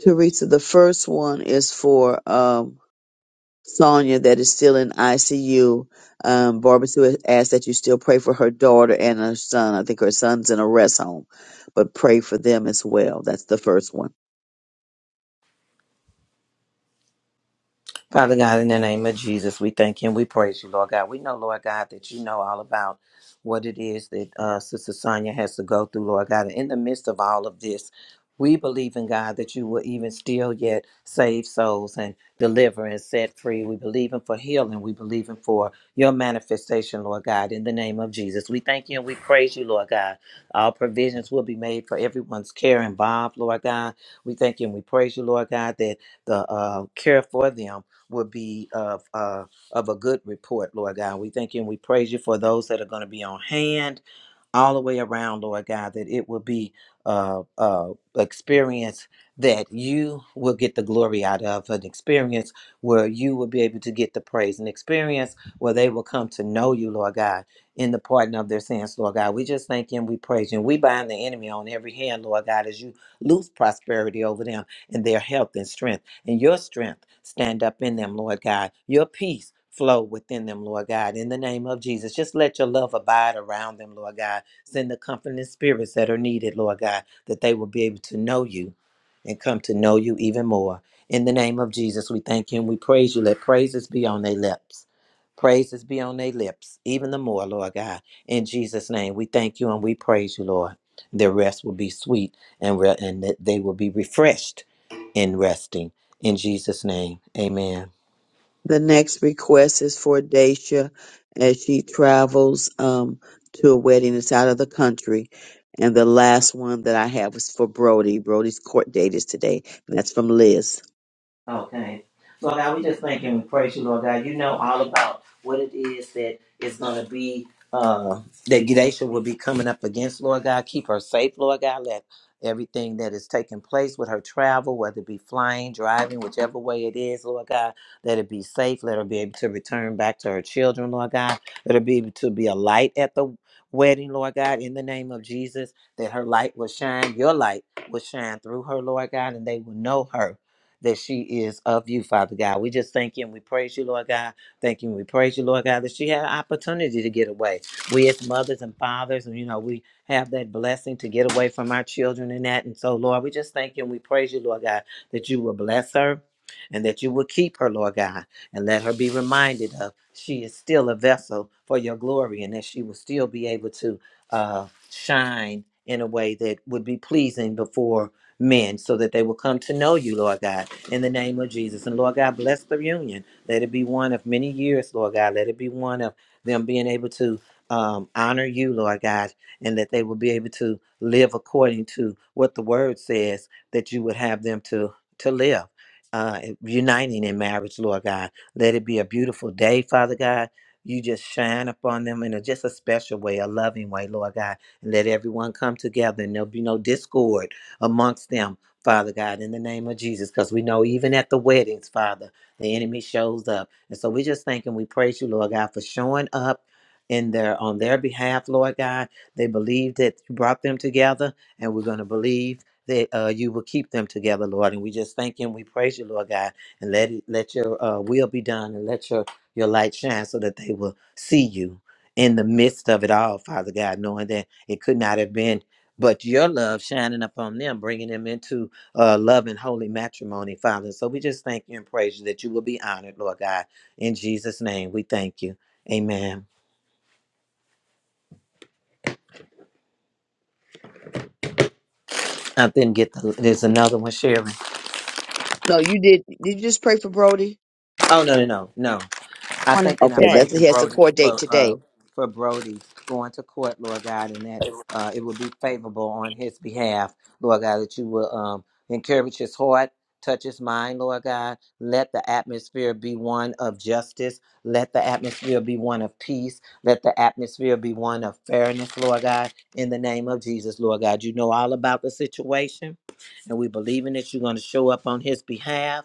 Speaker 7: Teresa, the first one is for um, Sonia that is still in ICU. Um, Barbara Sue has asked that you still pray for her daughter and her son. I think her son's in a rest home, but pray for them as well. That's the first one.
Speaker 2: Father God, in the name of Jesus, we thank you and we praise you, Lord God. We know, Lord God, that you know all about what it is that uh, Sister Sonia has to go through, Lord God. And in the midst of all of this, we believe in God that you will even still yet save souls and deliver and set free. We believe in for healing. We believe in for your manifestation, Lord God, in the name of Jesus. We thank you and we praise you, Lord God. All provisions will be made for everyone's care involved, Lord God. We thank you and we praise you, Lord God, that the uh, care for them will be of uh, of a good report, Lord God. We thank you and we praise you for those that are going to be on hand all the way around, Lord God, that it will be uh, uh, experience that you will get the glory out of, an experience where you will be able to get the praise, an experience where they will come to know you, Lord God, in the pardon of their sins, Lord God. We just thank you and we praise you. And we bind the enemy on every hand, Lord God, as you loose prosperity over them and their health and strength. And your strength stand up in them, Lord God. Your peace flow within them, Lord God. In the name of Jesus, just let your love abide around them, Lord God Send the comforting spirits that are needed, Lord God, that they will be able to know you and come to know you even more. In the name of Jesus, we thank you and we praise you. Let praises be on their lips. Praises be on their lips, even the more, Lord God. In Jesus' name, we thank you and we praise you, Lord. Their rest will be sweet and, re- and that they will be refreshed in resting. In Jesus' name, amen.
Speaker 7: The next request is for Dacia as she travels um, to a wedding that's out of the country. And the last one that I have is for Brody. Brody's court date is today, and that's from Liz.
Speaker 2: Okay. Lord God, we just thank you and praise you, Lord God. You know all about what it is that is going to be, uh, that Gadesha will be coming up against, Lord God. Keep her safe, Lord God. Let everything that is taking place with her travel, whether it be flying, driving, whichever way it is, Lord God, let it be safe. Let her be able to return back to her children, Lord God. Let her be able to be a light at the wedding, Lord God, in the name of Jesus, that her light will shine, your light will shine through her, Lord God, and they will know her that she is of you, Father God. We just thank you and we praise you, Lord God. Thank you and we praise you, Lord God, that she had an opportunity to get away. We as mothers and fathers, and you know, we have that blessing to get away from our children and that. And so, Lord, we just thank you and we praise you, Lord God, that you will bless her and that you will keep her, Lord God, and let her be reminded of she is still a vessel for your glory and that she will still be able to uh, shine in a way that would be pleasing before men so that they will come to know you, Lord God, in the name of Jesus. And Lord God, bless the reunion. Let it be one of many years, Lord God. Let it be one of them being able to um, honor you, Lord God, and that they will be able to live according to what the word says that you would have them to, to live. Uh, uniting in marriage, Lord God. Let it be a beautiful day, Father God. You just shine upon them in a, just a special way, a loving way, Lord God. And let everyone come together and there'll be no discord amongst them, Father God, in the name of Jesus, because we know even at the weddings, Father, the enemy shows up. And so we just thank and we praise you, Lord God, for showing up in their on their behalf, Lord God. They believe that you brought them together, and we're gonna believe that uh, you will keep them together, Lord. And we just thank you and we praise you, Lord God, and let it, let your uh, will be done and let your your light shine so that they will see you in the midst of it all, Father God, knowing that it could not have been but your love shining upon them, bringing them into uh, love and holy matrimony, Father. So we just thank you and praise you that you will be honored, Lord God. In Jesus' name, we thank you. Amen. I didn't get the, there's another one, Sharon.
Speaker 7: No, you did. Did you just pray for Brody?
Speaker 2: Oh, no, no, no, no. I
Speaker 3: One in
Speaker 2: thank
Speaker 3: the
Speaker 2: and I
Speaker 7: Okay,
Speaker 3: chat.
Speaker 7: that's
Speaker 2: praise you,
Speaker 7: he has a
Speaker 2: Brody,
Speaker 7: court date
Speaker 2: for uh,
Speaker 7: today.
Speaker 2: for Brody going to court, Lord God, and that uh, it will be favorable on his behalf, Lord God, that you will um, encourage his heart, touch his mind, Lord God. Let the atmosphere be one of justice. Let the atmosphere be one of peace. Let the atmosphere be one of fairness, Lord God, in the name of Jesus, Lord God. You know all about the situation, and we believe in that you're going to show up on his behalf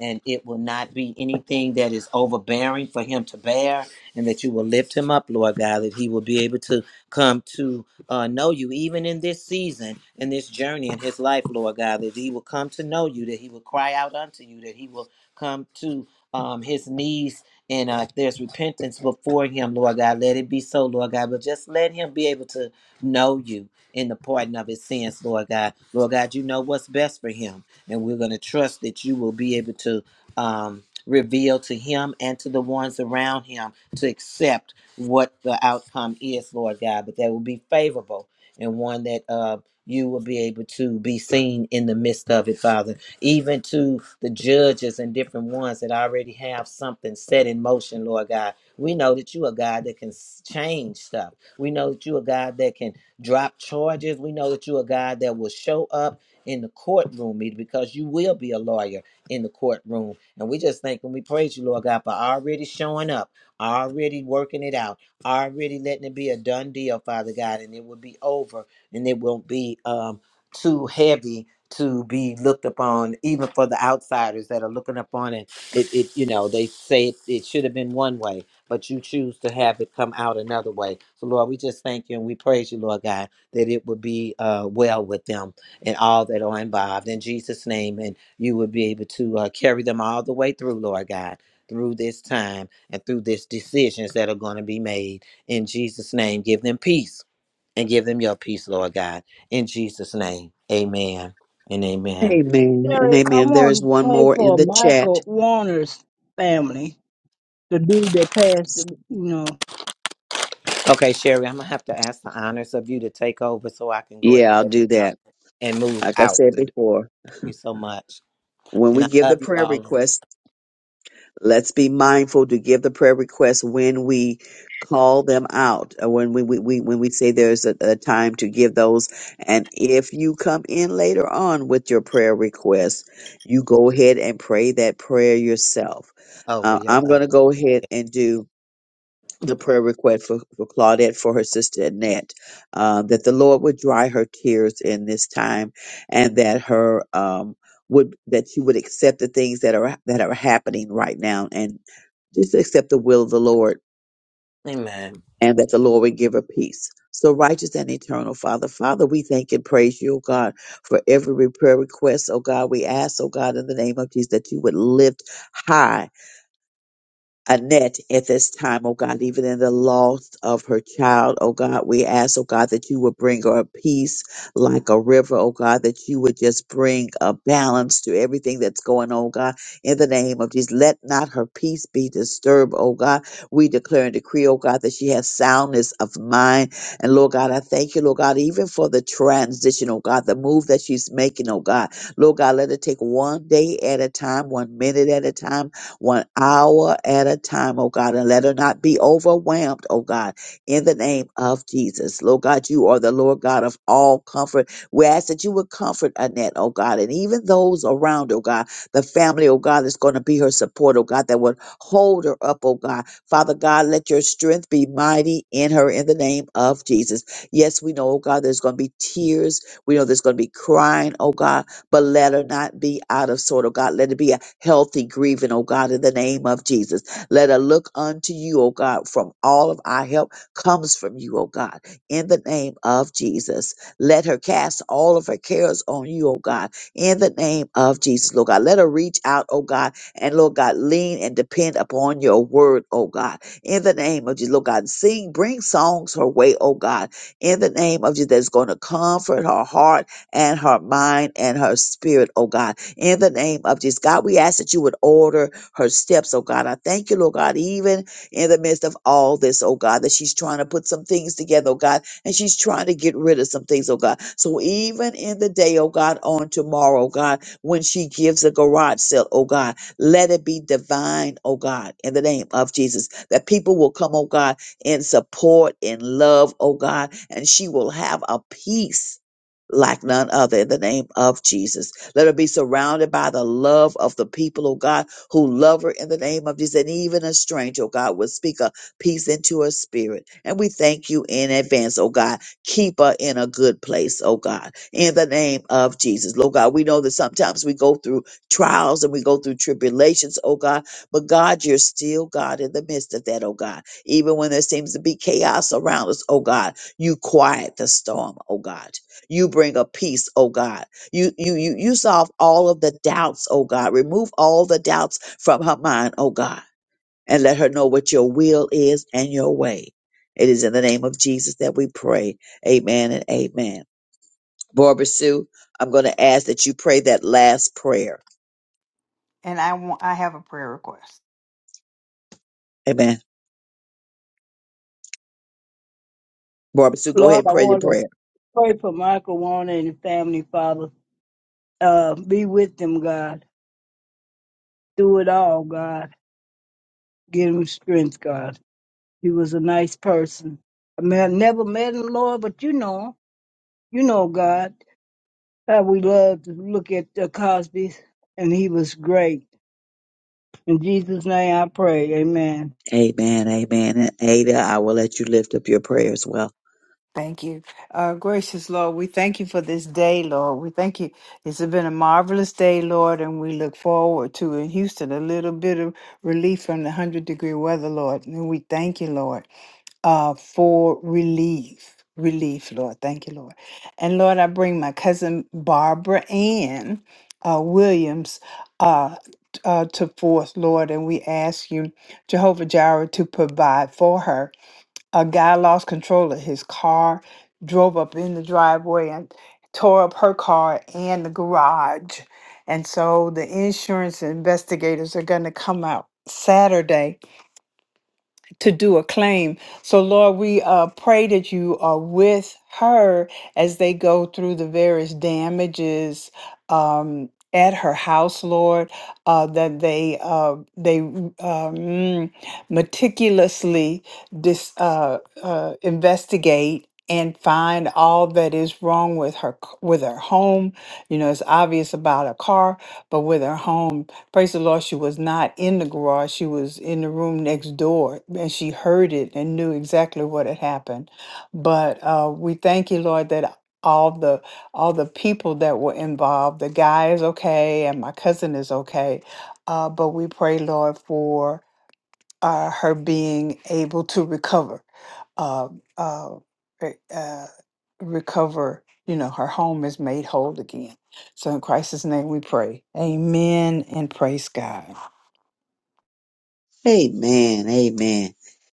Speaker 2: and it will not be anything that is overbearing for him to bear, and that you will lift him up, Lord God, that he will be able to come to uh, know you, even in this season, in this journey in his life, Lord God, that he will come to know you, that he will cry out unto you, that he will come to um, his knees. And uh, if there's repentance before him, Lord God, let it be so, Lord God. But just let him be able to know you in the pardon of his sins, Lord God. Lord God, you know what's best for him. And we're going to trust that you will be able to um, reveal to him and to the ones around him to accept what the outcome is, Lord God, but that will be favorable and one that uh, you will be able to be seen in the midst of it, Father. Even to the judges and different ones that already have something set in motion, Lord God. We know that you are God that can s- change stuff. We know that you are God that can drop charges. We know that you are God that will show up in the courtroom, meeting because you will be a lawyer in the courtroom. And we just thank and we praise you, Lord God, for already showing up, already working it out, already letting it be a done deal, Father God, and it will be over and it won't be um, too heavy to be looked upon, even for the outsiders that are looking upon it. It, it you know, they say it, it should have been one way, but you choose to have it come out another way. So, Lord, we just thank you and we praise you, Lord God, that it would be uh, well with them and all that are involved in Jesus' name. And you will be able to uh, carry them all the way through, Lord God, through this time and through these decisions that are going to be made. In Jesus' name, give them peace and give them your peace, Lord God. In Jesus' name, amen and amen.
Speaker 7: Amen and
Speaker 9: Larry, I
Speaker 7: amen. There is
Speaker 9: want to
Speaker 7: one
Speaker 9: pray
Speaker 7: more in
Speaker 9: for
Speaker 7: the chat.
Speaker 9: Michael Warner's family, the dude that passed. You know,
Speaker 2: Okay, Sherry, I'm going to have to ask the honors of you to take over so I can go
Speaker 7: Yeah,
Speaker 2: ahead
Speaker 7: I'll do
Speaker 2: uh,
Speaker 7: that.
Speaker 2: and move
Speaker 7: Like I
Speaker 2: out.
Speaker 7: said
Speaker 2: Thank
Speaker 7: before,
Speaker 2: you so much.
Speaker 7: when
Speaker 2: And
Speaker 7: we
Speaker 2: I
Speaker 7: give the
Speaker 2: love you
Speaker 7: prayer
Speaker 2: all
Speaker 7: requests, let's be mindful to give the prayer requests when we call them out, or when we, we, we when we say there's a, a time to give those. And if you come in later on with your prayer request, you go ahead and pray that prayer yourself.
Speaker 2: over
Speaker 7: Uh,
Speaker 2: your
Speaker 7: I'm
Speaker 2: love.
Speaker 7: going to go ahead and do. the prayer request for, for Claudette for her sister Annette, uh, that the Lord would dry her tears in this time, and that her um, would that she would accept the things that are that are happening right now, and just accept the will of the Lord,
Speaker 2: Amen.
Speaker 7: and that the Lord would give her peace. So righteous and eternal Father, Father, we thank and praise you, O God, for every prayer request. Oh God, we ask, oh God, in the name of Jesus, that you would lift high Annette at this time, oh God, even in the loss of her child, oh God, we ask, oh God, that you would bring her a peace like a river, oh God, that you would just bring a balance to everything that's going on, God, in the name of Jesus. Let not her peace be disturbed, oh God. We declare and decree, oh God, that she has soundness of mind. And Lord God, I thank you, Lord God, even for the transition, oh God, the move that she's making, oh God. Lord God, let her take one day at a time, one minute at a time one hour at a time, oh God, and let her not be overwhelmed, oh God, in the name of Jesus. Lord God, you are the Lord God of all comfort. We ask that you would comfort Annette, oh God, and even those around, oh God, the family, oh God, that's going to be her support, oh God, that would hold her up, oh God. Father God, let your strength be mighty in her in the name of Jesus. Yes, we know, oh God, there's going to be tears. We know there's going to be crying, oh God but let her not be out of sort, oh God. Let it be a healthy grieving, oh God, in the name of Jesus. Let her look unto you, oh God, from all of our help comes from you, oh God, in the name of Jesus. Let her cast all of her cares on you, oh God, in the name of Jesus, Lord God. Let her reach out, oh God, and Lord God, lean and depend upon your word, oh God, in the name of Jesus, Lord God. Sing, bring songs her way, oh God, in the name of Jesus, that's going to comfort her heart and her mind and her spirit, oh God. In the name of Jesus, God, we ask that you would order her steps, oh God. I thank you, Lord God, even in the midst of all this, oh God, that she's trying to put some things together, oh God, and she's trying to get rid of some things, oh God. So even in the day, oh God, on tomorrow, oh God, when she gives a garage sale, oh God, let it be divine, oh God, in the name of Jesus, that people will come, oh God, in support, in love, oh God, and she will have a peace like none other in the name of Jesus. Let her be surrounded by the love of the people, oh God, who love her in the name of Jesus. And even a stranger, oh God, will speak a peace into her spirit. And we thank you in advance, oh God. Keep her in a good place, oh God, in the name of Jesus. Lord God, we know that sometimes we go through trials and we go through tribulations, oh God, but God, you're still God in the midst of that, oh God. Even when there seems to be chaos around us, oh God, you quiet the storm, oh God you bring a peace oh god you you you you solve all of the doubts oh god remove all the doubts from her mind oh god and let her know what your will is and your way it is in the name of jesus that we pray amen and amen barbara sue i'm going to ask that you pray that last prayer
Speaker 4: And I want I have a prayer request.
Speaker 7: amen barbara sue go ahead
Speaker 9: Lord,
Speaker 7: and
Speaker 9: I
Speaker 7: pray the
Speaker 9: want to
Speaker 7: prayer
Speaker 9: pray for Michael Warner and his family, Father. Uh, be with them, God, through it all, God Give him strength, God. He was a nice person. I mean, I never met him, Lord, but you know him. You know, God, how we love to look at the Cosby's, and he was great. In Jesus' name I pray. Amen.
Speaker 7: amen amen and ada i will let you lift up your prayer as well
Speaker 4: Thank you. Uh, gracious Lord, we thank you for this day, Lord. We thank you. It's been a marvelous day, Lord, and we look forward to in Houston a little bit of relief from the 100 degree weather, Lord. And we thank you, Lord. uh, for relief. Relief, Lord. Thank you, Lord. And Lord, I bring my cousin Barbara Ann uh, Williams uh, t- uh, to forth, Lord, and we ask you, Jehovah Jireh, to provide for her. A guy lost control of his car, drove up in the driveway, and tore up her car and the garage. And so the insurance investigators are going to come out Saturday to do a claim. So, Lord, we uh, pray that you are with her as they go through the various damages um, at her house, Lord, uh, that they uh, they um, mm, meticulously dis, uh, uh, investigate. And find all that is wrong with her c- with her home. You know, it's obvious about her car, but with her home praise the Lord, she was not in the garage. She was in the room next door and she heard it and knew exactly what had happened. But uh, we thank you, Lord, that all the all the people that were involved, the guy is okay and my cousin is okay. Uh, but we pray, Lord, for uh, her being able to recover, uh, uh, re- uh, recover. You know, her home is made whole again. So in Christ's name we pray. Amen and praise God.
Speaker 7: Amen. Amen.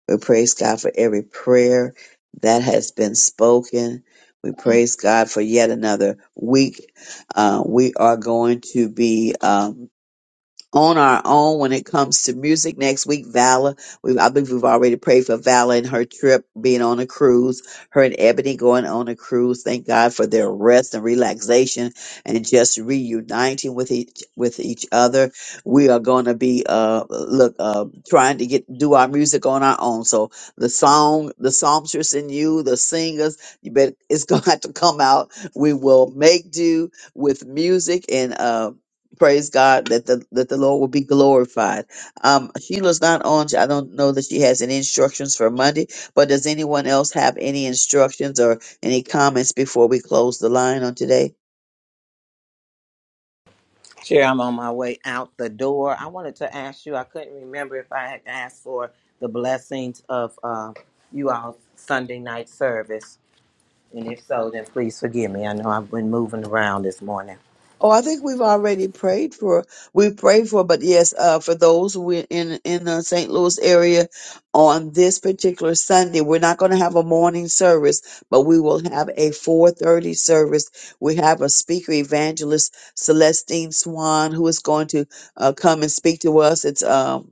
Speaker 7: We praise God for every prayer that has been spoken. We praise God for yet another week. Uh, we are going to be. um, on our own when it comes to music next week. Vala, we, I believe we've already prayed for Vala and her trip being on a cruise, her and Ebony going on a cruise. Thank God for their rest and relaxation and just reuniting with each, with each other. We are going to be, uh, look, uh, trying to get, do our music on our own. So the song, the songstress in you, the singers, you bet it's going to have to come out. We will make do with music and, uh, praise God that the that the Lord will be glorified. Um, Sheila's not on. I don't know that she has any instructions for Monday, but does anyone else have any instructions or any comments before we close the line on today?
Speaker 2: Chair, I'm on my way out the door. I wanted to ask you, I couldn't remember if I had asked for the blessings of uh, you all Sunday night service. And if so, then please forgive me. I know I've been moving around this morning.
Speaker 7: Oh, I think we've already prayed for. We prayed for, but yes, uh, for those who are in in the St. Louis area on this particular Sunday, we're not going to have a morning service, but we will have a four thirty service. We have a speaker evangelist Celestine Swan who is going to uh, come and speak to us. It's um.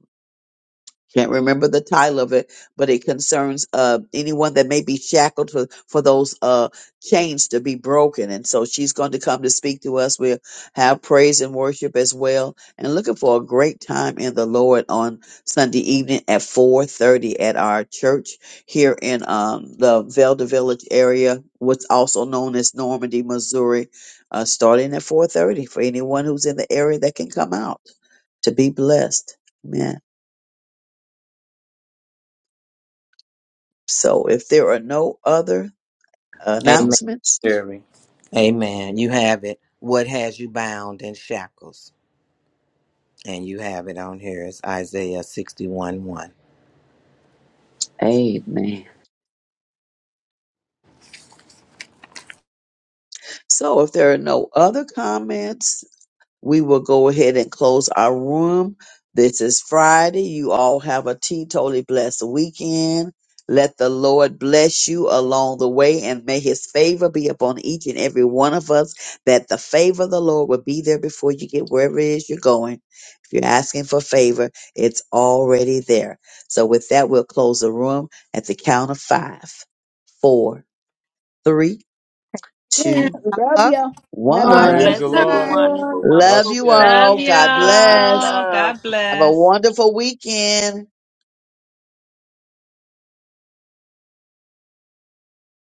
Speaker 7: Can't remember the title of it, but it concerns uh, anyone that may be shackled for, for those uh, chains to be broken. And so she's going to come to speak to us. We'll have praise and worship as well. And looking for a great time in the Lord on Sunday evening at 4.30 at our church here in um, the Velda Village area, what's also known as Normandy, Missouri, uh, starting at 4.30 for anyone who's in the area that can come out to be blessed. Amen. So if there are no other
Speaker 2: Amen.
Speaker 7: announcements,
Speaker 2: Sherry. Amen. You have it. What has you bound in shackles? And you have it on here. It's Isaiah 61 one.
Speaker 7: amen. So if there are no other comments, we will go ahead and close our room. This is Friday. You all have a teetotally blessed weekend. Let the Lord bless you along the way and may his favor be upon each and every one of us, that the favor of the Lord will be there before you get wherever it is you're going. If you're asking for favor, it's already there. So with that, we'll close the room at the count of five, four, three,
Speaker 1: Yeah.
Speaker 7: two,
Speaker 1: I
Speaker 9: Love
Speaker 1: love you,
Speaker 9: you. Have a
Speaker 8: God
Speaker 1: Lord.
Speaker 6: Praise
Speaker 7: one.
Speaker 9: blessed
Speaker 6: the
Speaker 8: bless
Speaker 1: Bye.
Speaker 6: Lord.
Speaker 8: everyone.
Speaker 9: weekend.
Speaker 8: Have a
Speaker 7: Love
Speaker 8: wonderful
Speaker 6: Blessed
Speaker 7: you
Speaker 6: day,
Speaker 4: Love
Speaker 7: all.
Speaker 8: weekend.
Speaker 7: God
Speaker 6: blessed week.
Speaker 8: Much
Speaker 7: bless.
Speaker 4: y'all.
Speaker 8: love.
Speaker 4: God
Speaker 7: Have a
Speaker 4: bless.
Speaker 7: wonderful weekend.